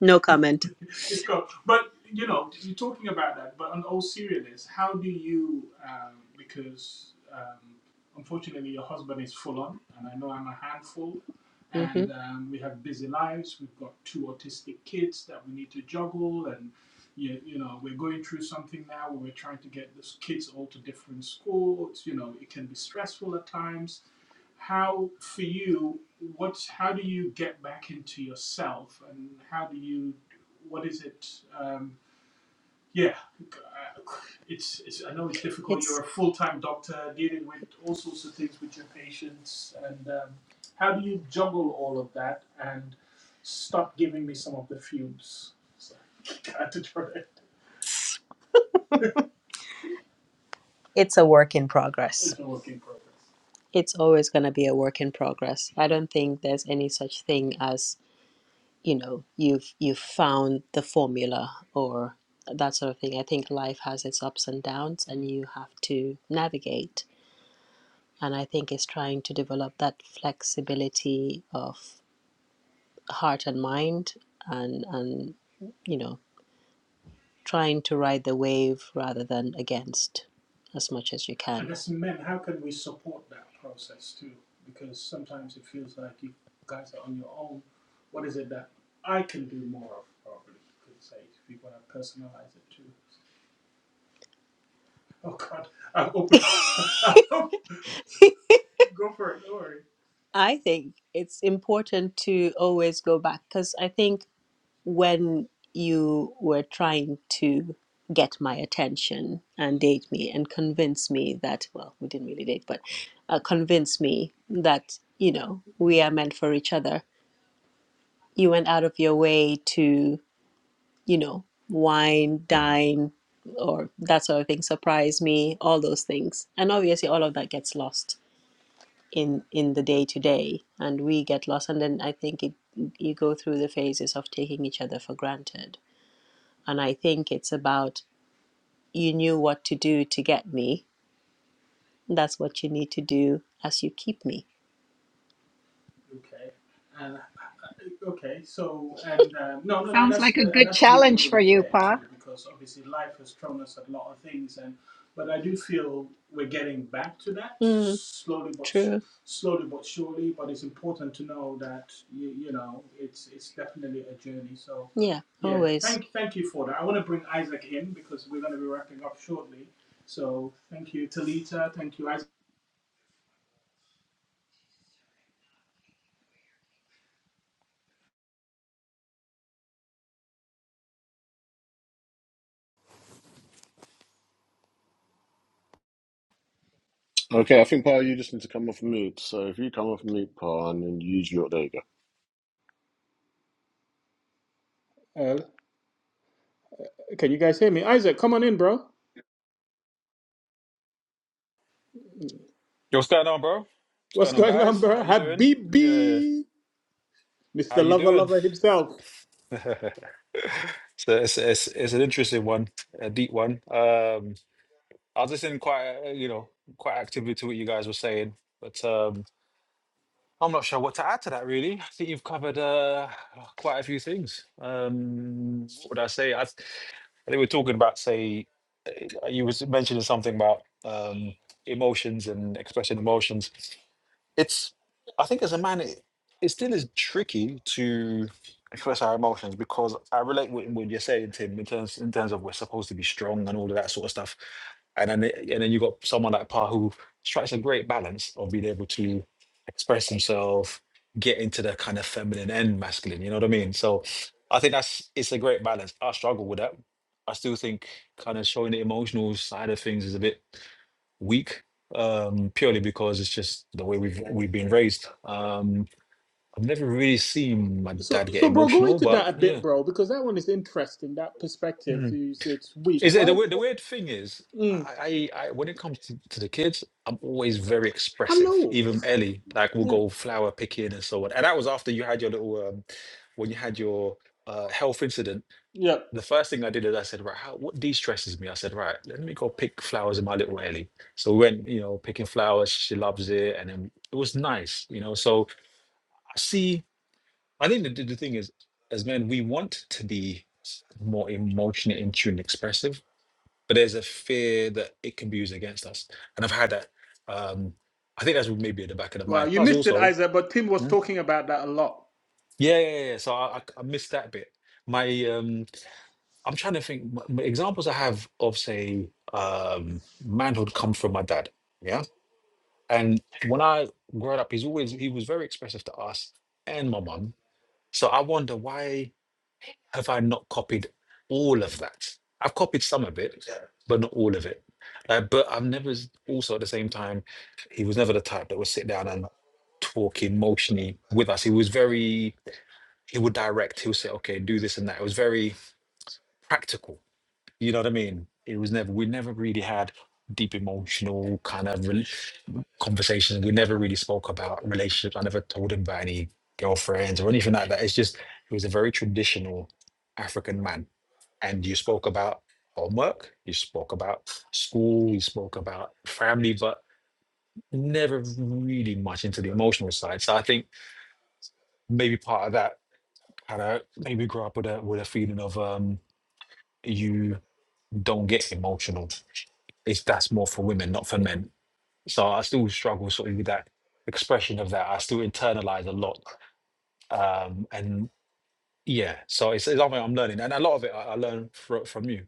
Speaker 5: No comment. it's cool. But you know, you're talking about that. But on all seriousness, how do you? Um, because um, unfortunately, your husband is full on, and I know I'm a handful. hmm And um, we have busy lives. We've got two autistic kids that we need to juggle, and you, you know, we're going through something now where we're trying to get these kids all to different schools. You know, it can be stressful at times how for you what's how do you get back into yourself and how do you what is it um yeah uh, it's, it's i know it's difficult It's you're a full-time doctor dealing with all sorts of things with your patients and um, how do you juggle all of that and stop giving me some of the fumes so I had to try it. it's a work in progress. it's a work in progress It's always going to be a work in progress. I don't think there's any such thing as you know you've you've found the formula or that sort of thing i think life has its ups and downs and you have to navigate and i think it's trying to develop that flexibility of heart and mind and and you know trying to ride the wave rather than against as much as you can. And as men, how can we support that process too? Because sometimes it feels like you guys are on your own. What is it that I can do more of? Probably you could say if you want to personalize it too. Oh God, I'm open. Go for it. Don't worry. I think it's important to always go back because I think when you were trying to get my attention and date me and convince me that well we didn't really date but uh, convince me that you know we are meant for each other you went out of your way to you know wine dine or that sort of thing surprise me all those things and obviously all of that gets lost in in the day to day and we get lost and then i think it you go through the phases of taking each other for granted And I think it's about you knew what to do to get me. That's what you need to do as you keep me. Okay. And uh, okay, so and um, no, no, no,
Speaker 4: Sounds
Speaker 5: that's
Speaker 4: like a
Speaker 5: uh, and
Speaker 4: good
Speaker 5: that's really,
Speaker 4: challenge
Speaker 5: really
Speaker 4: for you,
Speaker 5: fair
Speaker 4: Pa.
Speaker 5: too, because obviously life has thrown us a lot of things, and but I do feel we're getting back to that Mm, slowly but sh- true. slowly but surely. But it's important to know that you, you know it's it's definitely a journey. So Yeah, yeah, always. thank thank you for that. I want to bring Isaac in because we're going to be wrapping up shortly. So thank you, Talita. Thank you, Isaac.
Speaker 2: okay. I think Paul, you just need to come off mute. So if you come off mute, Paul, and then use your there you go.
Speaker 1: Uh, can you guys hear me? Isaac, come on in, bro.
Speaker 6: Yo, what's going on, bro? What's
Speaker 1: What's
Speaker 6: going on,
Speaker 1: going on,
Speaker 6: guys? How
Speaker 1: bro?
Speaker 6: you doing? Yeah,
Speaker 1: Habibi,
Speaker 6: how
Speaker 1: Mr.
Speaker 6: you
Speaker 1: Lover
Speaker 6: doing?
Speaker 1: Lover himself.
Speaker 6: so it's, it's it's an interesting one, a deep one. Um, I was listening quite, uh, you know, quite actively to what you guys were saying, but um, I'm not sure what to add to that. Really, I think you've covered uh, quite a few things. Um, what would I say? I, I think we're talking about, say, uh, you was mentioning something about um, emotions and expressing emotions. it's I think as a man, it, it still is tricky to express our emotions because I relate with what you're saying, Tim, in terms in terms of we're supposed to be strong and all of that sort of stuff, and then and then you got someone like Pa who strikes a great balance of being able to express himself, get into the kind of feminine and masculine. You know what I mean? So I think that's it's a great balance. I struggle with that. I still think kind of showing the emotional side of things is a bit weak um purely because it's just the way we've we've been raised um i've never really seen my
Speaker 1: So,
Speaker 6: dad get
Speaker 1: so, bro, go
Speaker 6: emotional
Speaker 1: into
Speaker 6: but
Speaker 1: that a
Speaker 6: yeah
Speaker 1: bit, bro, because that one is interesting. That perspective,
Speaker 6: mm.
Speaker 1: it's, it's weak.
Speaker 6: is it
Speaker 1: Why?
Speaker 6: the weird the
Speaker 1: What,
Speaker 6: weird thing is
Speaker 1: mm,
Speaker 6: I, I i when it comes to, to the kids i'm always very
Speaker 1: I
Speaker 6: expressive
Speaker 1: know.
Speaker 6: even ellie like we'll
Speaker 1: Yeah.
Speaker 6: go flower picking and so on and that was after you had your little um when you had your uh health incident
Speaker 1: Yeah.
Speaker 6: the first thing I did is I said, right, how, what de-stresses me? I said, right, let me go pick flowers in my little alley. So we went, you know, picking flowers. She loves it, and then it was nice, you know. So I see. I think the, the the thing is, as men, we want to be more emotionally in tune, and expressive, but there's a fear that it can be used against us, and I've had that. Um, I think that's maybe at the back of the
Speaker 1: Well,
Speaker 6: mind.
Speaker 1: you
Speaker 6: Plus,
Speaker 1: missed it,
Speaker 6: also,
Speaker 1: Isaac, but Tim was
Speaker 6: hmm,
Speaker 1: talking about that a lot.
Speaker 6: yeah, yeah, yeah. yeah. So I, I, I missed that bit. My um, I'm trying to think. m- m- Examples I have of, say, um, manhood come from my dad. Yeah, and when I growing up, he's always he was very expressive to us and my mum. So I wonder why have I not copied all of that? I've copied some of it, Yeah. but not all of it. Uh, but I've never s- also at the same time, he was never the type that would sit down and talk emotionally with us. He was very he would direct. He would say, "Okay, do this and that." It was very practical You know what I mean? It was never, we never really had deep emotional kind of rel conversation. We never really spoke about relationships. I never told him about any girlfriends or anything like that. It's just, he was a very traditional African man. And you spoke about homework, you spoke about school, you spoke about family, but never really much into the emotional side. So I think maybe part of that kind of maybe grew up with a with a feeling of um you don't get emotional. It's that's more for women, not for men. So I still struggle sort of with that expression of that. I still internalize a lot, um, and yeah. So it's, it's something I'm learning, and a lot of it I, I learn fro- from you.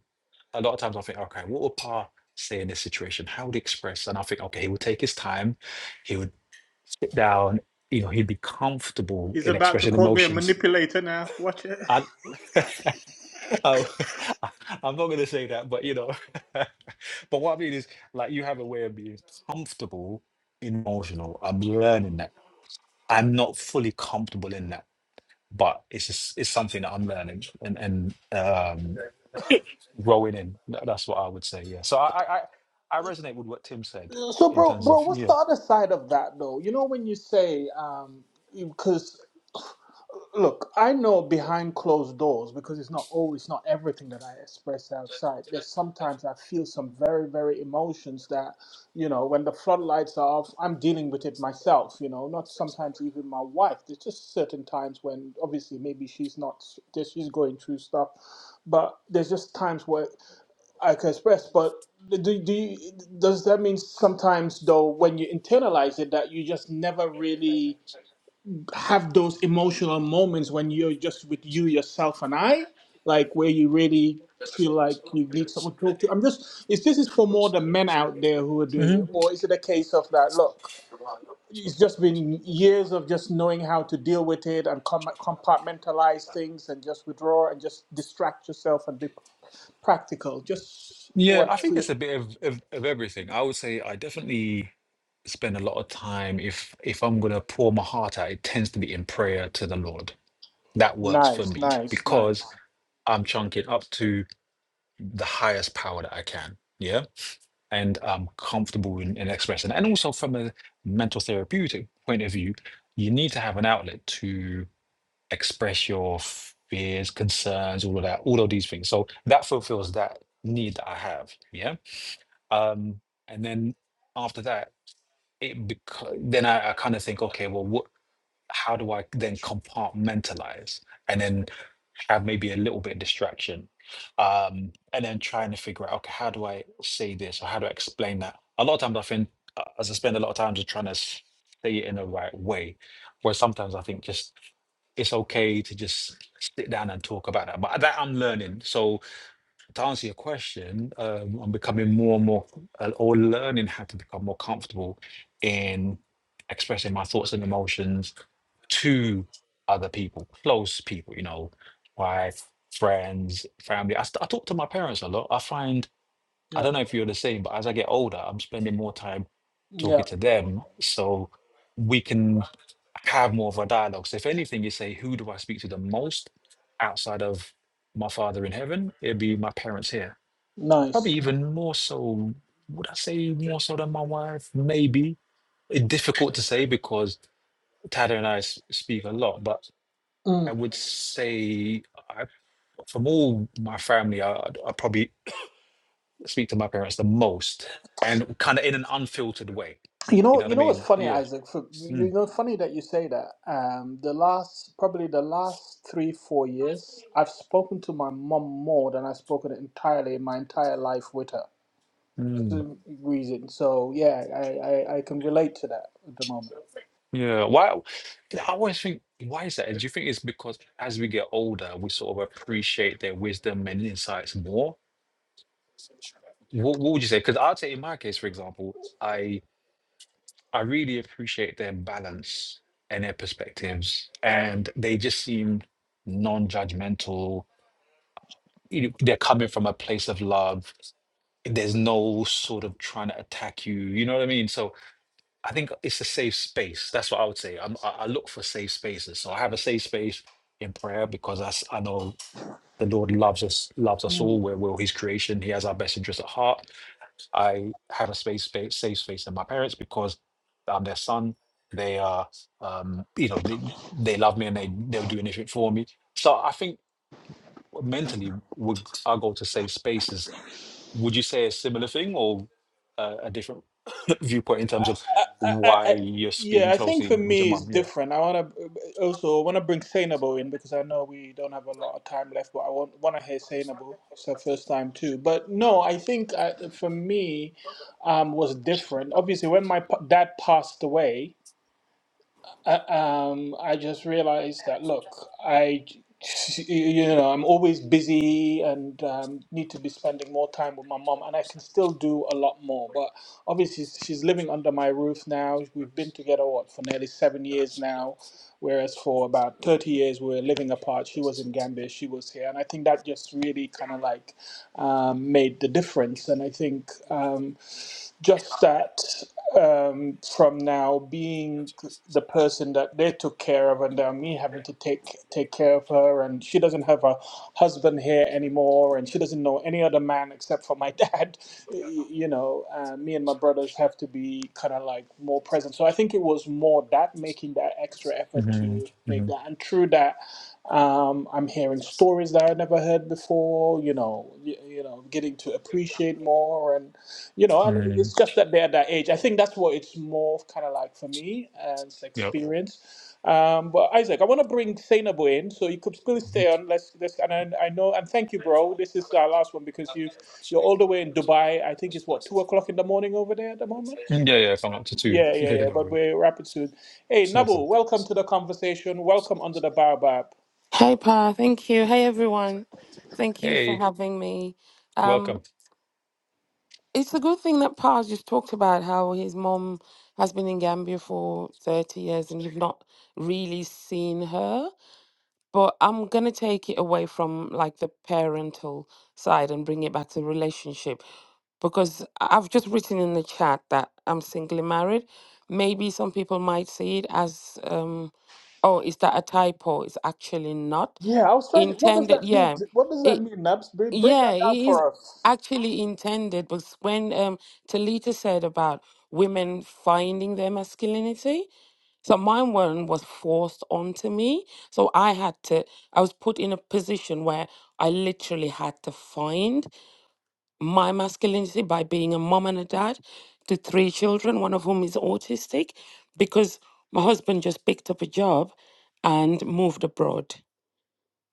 Speaker 6: A lot of times I think, okay, what would Pa say in this situation? How would he express? And I think, okay, he would take his time. He would sit down. You know, he'd be comfortable
Speaker 1: He's
Speaker 6: in
Speaker 1: about to
Speaker 6: expressing
Speaker 1: call me a
Speaker 6: emotions.
Speaker 1: manipulator now. Watch it.
Speaker 6: Oh, I- I'm not going to say that, but you know, but what I mean is, like, you have a way of being comfortable, in emotional. I'm learning that. I'm not fully comfortable in that, but it's just it's something that I'm learning and and um, growing in. Tha- That's what I would say. Yeah. So I I I I resonate with what Tim said
Speaker 1: So,
Speaker 6: in
Speaker 1: bro,
Speaker 6: terms
Speaker 1: bro,
Speaker 6: of
Speaker 1: what's
Speaker 6: yeah.
Speaker 1: the other side of that though? You know, when you say, um, because Look, I know behind closed doors because it's not always not everything that I express outside. There's sometimes I feel some very, very emotions that, you know, when the floodlights are off, I'm dealing with it myself, you know, not sometimes even my wife. There's just certain times when obviously maybe she's not, s- she's going through stuff, but there's just times where I can express, but do, do you, does that mean sometimes though when you internalize it that you just never really have those emotional moments when you're just with you, yourself, and I, like where you really feel like you need someone to talk to. I'm just, is this is for more the men out there who are doing
Speaker 6: Mm-hmm.
Speaker 1: it, or is it a case of that? Look, it's just been years of just knowing how to deal with it and com- compartmentalize things and just withdraw and just distract yourself and be practical. Just
Speaker 6: Yeah,
Speaker 1: want
Speaker 6: I
Speaker 1: to see
Speaker 6: think it's
Speaker 1: it.
Speaker 6: a bit of, of, of everything. I would say I definitely spend a lot of time if if I'm gonna pour my heart out, it tends to be in prayer to the Lord. That works for
Speaker 1: Nice,
Speaker 6: me
Speaker 1: nice,
Speaker 6: because
Speaker 1: nice.
Speaker 6: I'm chunking up to the highest power that I can. Yeah. And I'm comfortable in, in expressing. And also from a mental therapeutic point of view, you need to have an outlet to express your fears, concerns, all of that, all of these things. So that fulfills that need that I have. Yeah um, and then after that it beca- then I, I kind of think okay well what how do I then compartmentalize and then have maybe a little bit of distraction um, and then trying to figure out okay how do I say this or how do I explain that a lot of times I think uh, as I spend a lot of time just trying to s- say it in the right way where sometimes I think just it's okay to just sit down and talk about that but that I'm learning so to answer your question, um, I'm becoming more and more, uh, or learning how to become more comfortable in expressing my thoughts and emotions to other people, close people, you know, wife, friends, family. I, st- I talk to my parents a lot. I find, I
Speaker 1: Yep,
Speaker 6: don't know if you're the same, but as I get older, I'm spending more time talking
Speaker 1: yep,
Speaker 6: to them. So we can have more of a dialogue. So if anything, you say, who do I speak to the most outside of my father in heaven? It'd be my parents here probably
Speaker 1: nice.
Speaker 6: even more so. Would I say more so than my wife? Maybe. It's difficult to say because Tada and I s- speak a lot, but
Speaker 1: Mm.
Speaker 6: I would say I, from all my family, I, I probably speak to my parents the most and kind of in an unfiltered way.
Speaker 1: You
Speaker 6: You
Speaker 1: know,
Speaker 6: know what I
Speaker 1: you know what's
Speaker 6: mean?
Speaker 1: funny,
Speaker 6: Yeah.
Speaker 1: Isaac? For, you
Speaker 6: Mm,
Speaker 1: know, funny that you say that. Um, the last, probably the last three, four years, I've spoken to my mom more than I've spoken entirely my entire life with her.
Speaker 6: mm,
Speaker 1: So, reason. So yeah, I, I, I can relate to that at the moment.
Speaker 6: yeah. Why? I always think, why is that? Do you think it's because as we get older, we sort of appreciate their wisdom and insights more? What, what would you say? Because I'd say in my case, for example, I I really appreciate their balance and their perspectives, and they just seem non-judgmental. You know, they're coming from a place of love. There's no sort of trying to attack you. You know what I mean? So I think it's a safe space. That's what I would say. I'm, I I look for safe spaces. So I have a safe space in prayer because I, s- I know the Lord loves us, loves us all. We're, we're His creation. He has our best interest at heart I have a space, space safe space in my parents because I'm their son. They are, um, you know, they they love me and they they'll do anything for me. So I think mentally, would our goal to safe spaces? Would you say a similar thing or a, a different viewpoint in terms of
Speaker 1: I, I,
Speaker 6: why you're
Speaker 1: yeah,
Speaker 6: speaking
Speaker 1: I think
Speaker 6: closely
Speaker 1: for
Speaker 6: with your
Speaker 1: me it's
Speaker 6: mum? Yeah.
Speaker 1: different. I want to also want to bring Sainable in because I know we don't have a lot of time left, but I want want to hear Sainable. It's her first time too. But no, I think I, for me um, was different. Obviously, when my pa- dad passed away, I, um, I just realized that look, I, you know, I'm always busy and um, need to be spending more time with my mom, and I can still do a lot more. But obviously, she's living under my roof now. We've been together what for nearly seven years now, whereas for about thirty years we were living apart. She was in Gambia, she was here, and I think that just really kind of like um, made the difference. And I think. Um, just that um, from now being the person that they took care of and now me having to take take care of her and she doesn't have a husband here anymore and she doesn't know any other man except for my dad y- you know uh, me and my brothers have to be kind of like more present so i think it was more that making that extra effort
Speaker 6: hmm
Speaker 1: to make
Speaker 6: hmm
Speaker 1: that and through that um, i'm hearing stories that i never heard before you know you, you know getting to appreciate more and you know, and
Speaker 6: hmm
Speaker 1: it's just that they're that age. I think that's what it's more kind of like for me and it's
Speaker 6: Yeah.
Speaker 1: experience. Um, but Isaac, I want to bring Sainabo in, so you could still
Speaker 6: Mhm.
Speaker 1: stay on. Let's, let's and I, I know and thank you, bro. This is our last one because you've you're all the way in Dubai. I think it's what two o'clock in the morning over there at the moment.
Speaker 6: Mm, Yeah, yeah, if I'm up to two.
Speaker 1: Yeah,
Speaker 6: Yeah,
Speaker 1: yeah,
Speaker 6: yeah,
Speaker 1: yeah.
Speaker 6: no
Speaker 1: But
Speaker 6: worry.
Speaker 1: we're wrapping soon. Hey,
Speaker 6: No
Speaker 1: Nabu,
Speaker 6: problem.
Speaker 1: welcome to the conversation. Welcome under the baobab.
Speaker 7: Hey, Pa. Thank you. Hey, everyone. Thank you for
Speaker 6: Hey,
Speaker 7: having me.
Speaker 6: welcome.
Speaker 7: Um, it's a good thing that Pa's just talked about how his mom has been in Gambia for 30 years and you've not really seen her. But I'm going to take it away from like the parental side and bring it back to relationship because I- have just written in the chat that I'm singly married. Maybe some people might see it as, um, oh, is that a typo? It's actually not
Speaker 1: Yeah, I was trying to. What does
Speaker 7: intended
Speaker 1: that mean?
Speaker 7: yeah
Speaker 1: What does that
Speaker 7: it
Speaker 1: mean, Naps? Break break
Speaker 7: yeah
Speaker 1: that
Speaker 7: it
Speaker 1: down
Speaker 7: is
Speaker 1: for us.
Speaker 7: actually intended but when um talita said about women finding their masculinity so mine one was forced onto me so i had to i was put in a position where i literally had to find my masculinity by being a mom and a dad to three children one of whom is autistic because my husband just picked up a job and moved abroad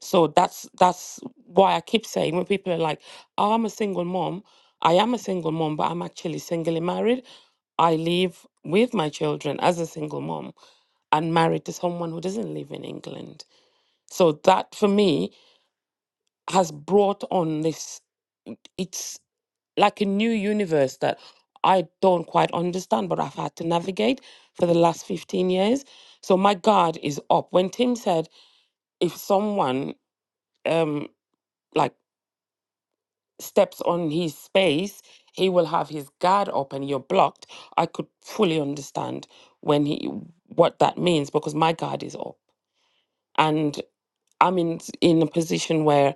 Speaker 7: so that's that's why I keep saying when people are like, oh, "I'm a single mom," I am a single mom, but I'm actually singly married. I live with my children as a single mom and married to someone who doesn't live in England. So that for me has brought on this. It's like a new universe that I don't quite understand, but I've had to navigate for the last 15 years. So my guard is up. When Tim said, if someone um, like steps on his space, he will have his guard up and you're blocked. I could fully understand when he what that means because my guard is up. And I'm in in a position where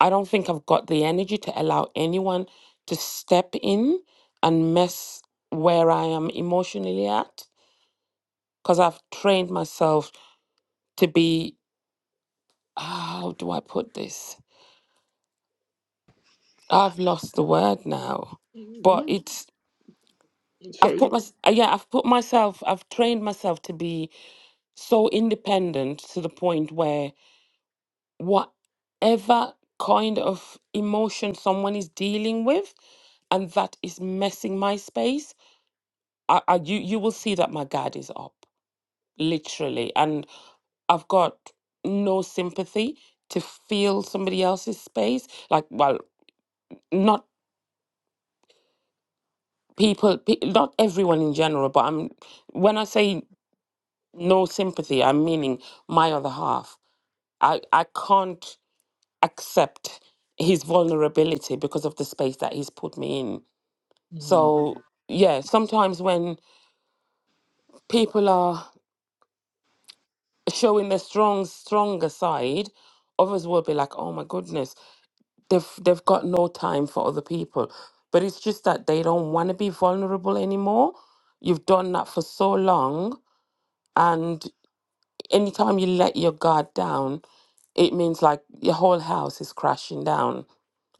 Speaker 7: I don't think I've got the energy to allow anyone to step in and mess where I am emotionally at because I've trained myself to be how do I put this? I've lost the word now. But it's I've
Speaker 1: Sorry.
Speaker 7: put my yeah, I've put myself, I've trained myself to be so independent to the point where whatever kind of emotion someone is dealing with, and that is messing my space, I, I you you will see that my guard is up, literally, and I've got no sympathy to feel somebody else's space. Like, well, not people, pe- not everyone in general, but I'm when I say no sympathy. I'm meaning my other half. I, I can't accept his vulnerability because of the space that he's put me in.
Speaker 1: Mm,
Speaker 7: So yeah, sometimes when people are showing their strong stronger side, others will be like, "Oh my goodness, they've they've got no time for other people." But it's just that they don't want to be vulnerable anymore. You've done that for so long, Anytime you let your guard down, it means like your whole house is crashing down.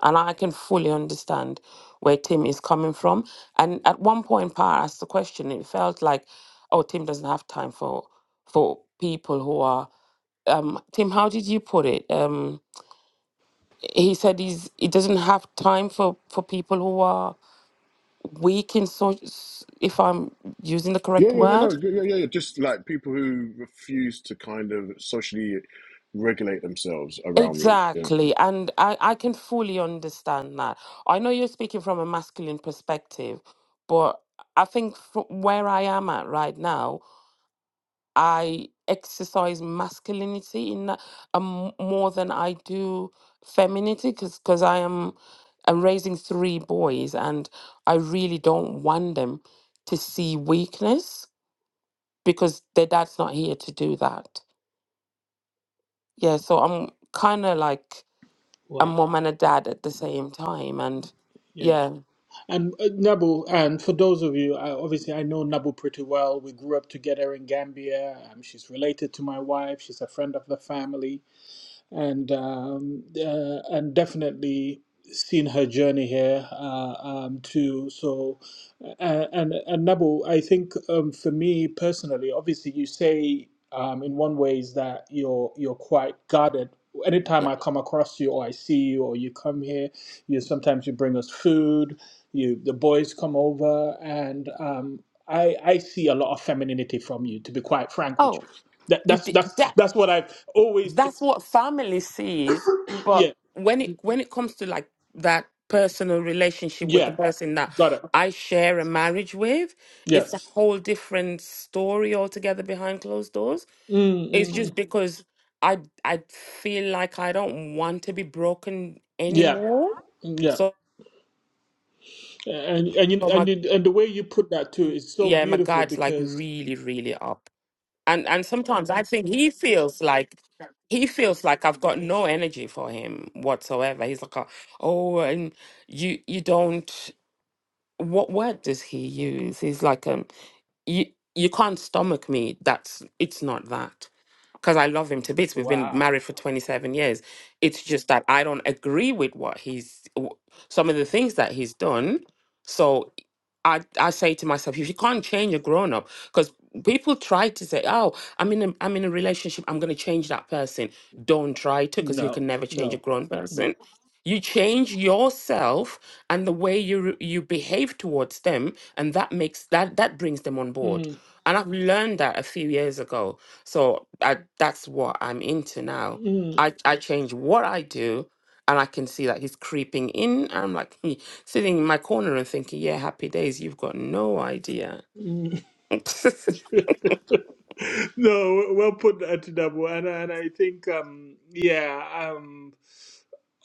Speaker 7: And I can fully understand where Tim is coming from. And at one point, Pa asked the question, it felt like, oh, Tim doesn't have time for for people who are um Tim, how did you put it? Um he said he's he doesn't have time for for people who are weak in so if I'm using the
Speaker 2: Yeah,
Speaker 7: correct
Speaker 2: yeah, yeah. No,
Speaker 7: word.
Speaker 2: yeah, yeah, yeah. yeah, Just like people who refuse to kind of socially regulate themselves around me. Yeah,
Speaker 7: Exactly. And I, I can fully understand that. I know you're speaking from a masculine perspective, but I think from where I am at right now, I exercise masculinity in that um, more than I do femininity because because I am I'm raising three boys and I really don't want them to see weakness because their dad's not here to do that. Yeah, so I'm kind of like a
Speaker 1: wow.
Speaker 7: mom and a dad at the same time and
Speaker 1: Yeah.
Speaker 7: yeah
Speaker 1: And uh, Nabu, and for those of you, I, obviously I know Nabu pretty well. We grew up together in Gambia. Um, she's related to my wife. She's a friend of the family and um, uh, and definitely seen her journey here uh, um, too. So, uh, and and Nabu, I think um, for me personally, obviously, you say um, in one way is that you're you're quite guarded. Anytime
Speaker 7: yeah
Speaker 1: I come across you, or I see you, or you come here, you sometimes you bring us food. You the boys come over, and um, I I see a lot of femininity from you. To be quite frank with
Speaker 7: oh
Speaker 1: you, that,
Speaker 7: it,
Speaker 1: that's
Speaker 7: it-
Speaker 1: that's
Speaker 7: that
Speaker 1: that's what I've always
Speaker 7: that's
Speaker 1: experienced.
Speaker 7: what family sees but when it when it comes to like that personal relationship with
Speaker 1: Yeah,
Speaker 7: the person that
Speaker 1: got it.
Speaker 7: i share a marriage with
Speaker 1: Yeah.
Speaker 7: it's a whole different story altogether behind closed doors
Speaker 1: mm
Speaker 7: it's
Speaker 1: mm.
Speaker 7: just
Speaker 1: mm.
Speaker 7: because i i feel like i don't want to be broken
Speaker 1: Yeah.
Speaker 7: anymore
Speaker 1: Yeah.
Speaker 7: so
Speaker 1: And and you,
Speaker 7: my
Speaker 1: and you, and the way you put that too is so
Speaker 7: yeah my
Speaker 1: beautiful
Speaker 7: guide's like
Speaker 1: because
Speaker 7: really really up and and sometimes I think he feels like he feels like I've got no energy for him whatsoever. He's like, oh, and you you don't. What word does he use? He's like, um, you you can't stomach me. That's it's not that because I love him to bits. We've been
Speaker 1: wow.
Speaker 7: married for twenty seven years. It's just that I don't agree with what he's w- some of the things that he's done. So I, I say to myself, if you can't change a grown up, because people try to say, oh, I'm in a, I'm in a relationship, I'm going to change that person. Don't try to, because you
Speaker 1: No.
Speaker 7: can never change a
Speaker 1: No.
Speaker 7: grown
Speaker 1: No.
Speaker 7: person. You change yourself and the way you re- you behave towards them, and that makes that that brings them on board.
Speaker 1: Mm,
Speaker 7: And I've learned that a few years ago, so I, that's what I'm into now.
Speaker 1: mm,
Speaker 7: I I change what I do, and I can see that he's creeping in. and I'm like, Sitting in my corner and thinking, yeah, happy days. You've got no idea.
Speaker 1: mm. No, well put, Atidabu, and I- and I think um yeah um.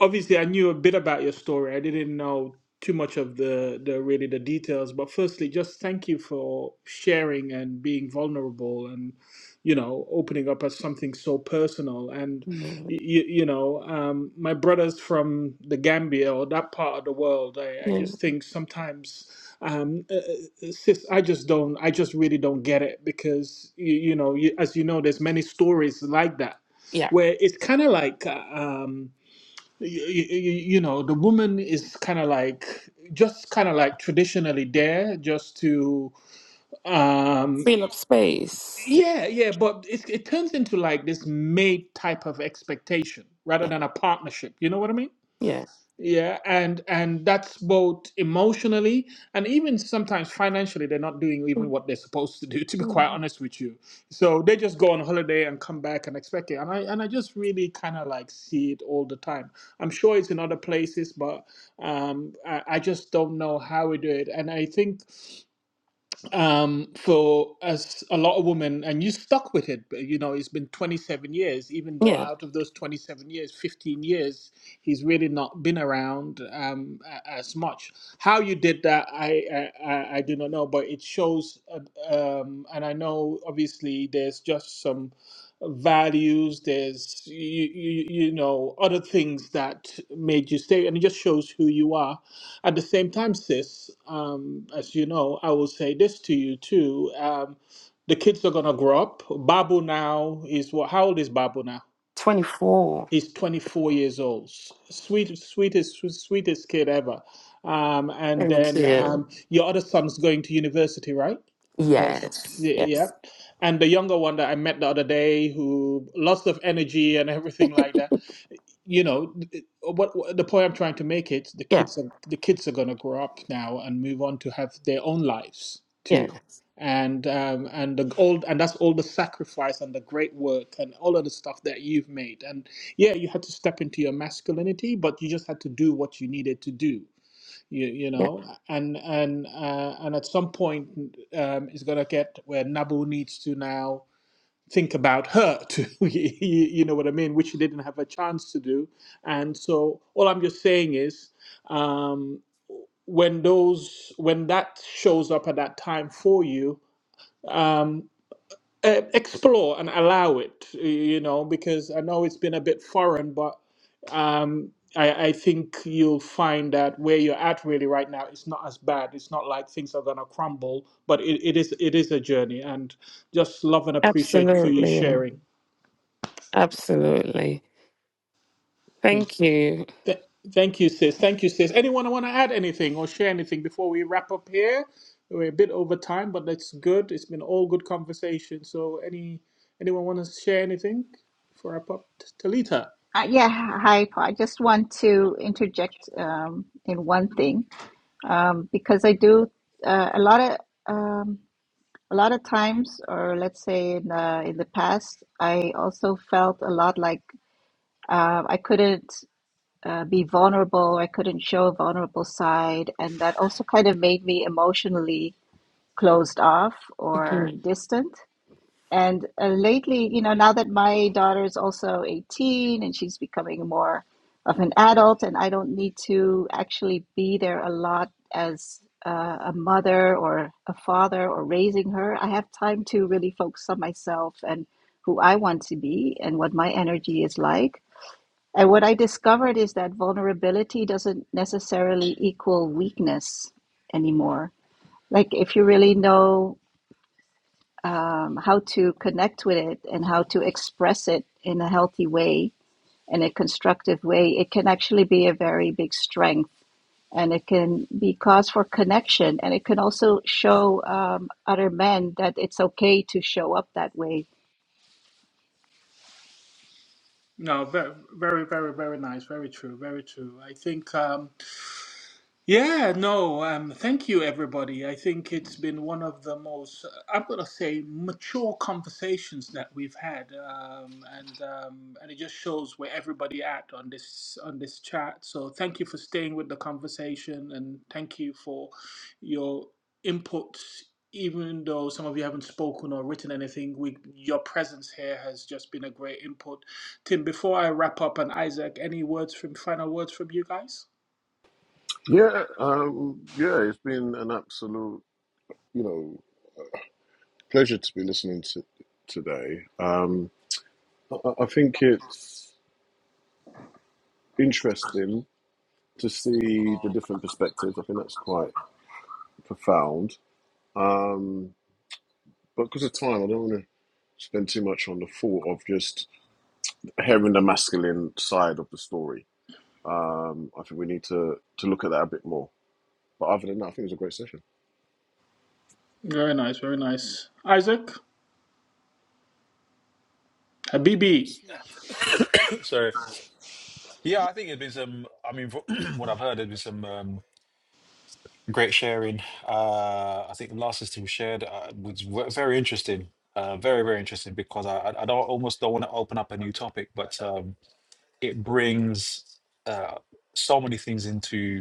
Speaker 1: obviously I knew a bit about your story. I didn't know too much of the the really the details, but firstly, just thank you for sharing and being vulnerable and you know opening up as something so personal and
Speaker 7: Yeah,
Speaker 1: you, you know um, my brothers from the gambia or that part of the world i, I
Speaker 7: yeah,
Speaker 1: just think sometimes um, uh, uh, sis i just don't i just really don't get it because you, you know you, as you know there's many stories like that
Speaker 7: yeah.
Speaker 1: where it's kind of like uh, um, you, you know the woman is kind of like just kind of like traditionally there just to um
Speaker 7: Fill up space.
Speaker 1: yeah yeah but it, it turns into like this mate type of expectation rather
Speaker 7: Yeah,
Speaker 1: than a partnership you know what i mean
Speaker 7: yeah,
Speaker 1: yeah and and that's both emotionally and even sometimes financially they're not doing even what they're supposed to do to be quite
Speaker 7: Mhm.
Speaker 1: honest with you so they just go on holiday and come back and expect it and i and i just really kind of like see it all the time i'm sure it's in other places but um I, I just don't know how we do it and i think um, so as a lot of women, and you stuck with it, but you know, it's been 27 years, even though
Speaker 7: yeah.
Speaker 1: out of those 27 years, 15 years, he's really not been around um, a- as much. How you did that, I, I, I I do not know, but it shows, uh, um, and I know obviously there's just some values, there's, you, you, you know, other things that made you stay, and it just shows who you are at the same time, sis, um, as you know, I will say this to you too. Um, the kids are gonna grow up. Babu now is what? How old is Babu now?
Speaker 7: Twenty-four.
Speaker 1: He's 24 years old. S- Sweet, sweetest, sweetest kid ever. Um, and
Speaker 7: Thank
Speaker 1: then
Speaker 7: you.
Speaker 1: um, your other son's going to university, right? Or
Speaker 7: Yes,
Speaker 1: yeah.
Speaker 7: yes,
Speaker 1: And the younger one that I met the other day, who lots of energy and everything like that you know th- what, what the point I'm trying to make it the
Speaker 7: yeah,
Speaker 1: kids are the kids are gonna grow up now and move on to have their own lives
Speaker 7: yeah,
Speaker 1: too and um and the old and that's all the sacrifice and the great work and all of the stuff that you've made and yeah you had to step into your masculinity but you just had to do what you needed to do you, you
Speaker 7: yeah.
Speaker 1: know and and uh, and at some point um it's gonna get where Nabu needs to now think about her to you, know what i mean which she didn't have a chance to do and so all i'm just saying is um, when those when that shows up at that time for you um, uh, explore and allow it you know because i know it's been a bit foreign but um, I, I think you'll find that where you're at really right now it's not as bad it's not like things are going to crumble but it, it is it is a journey and just love and appreciate you for you
Speaker 7: Absolutely,
Speaker 1: sharing
Speaker 7: absolutely.
Speaker 1: Thank you.
Speaker 7: Thank you.
Speaker 1: Th- Thank you, sis. Thank you, sis. Anyone want to add anything or share anything before we wrap up here? We're a bit over time, but that's good. It's been all good conversation. So, any anyone want to share anything for wrap up? Talita.
Speaker 4: Uh, yeah, hi, Paul. I just want to interject um, in one thing um, because I do uh, a lot of um, a lot of times, or let's say in the in the past, I also felt a lot like uh, I couldn't uh, be vulnerable. I couldn't show a vulnerable side, and that also kind of made me emotionally closed off or distant. And uh, lately, you know, now that my daughter is also 18 and she's becoming more of an adult, and I don't need to actually be there a lot as uh, a mother or a father or raising her, I have time to really focus on myself and who I want to be and what my energy is like. And what I discovered is that vulnerability doesn't necessarily equal weakness anymore. Like, if you really know um, how to connect with it and how to express it in a healthy way in a constructive way, it can actually be a very big strength and it can be cause for connection. And it can also show um, other men that it's okay to show up that way
Speaker 1: No, very, very, very, very nice. Very true. Very true. I think. Um, Yeah, no, um, thank you, everybody. I think it's been one of the most, I'm gonna say, mature conversations that we've had, um, and um, and it just shows where everybody at on this on this chat. So thank you for staying with the conversation, and thank you for your inputs. Even though some of you haven't spoken or written anything, we, your presence here has just been a great input. Tim, before I wrap up, and Isaac, any words from final words from you guys?
Speaker 2: yeah. Um, yeah it's been an absolute, you know, pleasure to be listening to today. Um, I, I I think it's interesting to see the different perspectives. I think that's quite profound. Um, but because of time, I don't want to spend too much on the thought of just hearing the masculine side of the story. Um, I think we need to, to look at that a bit more. But other than that, I think it was a great session.
Speaker 1: Very nice, very nice. Uh, B. B.
Speaker 6: Sorry. Yeah, I think it has been some. I mean, from what I've heard, there's been some um, great sharing. Uh, I think the last system shared uh, was ve- very interesting. Uh, very, very interesting because I, I I don't almost don't want to open up a new topic, but um, it brings uh, so many things into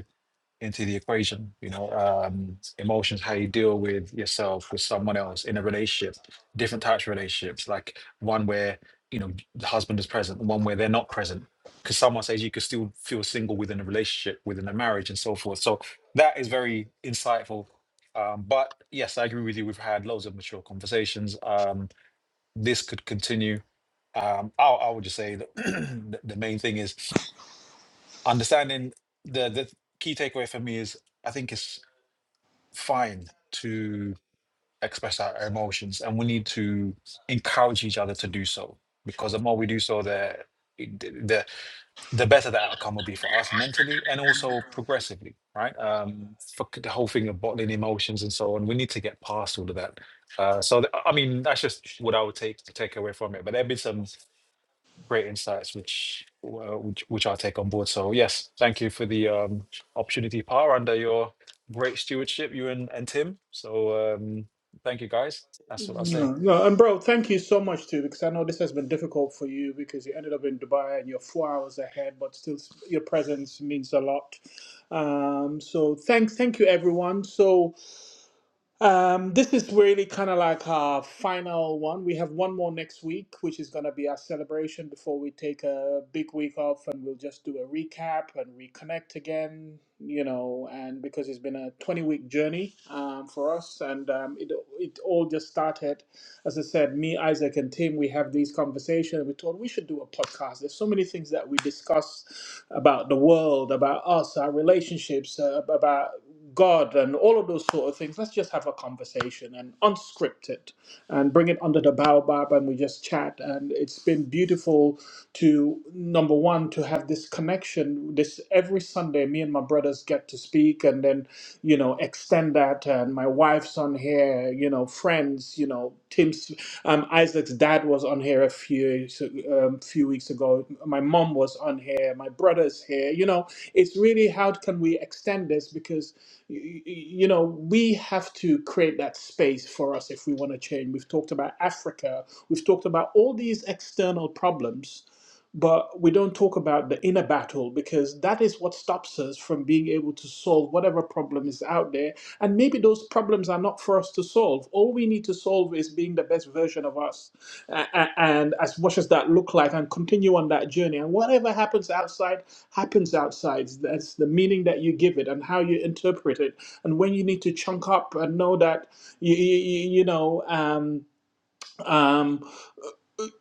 Speaker 6: into the equation. You know, um, emotions, how you deal with yourself, with someone else in a relationship, different types of relationships, like one where, you know, the husband is present, one where they're not present. Because someone says you could still feel single within a relationship, within a marriage, and so forth. So that is very insightful. Um, but yes, I agree with you. We've had loads of mature conversations. Um, this could continue. Um, I, I would just say that the the main thing is understanding the the key takeaway for me is I think it's fine to express our emotions, and we need to encourage each other to do so because the more we do so, the the the better the outcome will be for us mentally and also progressively, right? Um, for c- the whole thing of bottling emotions and so on, we need to get past all of that. Uh, so th- I mean, that's just what I would take take away from it. But there have been some great insights, which, uh, which which I'll take on board. So yes, thank you for the um, opportunity, Par, under your great stewardship, you and, and Tim. So um, thank you guys. That's what i say.
Speaker 1: No, no, and bro, thank you so much too, because I know this has been difficult for you because you ended up in Dubai and you're four hours ahead, but still your presence means a lot. Um, so thank, thank you everyone. So Um, this is really kind of like our final one. We have one more next week, which is going to be our celebration before we take a big week off, and we'll just do a recap and reconnect again. You know, and because it's been a 20 week journey um, for us, and um, it it all just started as I said, me, Isaac, and Tim, we have these conversations. We thought we should do a podcast. There's so many things that we discuss about the world, about us, our relationships, uh, about God, and all of those sort of things. Let's just have a conversation and unscript it and bring it under the baobab and we just chat. And it's been beautiful to, number one, to have this connection. This every Sunday, me and my brothers get to speak week and then you know extend that and my wife's on here you know friends you know tim's um, isaac's dad was on here a few so, um, few weeks ago my mom was on here my brother's here you know it's really how can we extend this because y- y- you know we have to create that space for us if we want to change we've talked about africa we've talked about all these external problems but we don't talk about the inner battle because that is what stops us from being able to solve whatever problem is out there. And maybe those problems are not for us to solve. All we need to solve is being the best version of us. A- a- And as much as that look like, and continue on that journey. And whatever happens outside, happens outside. That's the meaning that you give it and how you interpret it. And when you need to chunk up and know that, you, you, you know, um, um,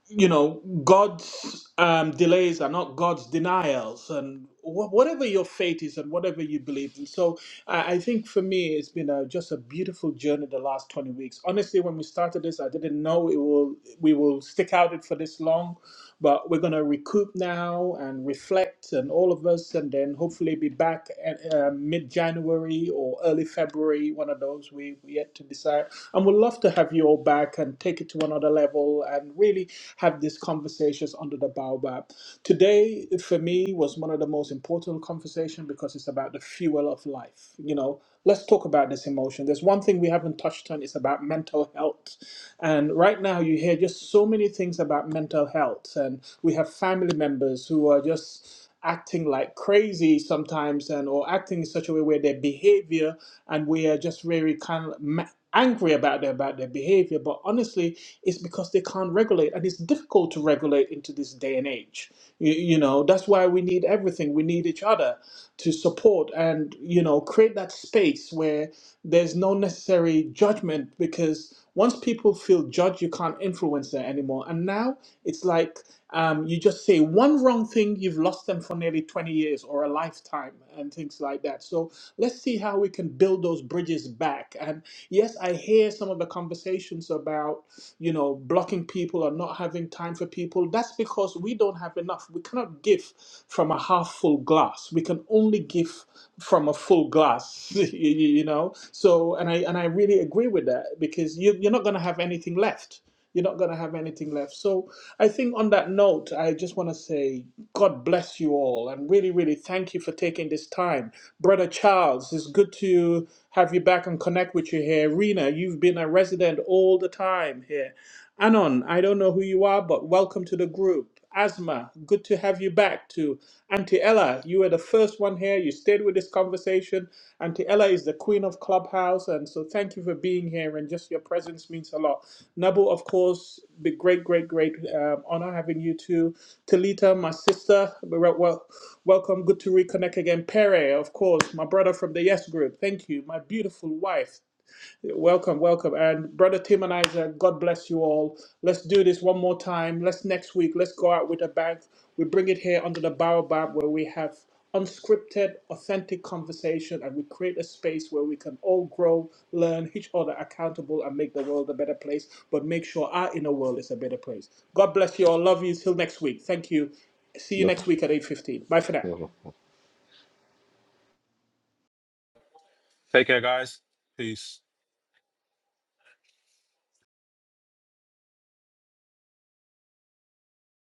Speaker 1: you know, God's um, delays are not God's denials, and wh- whatever your faith is and whatever you believe in. So I, I think for me, it's been a, just a beautiful journey the last 20 weeks. Honestly, when we started this, I didn't know it will we will stick out it for this long. But we're going to recoup now and reflect, and all of us, and then hopefully be back at, uh, mid January or early February, one of those we, we yet to decide. And we'd love to have you all back and take it to another level and really have these conversations under the baobab. Today, for me, was one of the most important conversations because it's about the fuel of life. You know, let's talk about this emotion. There's one thing we haven't touched on, it's about mental health. And right now, you hear just so many things about mental health, and we have family members who are just acting like crazy sometimes, and or acting in such a way where their behavior, and we are just very kind of ma- angry about their about their behavior. But honestly, it's because they can't regulate, and it's difficult to regulate into this day and age. You, you know, that's why we need everything. We need each other to support and you know create that that space where there's no necessary judgment because once people feel judged, you can't influence them anymore. And now it's like um, you just say one wrong thing, you've lost them for nearly 20 years or a lifetime and things like that. So let's see how we can build those bridges back. And yes, I hear some of the conversations about, you know, blocking people or not having time for people. That's because we don't have enough. We cannot give give from a half full glass. We can only give from a full glass, you you know. So, and I and I really agree with that because you you're not going to have anything left. You're not going to have anything left. So, I think on that note, I just want to say God bless you all and really, really thank you for taking this time. Brother Charles, it's good to have you back and connect with you here. Rena, you've been a resident all the time here. Anon, I don't know who you are, but welcome to the group. Asma, good to have you back. To Auntie Ella, you were the first one here. You stayed with this conversation. Auntie Ella is the queen of Clubhouse, and so thank you for being here. And just your presence means a lot. Nabu, of course, the great, great, great um, honor having you too. Talita, my sister, wel- wel- welcome. Good to reconnect again. Pere, of course, my brother from the Yes Group. Thank you, my beautiful wife. Welcome, welcome. And Brother Tim and Isaac, God bless you all. Let's do this one more time. Let's next week, let's go out with a bang. We bring it here under the baobab where we have unscripted, authentic conversation and we create a space where we can all grow, learn, each other accountable, and make the world a better place, but make sure our inner world is a better place. God bless you all. Love you. Till next week. Thank you. See you
Speaker 2: No,
Speaker 1: next week at 8.15. Bye for now.
Speaker 2: no, no.
Speaker 6: Take care, guys. Peace.